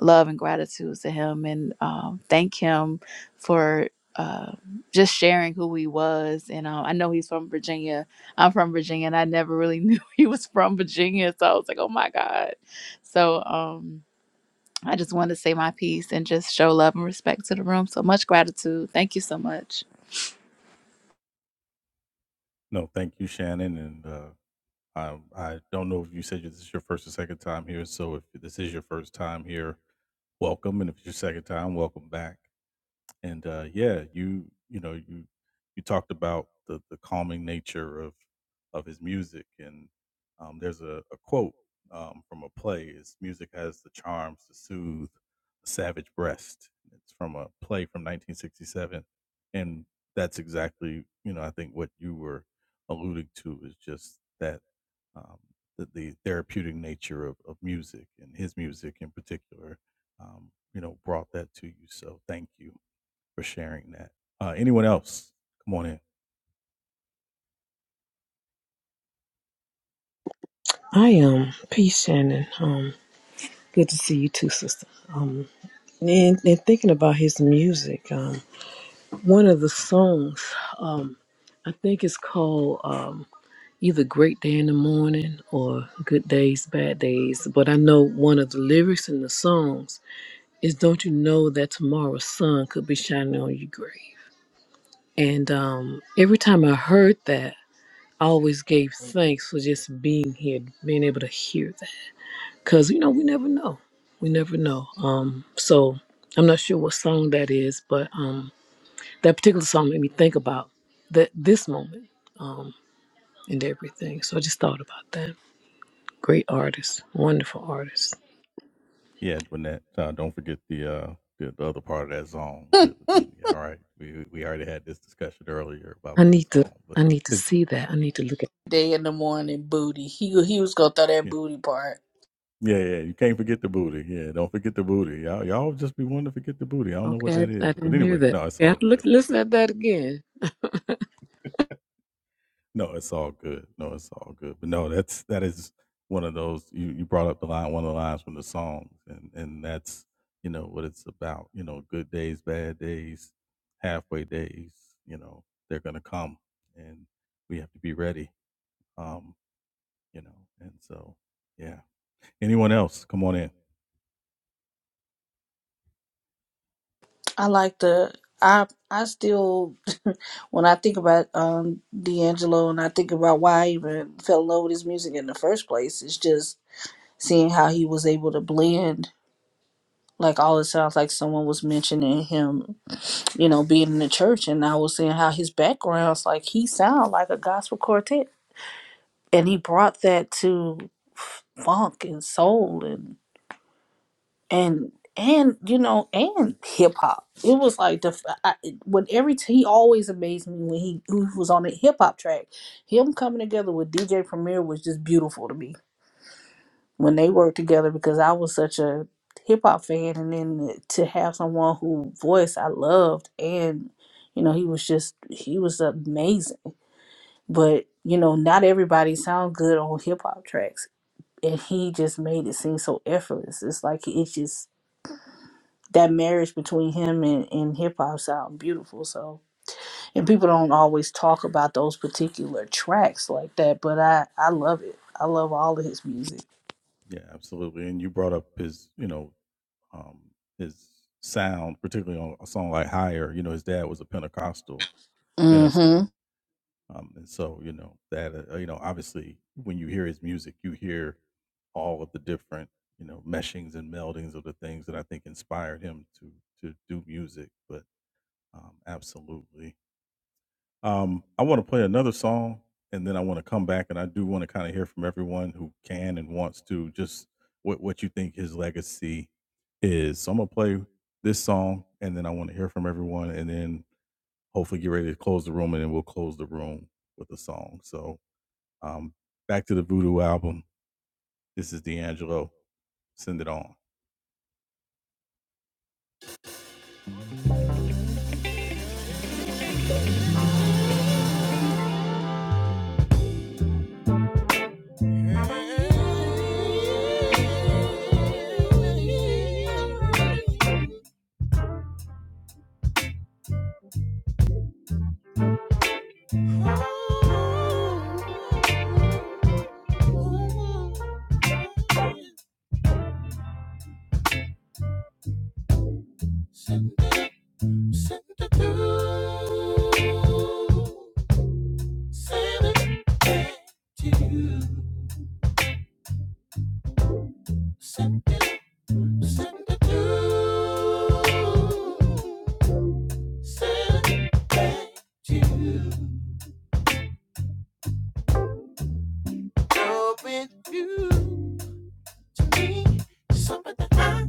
Speaker 10: love and gratitude to him and um, thank him for uh, just sharing who he was. And um, I know he's from Virginia. I'm from Virginia, and I never really knew he was from Virginia. So I was like, oh my God. So um, I just wanted to say my piece and just show love and respect to the room. So much gratitude. Thank you so much.
Speaker 9: I am um, peace, Shannon. Um, good to see you too, sister. Um, and, and thinking about his music, um, one of the songs, um, I think it's called um, either "Great Day in the Morning" or "Good Days, Bad Days." But I know one of the lyrics in the songs is don't you know that tomorrow's sun could be shining on your grave? And um, every time I heard that, I always gave thanks for just being here, being able to hear that. Because, you know, we never know. We never know. Um, so I'm not sure what song that is, but um, that particular song made me think about that this moment um, and everything. So I just thought about that. Great artist, wonderful artist. I need to. I need to see that. I need to look.
Speaker 5: Day in the morning booty. He he was gonna throw that booty part.
Speaker 9: Okay, I, I didn't hear that. Okay, I have to look, listen at that again.
Speaker 5: I like the I I still when I think about um D'Angelo and I think about why I even fell in love with his music in the first place, it's just seeing how he was able to blend like all it sounds like someone was mentioning him, you know, being in the church and I was seeing how his background's like he sound like a gospel quartet and he brought that to funk and soul and and and you know and hip hop. It was like the I, when every t- he always amazed me when he, when he was on the hip hop track. Him coming together with DJ Premier was just beautiful to me when they worked together because I was such a hip hop fan and then to have someone who voice I loved and you know he was just he was amazing. But you know not everybody sound good on hip hop tracks and he just made it seem so effortless. It's like it's just that marriage between him and, and hip hop sound beautiful. So and people don't always talk about those particular tracks like that, but I I love it. I love all of his music. Mm-hmm.
Speaker 1: Send me Send it to, send it back to you. Send it, send it to, send it back to you. Love with you to me is something that I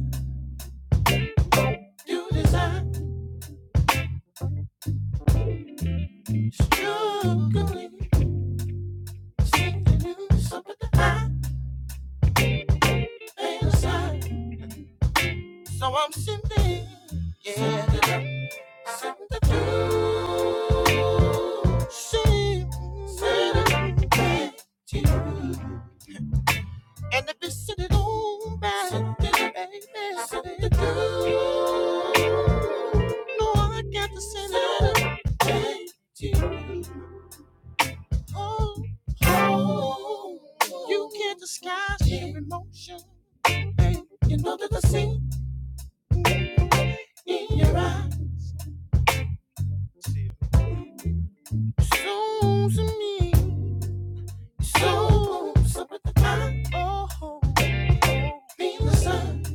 Speaker 1: do desire. Struggling, sending you something that I ain't inside. So I'm sending, yeah. And if it's sitting on back, baby, something to do. No, I got to send it back Oh, oh, you can't disguise your emotion, babe. You know that I see in your eyes. So to me, so something to find. Oh, oh. Feel the sun.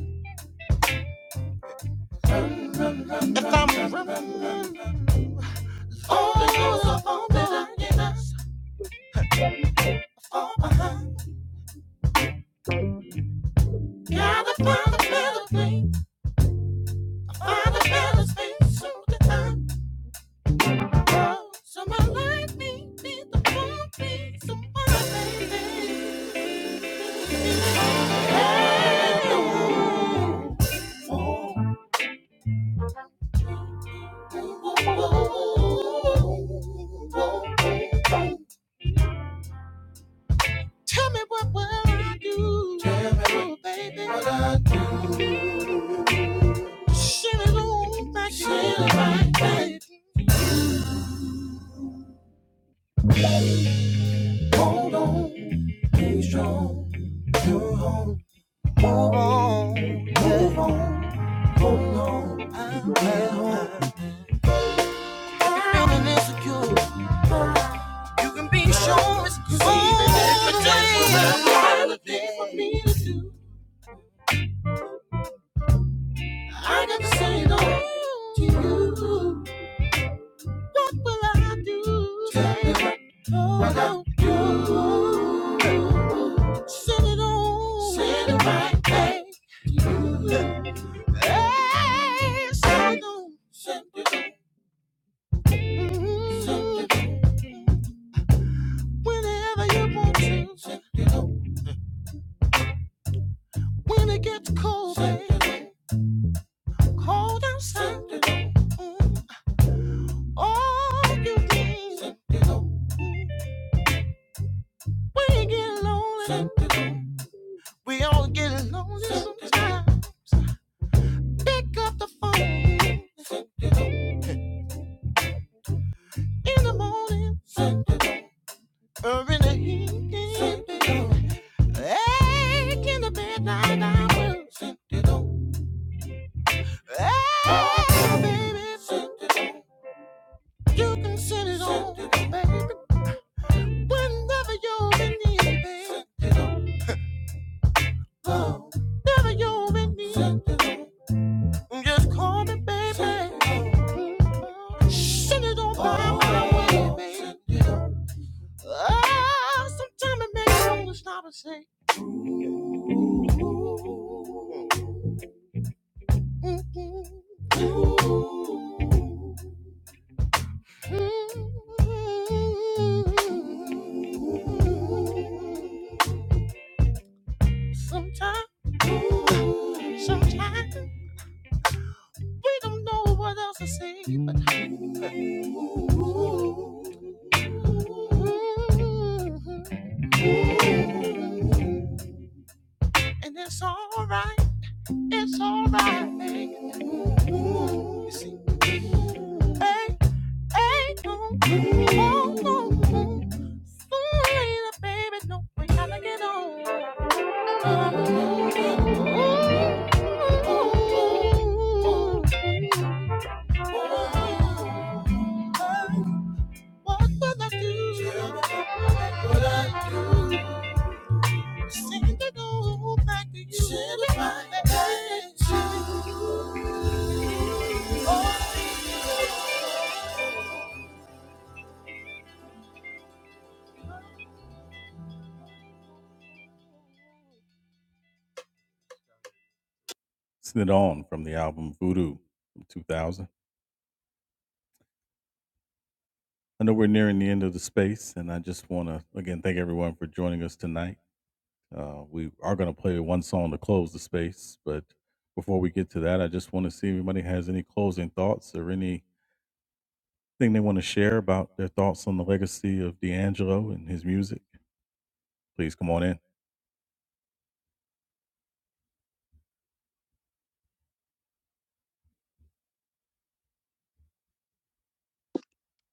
Speaker 1: All the doors are open in us. All behind. Gotta find a better place. Find a better space. Soon to time. Oh, someone like me needs to find me. Someone baby. Hey, oh, oh, oh, oh, oh. Tell me what will I do? Tell me, oh, baby. What I do? Shit is on my back to the right, baby. sure no What will I do? I got to Send it on, send it right back to you. As pick up the phone in the morning. Urban. Ache in the midnight hours. Ah, baby. You can send it on, baby. Whenever you're in need, baby. Whenever you're in need. Just call me, baby. Send it on my way, baby. Ah, sometimes it makes me want to stop and say, ooh. Sometimes, sometimes we don't know what else to say, but and it's all right, it's all right. You see, hey,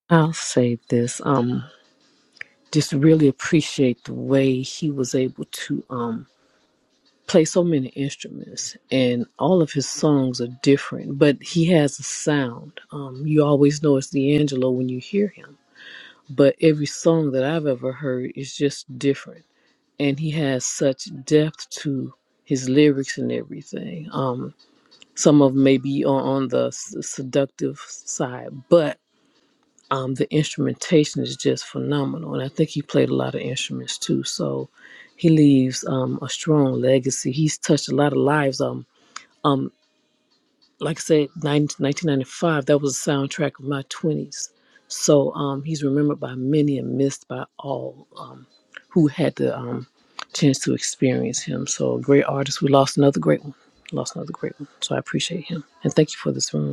Speaker 9: I'll say this. Um, just really appreciate the way he was able to um play so many instruments, and all of his songs are different, but he has a sound. Um, you always know it's D'Angelo when you hear him, but every song that I've ever heard is just different, and he has such depth to his lyrics and everything. Um, some of 'em may be on, on the s- seductive side, but um, the instrumentation is just phenomenal. And I think he played a lot of instruments too. So he leaves um, a strong legacy. He's touched a lot of lives. Um, um, like I said, 90, 1995, that was the soundtrack of my 20s. So um, he's remembered by many and missed by all um, who had the um, chance to experience him. So a great artist. We lost another great one. Lost another great one. So I appreciate him. And thank you for this room.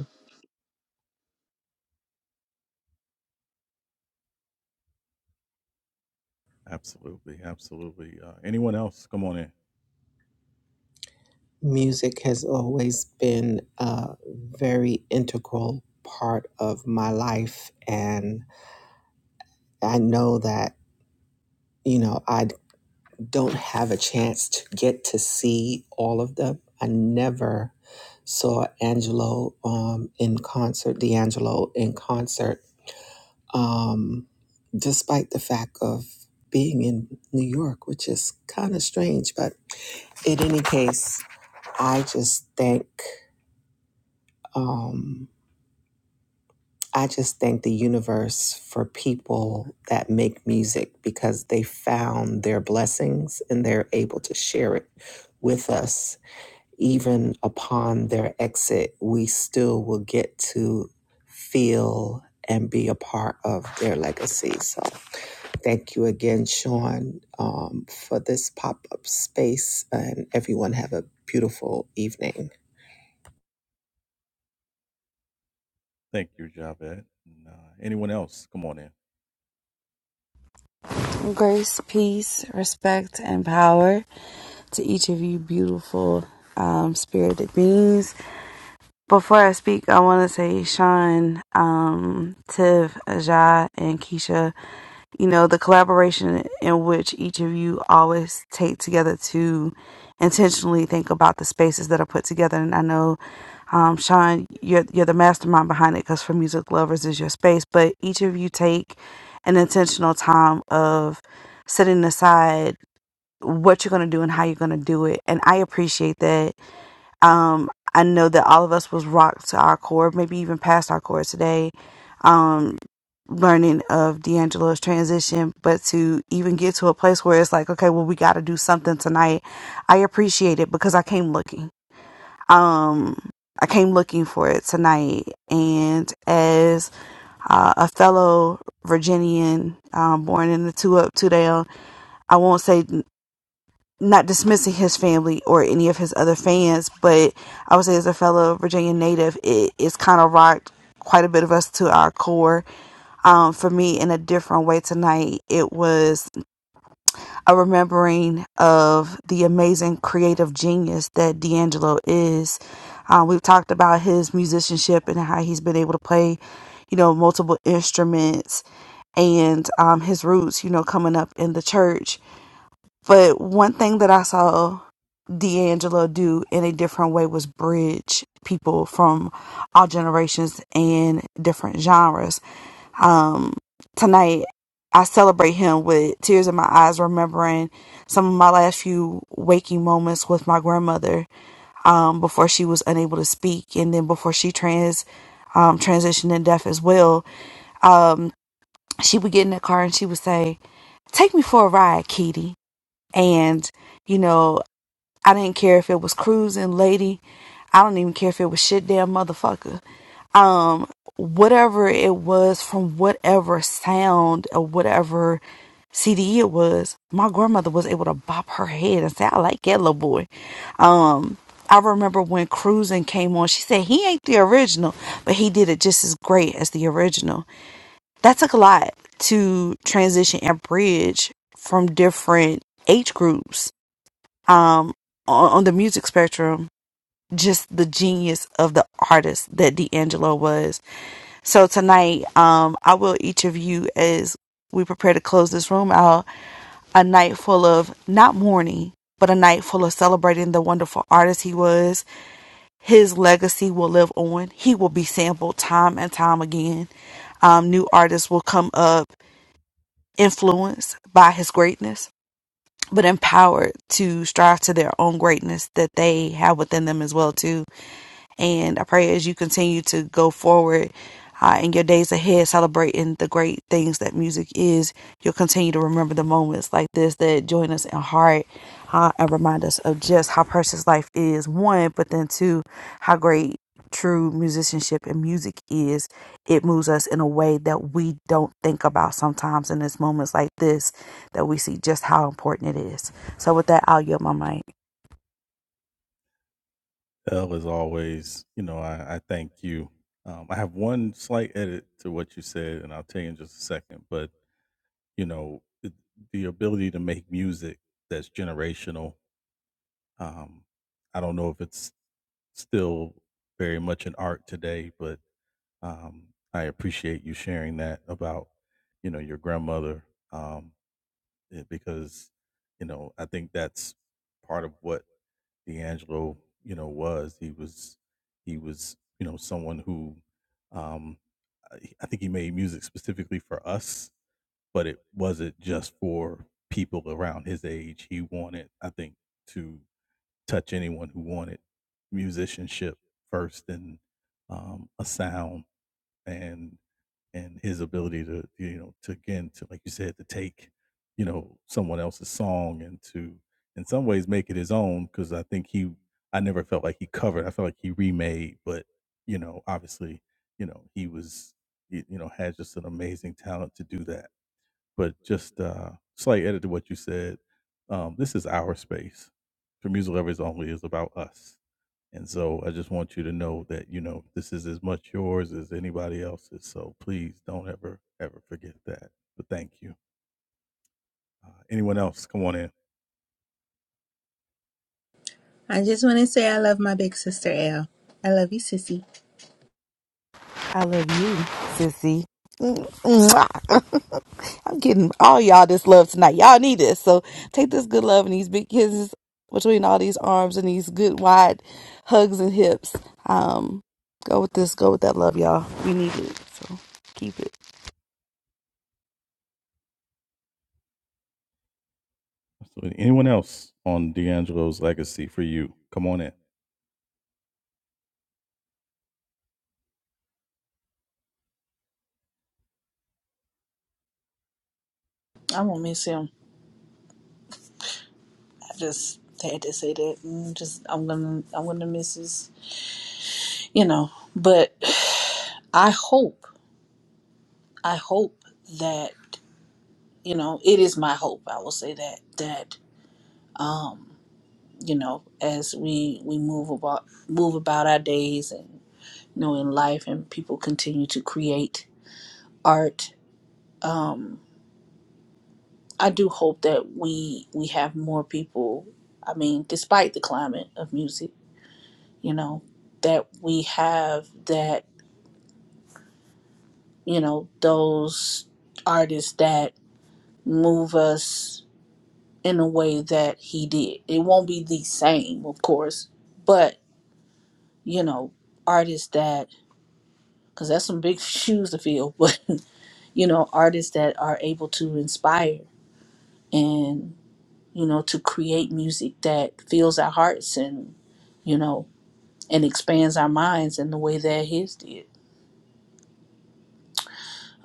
Speaker 6: Music has always been a very integral part of my life, and I know that you know I don't have a chance to get to see all of them. I never saw Angelo um, in concert, D'Angelo in concert um, despite the fact of being in New York, which is kind of strange. But in any case, I just thank um, I just thank the universe for people that make music because they found their blessings and they're able to share it with us even upon their exit, we still will get to feel and be a part of their legacy. So, thank you again, Sean, um, for this pop up space, and everyone have a beautiful evening.
Speaker 11: Grace, peace, respect, and power to each of you beautiful um, spirited beings. Before I speak, I want to say Sean, um, Tiv, Ajah, and Keisha, you know, the collaboration in which each of you always take together to intentionally think about the spaces that are put together. And I know, um, Sean, you're, you're the mastermind behind it because for music lovers is your space, but each of you take an intentional time of setting aside what you're going to do and how you're going to do it. And I appreciate that um, I know that all of us was rocked to our core, maybe even past our core today. Um, learning of D'Angelo's transition, but to even get to a place where it's like, okay, well, we got to do something tonight. I appreciate it because I came looking. Um, I came looking for it tonight, and as uh, a fellow Virginian um, born in the two up, two down. I won't say not dismissing his family or any of his other fans, but I would say as a fellow Virginia native, it, it's kind of rocked quite a bit of us to our core. Um, for me, in a different way tonight, it was a remembering of the amazing creative genius that D'Angelo is. Uh, we've talked about his musicianship and how he's been able to play, you know, multiple instruments and um, his roots, you know, coming up in the church but one thing that I saw D'Angelo do in a different way was bridge people from all generations and different genres. Um, tonight, I celebrate him with tears in my eyes, remembering some of my last few waking moments with my grandmother um, before she was unable to speak, and then before she trans um, transitioned and deaf as well. Um, she would get in the car and she would say, "Take me for a ride, Kitty," and you know I didn't care if it was cruising, lady. I don't even care if it was shit damn motherfucker. Um, whatever it was from whatever sound or whatever CD it was, my grandmother was able to bop her head and say, I like that little boy. Um, I remember when Cruising came on, she said he ain't the original, but he did it just as great as the original. That took a lot to transition and bridge from different age groups um, on, on the music spectrum, just the genius of the artist that D'Angelo was. So tonight, um, I will each of you, as we prepare to close this room out, a night full of not mourning, but a night full of celebrating the wonderful artist he was. His legacy will live on. He will be sampled time and time again. Um, new artists will come up influenced by his greatness but empowered to strive to their own greatness that they have within them as well too and I pray as you continue to go forward uh, in your days ahead, celebrating the great things that music is, you'll continue to remember the moments like this that join us in heart uh, and remind us of just how precious life is, one, but then two, how great true musicianship and music is. It moves us in a way that we don't think about sometimes in these moments like this, that we see just how important it is. So, with that, I'll yield my mic.
Speaker 8: I just want to say I love my big sister L. I love you, sissy.
Speaker 11: I love you, sissy. Mwah. I'm getting all y'all this love tonight. Y'all need this. So take this good love and these big kisses between all these arms and these good wide hugs and hips. Um, go with this. Go with that love, y'all. We need it. So keep it.
Speaker 5: I won't miss him. I just had to say that. Mm, Just I'm gonna I'm gonna miss his. You know, but I hope I hope that you know it is my hope. I will say that that. um you know, as we we move about move about our days and you know in life, and people continue to create art. Um, I do hope that we we have more people. I mean, despite the climate of music, you know, that we have that you know those artists that move us in a way that he did. It won't be the same, of course, but you know, artists that because that's some big shoes to fill. But you know, artists that are able to inspire and you know to create music that fills our hearts and you know and expands our minds in the way that his did.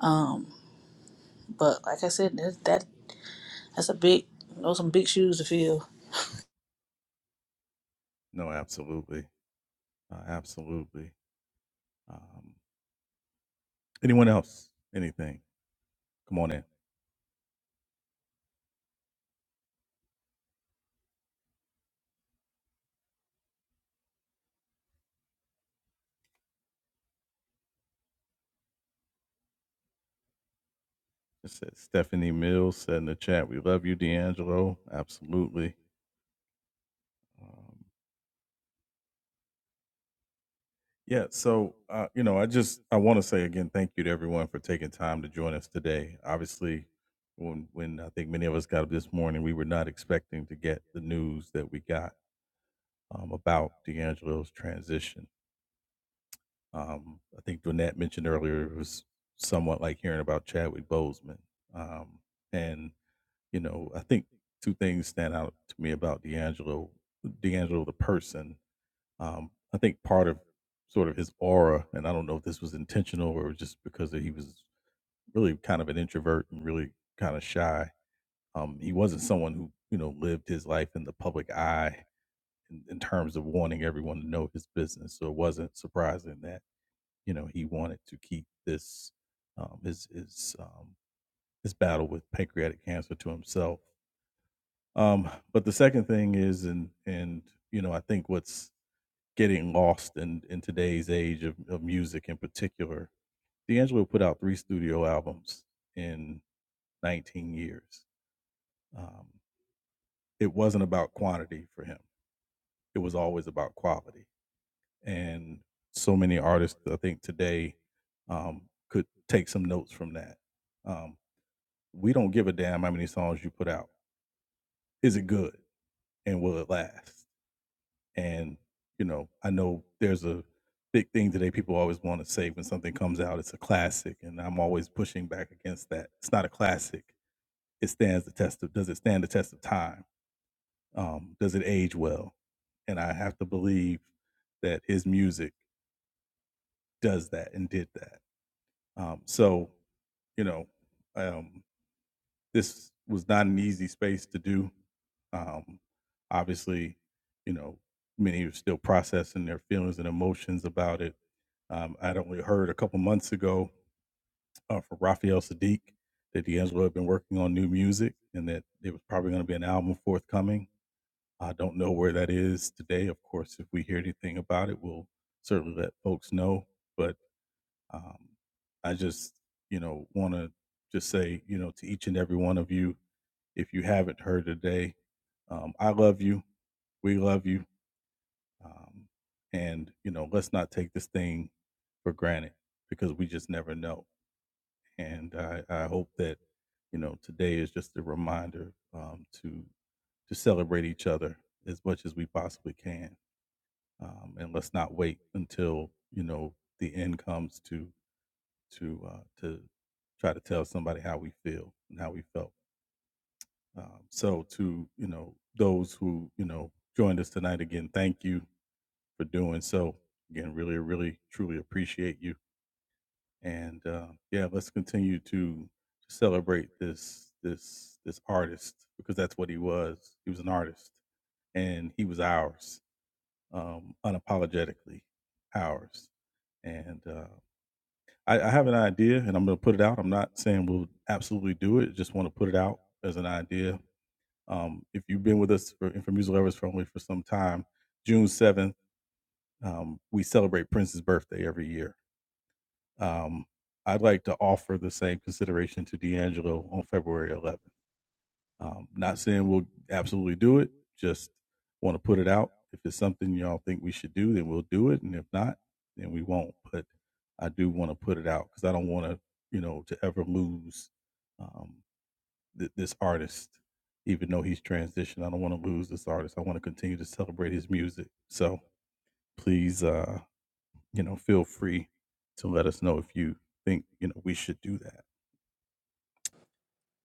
Speaker 5: Um, but like I said, that, that that's a big those some big shoes to fill.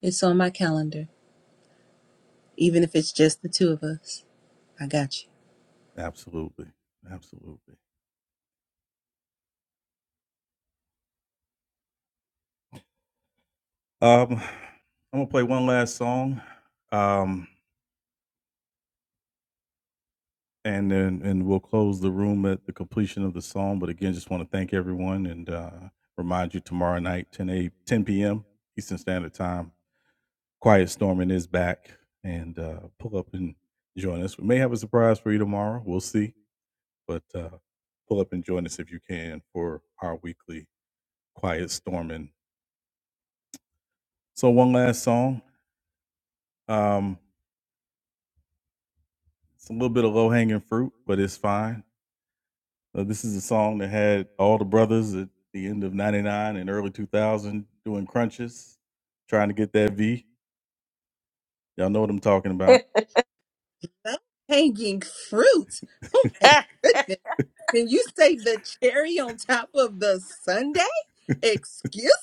Speaker 8: It's on my calendar, even if it's just the two of us. I got you. Low hanging fruit. Oh my goodness! Can you say the cherry on top of the sundae? Excuse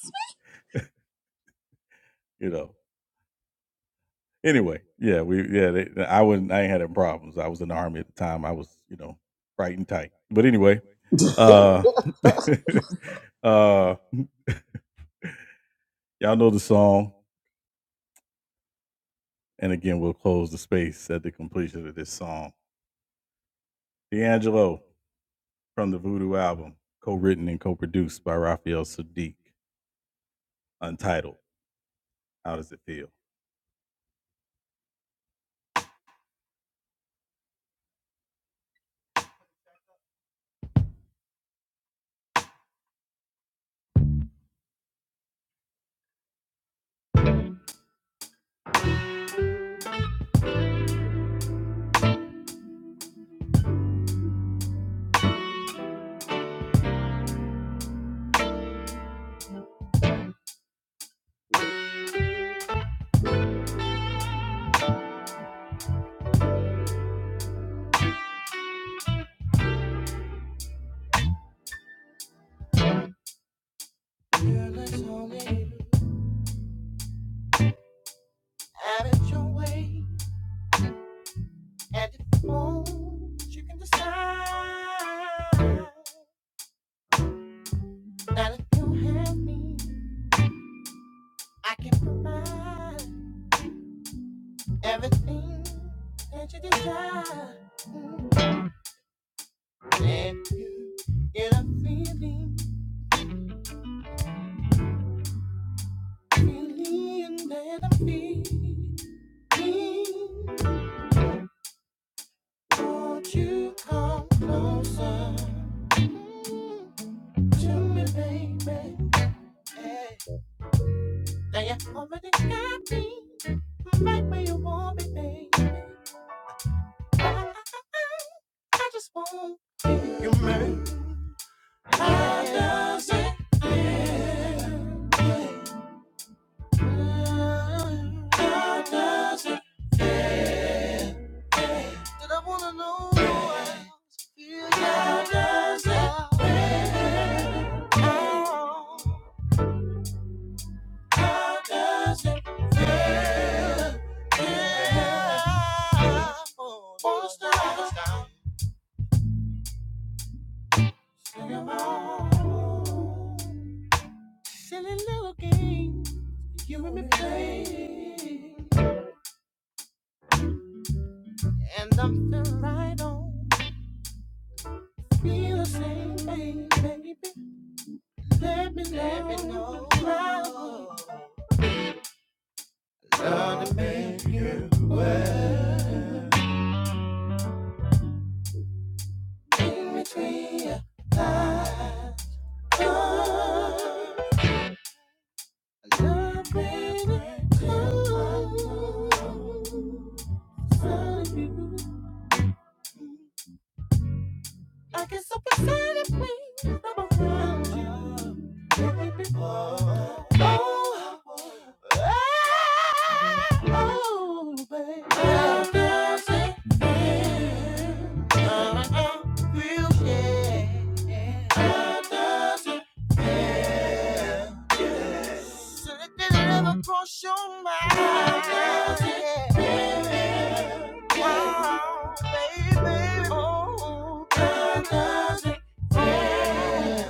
Speaker 1: Have it your way. and it moves. You can decide that if you have me, I can provide everything that you desire. If you get a feeling, feeling that I'm feeling, won't you come closer Mm-hmm. to me, baby? Hey. Now you already got me right where you want me, baby. I, I I just want how does it feel? How does it? Did I wanna know how I feel? How does it feel? Oh, How does it feel? Yeah. Wanna stop? Wanna stop? Silly little game you and me play. And I'm feeling right on. Feel the same thing, baby. Let me Let me know. know. Smile in between your thighs. Oh, Love, baby. Ooh. I get so beside of me when I'm around you. Baby. Oh, oh, oh, baby. I'm dancing in a confusion. I'm dancing so that they never cross your mind. I'm dancing in Oh, baby. Oh, I'm dancing. yeah.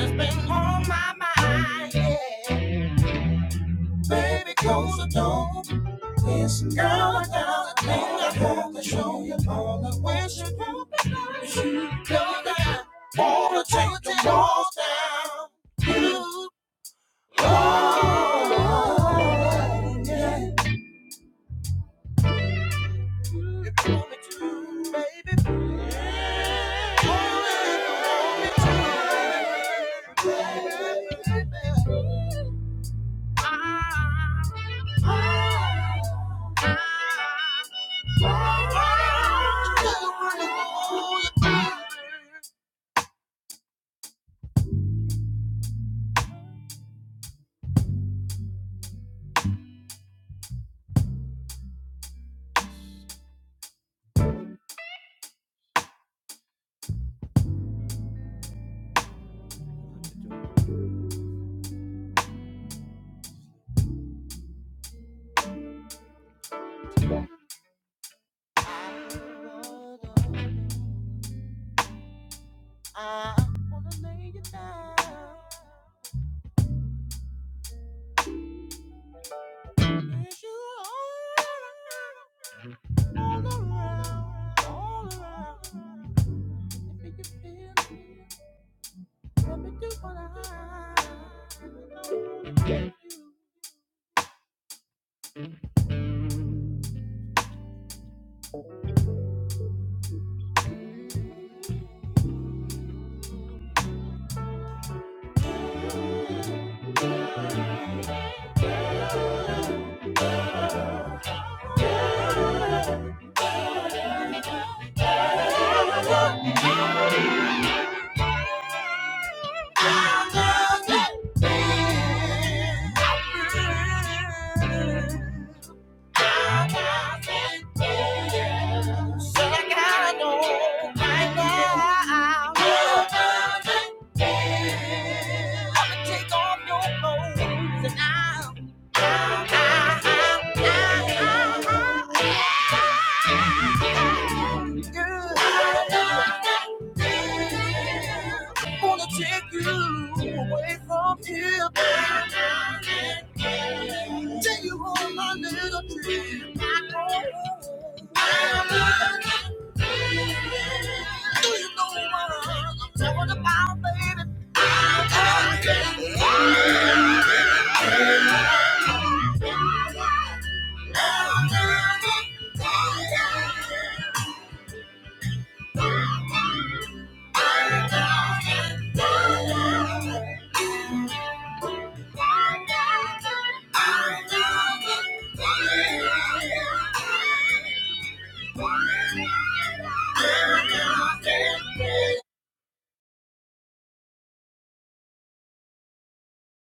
Speaker 1: It's been on my mind, yeah. Baby, close the door. It's now I got a thing I have to show you all the ways you do. You know down. Wanna take the walls down. you want me to, baby, baby, baby. I wanna lay you down. Yes, you are. Take you away from here. Tell you all my little dream. Do you know what I'm talking about, baby?